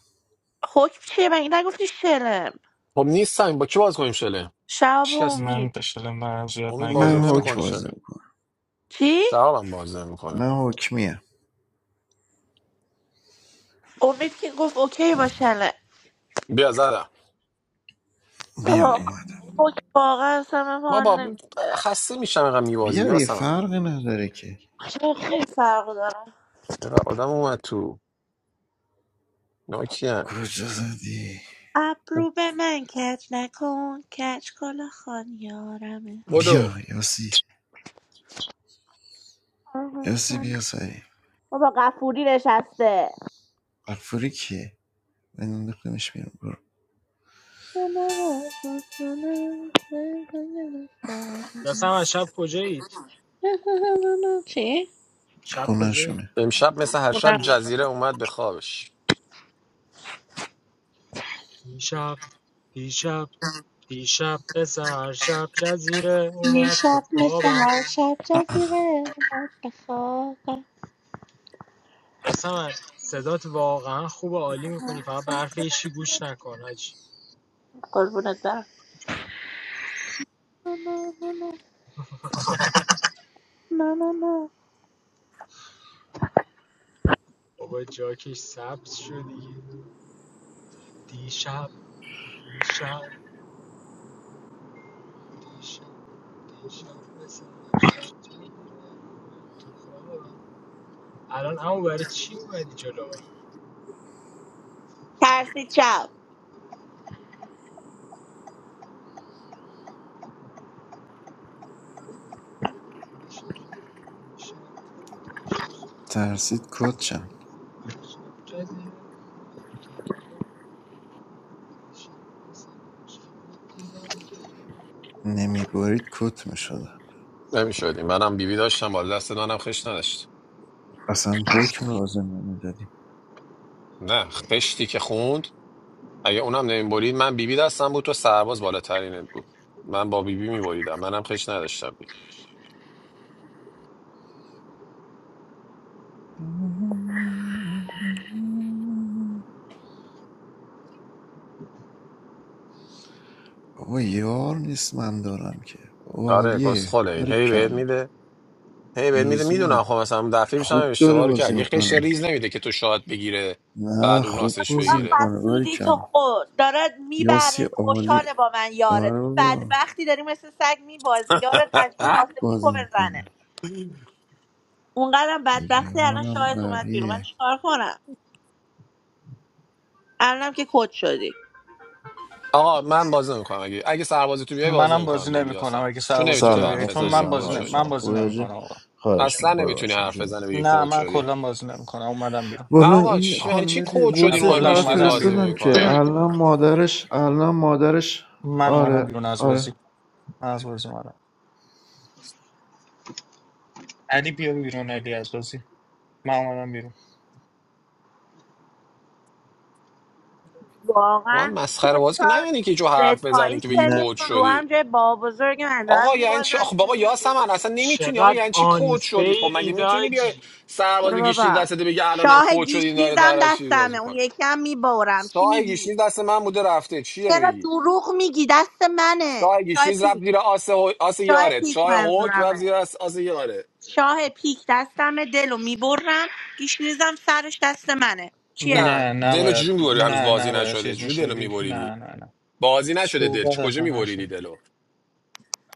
حکم چیه مگه نگفتی شلم خب نیستم با کی باز کنیم شله شهاب و شکست من امید بشل من زیاد امید بازی من نگرفتم حک نمیکنه بازی شله میکنم چی؟ جوابم بازی نمیکنه من حک امید که گفت اوکی با شلم بیا زدم بیا بابا، اومده حکم واقعا اصلا من حال بابا نمیده خسته میشم اینقدر میبازی بیا دیگه یاسم فرقی نداره که چون خیلی فرق داره چقدر آدم اومد تو ناکیه کجا زدی ابرو به من کج نکن کج کلا خان یارمه بدو بیا یاسی آه، یاسی حسن. بیا سری بابا قفوری نشسته مغفوری کیه بنداختمش بیرون برو یاسمن شب کجایید چی؟ شب کجایید خونهشونه امشب مثل هر شب جزیره اومد به خوابش دیشب دیشب دیشب به سهر شب جزیره یه اومد تو شب مثل خوابم هر شب جزیره مرد خوابم یاسمن صدات واقعا خوب و عالی میخونی فقط به حرف هیچی گوش نکن حاجی قربونت برم نه نه نه نه نه نه نه. بابا جاکش سبز شد دیگه دیشب شب دیشب دیشب مثل شب تو بیرون خوابم. الان همون برای چی اومدی جلو ترسی چپ من شب، شب، دیشب، ترسید کت چند شب جدیه. تو خوابم. دیشب شب نمیبرید کت میشد نمیشدیم منم بیبی داشتم بالا دست منم خش نداشت اصلا حکم لازم نمیدادیم نه خشتی که خوند اگه اونم نمیبرید من بیبی دستم بود تو سرباز بالاترینت بود من با بیبی میبریدم منم خش نداشتم بابا یار نیست من دارم که بابا آره حالیه کسخله این داری هی بهت کل میده هی بهت میده میدونم میزونه خب مثلا دفعه پیشم هم خوب داره اشتباه رو کرد بازی یه خش میکنه ریز نمیده که تو شاد بگیره نه بعد اون خوب با آسش بازی بگیره چقدر میکنه باری حسودی تو کل خود دارد یاسی میبره عالی خوشحاله با من یاره آره تو بابا بدبختی داری مثل سگ میبازی یاره مجبور آسفی کو بازی بزنه میکنه اونقدرم بدبختی الان یارم شاید اومد بیرون من قویه چیکار کنم الانم که کد شدی آقا من باز نمیکنم اگه اگه سرباز تو بیای باز منم نمیکنم بازی جدی نمیکنم هستم اگه چون سرباز نمیتونی تو سلام بیای حرف چون بزنی بی من مخلصم خود بازی حال نمی... شدی من شما بازی خوبه حاجی نمیکنم آقا خواهش اصلا می‌کنم قربان نمیتونی حرف شما. بزنه بگی نه کود من شدی کلا بازی نمیکنم اومدم بیرون نه والا آقا این چی یعنی چی خانم دی کود نه، شدی رو وایسش هم کلا برات گیش نیز اومدم بازی بیرون فرستادم که میکنه الان مادرش الان مادرش من اومدم آره بیرون از آره بازی من از بازی اومدم علی بیا بیرون علی از بازی من اومدم بیرون من واقعا مسخره سه بازی که نه تا یعنی که جو سه حرف بزنی تایی که بگی نه کود سنتون رو شدی هم جای بابا بزرگ من دارم آقا یعنی چی میبازن آخ میگه بابا میام بیرون یاسمن اصلا نمیتونی آقا چقدر یعنی چی کود شدی خب آنفیری مگه میتونی بیای داجی سرباز برو به گیش نیز بابا دستت بگی الانم شاه کود شدی این داره گیشنیزم ترشی باز دستمه اون میکنه یکی هم میبارم چی سایه گیش میگی نیز دست من بوده رفته چی داری چرا میگی دروغ میگی دست منه سایه گیش شاه نیز رفت پیک زیر آس, هو- آس شاه یارت پیک چای هوک رفت منظورمه زیر آس, آس یارت شاه پیک دستمه دلو میبرم گیشنیزم سرش دست منه چیه نه نه دلو نباید چجوری می‌بری؟ هنوز نه بازی نباید نشده چیز چجوری دلو میشدی نه میبریدی نه نه بازی نشده دل صحبت چی کجا اصلا نشد میبریدی دلو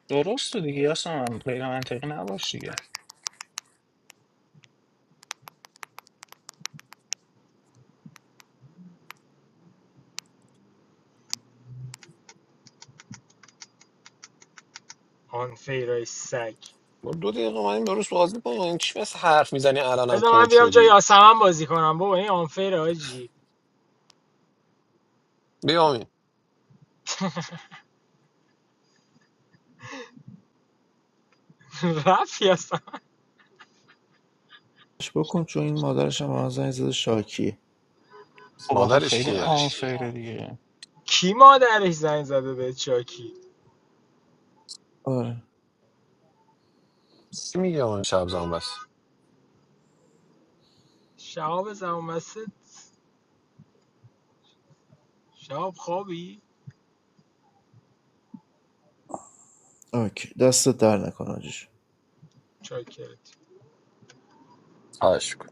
درست دیگه اصلا من غیر منطقی نباش دیگه آنفیرای سگ ما دو دقیقه اومدیم درست بازی با این چی مثل حرف میزنی الانم بذار من کوچ بیام جای شدی یاسمن بازی کنم بابا این آنفیر آجی بیامین رفت یاسمن بکن چون این مادرش هم به من زنگ زده شاکیه خب آخه مادرش خیلی کیه آنفیره دیگه کی مادرش زنگ زده به چاکی آره چی میگه اون شب بس شهاب زمامست شهاب خوابی اوکی دستت در نکن آجیش چاکرت خواهش کن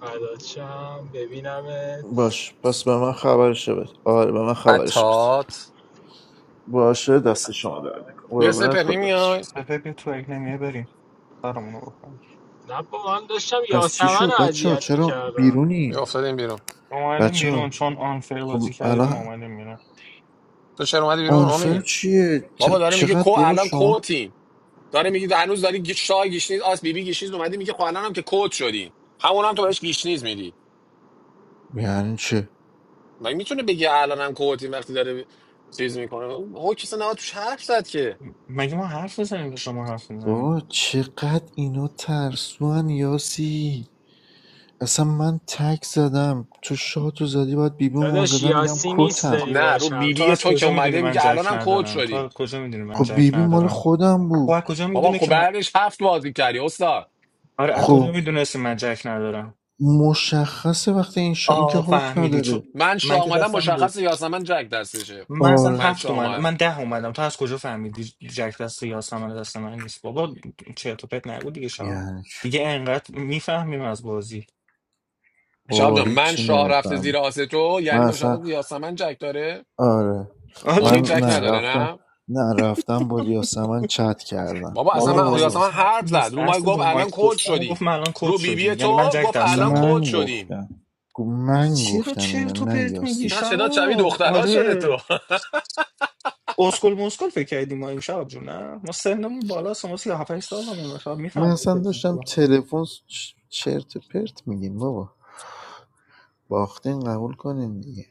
فدات شم ببینمت باش پس به من خبرش بده آره به من خبرش بده بطات باشه دست شما در نکن بیا قربونت سپر خدا نمیای سپه بیا تو اگه نمیه بریم سرمون رو بکنیم نه با من داشتم پس چی یاسمن رو شد بچه ها اذیت چرا میکردم بیا بیرونی افتادیم بیرون ما اومدیم بچه بیرون ها چون آنفیر خب بازی کردیم ما الان اومدیم بیرون تو چرا اومدی بیرون آنفر آمی چیه بابا چ- داره میگه کو چقدر بابا الان شما کوتیم داره میگه هنوز داری گی- شاه گیشنیز آس بیبی گیشنیز اومدی میگه خب الانم که کوت شدیم همون هم تو بهش گیشنیز میدی یعنی چه مگه میتونه بگه الانم کوتیم وقتی داره چیز میکنه او کسی نه توش حرف زد که م- مگه ما حرف بزنیم که شما حرف بزنیم بابا چقدر اینا ترسوان یاسی اصلا من تک زدم تو شاتو زدی باید بیبی مو داداش زدم میگم یاسی نیست کتم خب داری نه رو باش بی تو حرف بی از تو که کجا میدونی اومده من میگه جک الانم کوچ ندارم تو شدیم از کجا میدونی من خب جک بیبی مال ندارم خودم خب از بود کجا بابا میدونه خب که من بعدش هفت بازی کردی استاد آره از کجا خب میدونستی من جک ندارم مشخصه وقتی این شا... این که آه حکم فهمیدی چون نداره من من شاه که آمدم دستم بود مشخص یاسمن جک دستشه من اصلا آره من هفت شاه اومدم آمدم من ده اومدم تو از کجا فهمیدی جک دست یاسمن دست من نیست بابا چرت و پرت نگو دیگه شا یعنی چی؟ دیگه انقدر میفهمیم از بازی شهاب بابا جان من هیچی شاه رفته زیر نمیفهم آستو من یعنی مشخص اصلا یاسمن جک داره آره آره. من امید جک نه نداره رفتم نه نه رفتم با یاسمن چت کردم بابا اصلا بابا برو من بحث بابا یاسمن چت حرف زد نیست رو ما بحث گفت رو الان مایک کوچ گفتن گفت شدیم من الان کد رو بی بی شدیم یعنی من تو جک گفت الان دستمه کوچ من شدیم گفتم گو- من چی رو گفتم چرت اینو و نه پرت میگی یاسی چقدر شداد شبیه شاب دخترها شده آره تو اسکل مسکل فکر کردیم ما امشب جون نه ما سنمون بالا ما 37 سالمون شاید من میفهمیم اصلا داشتم تلفن چ- چرت و پرت میگیم بابا باختین قبول کنین دیگه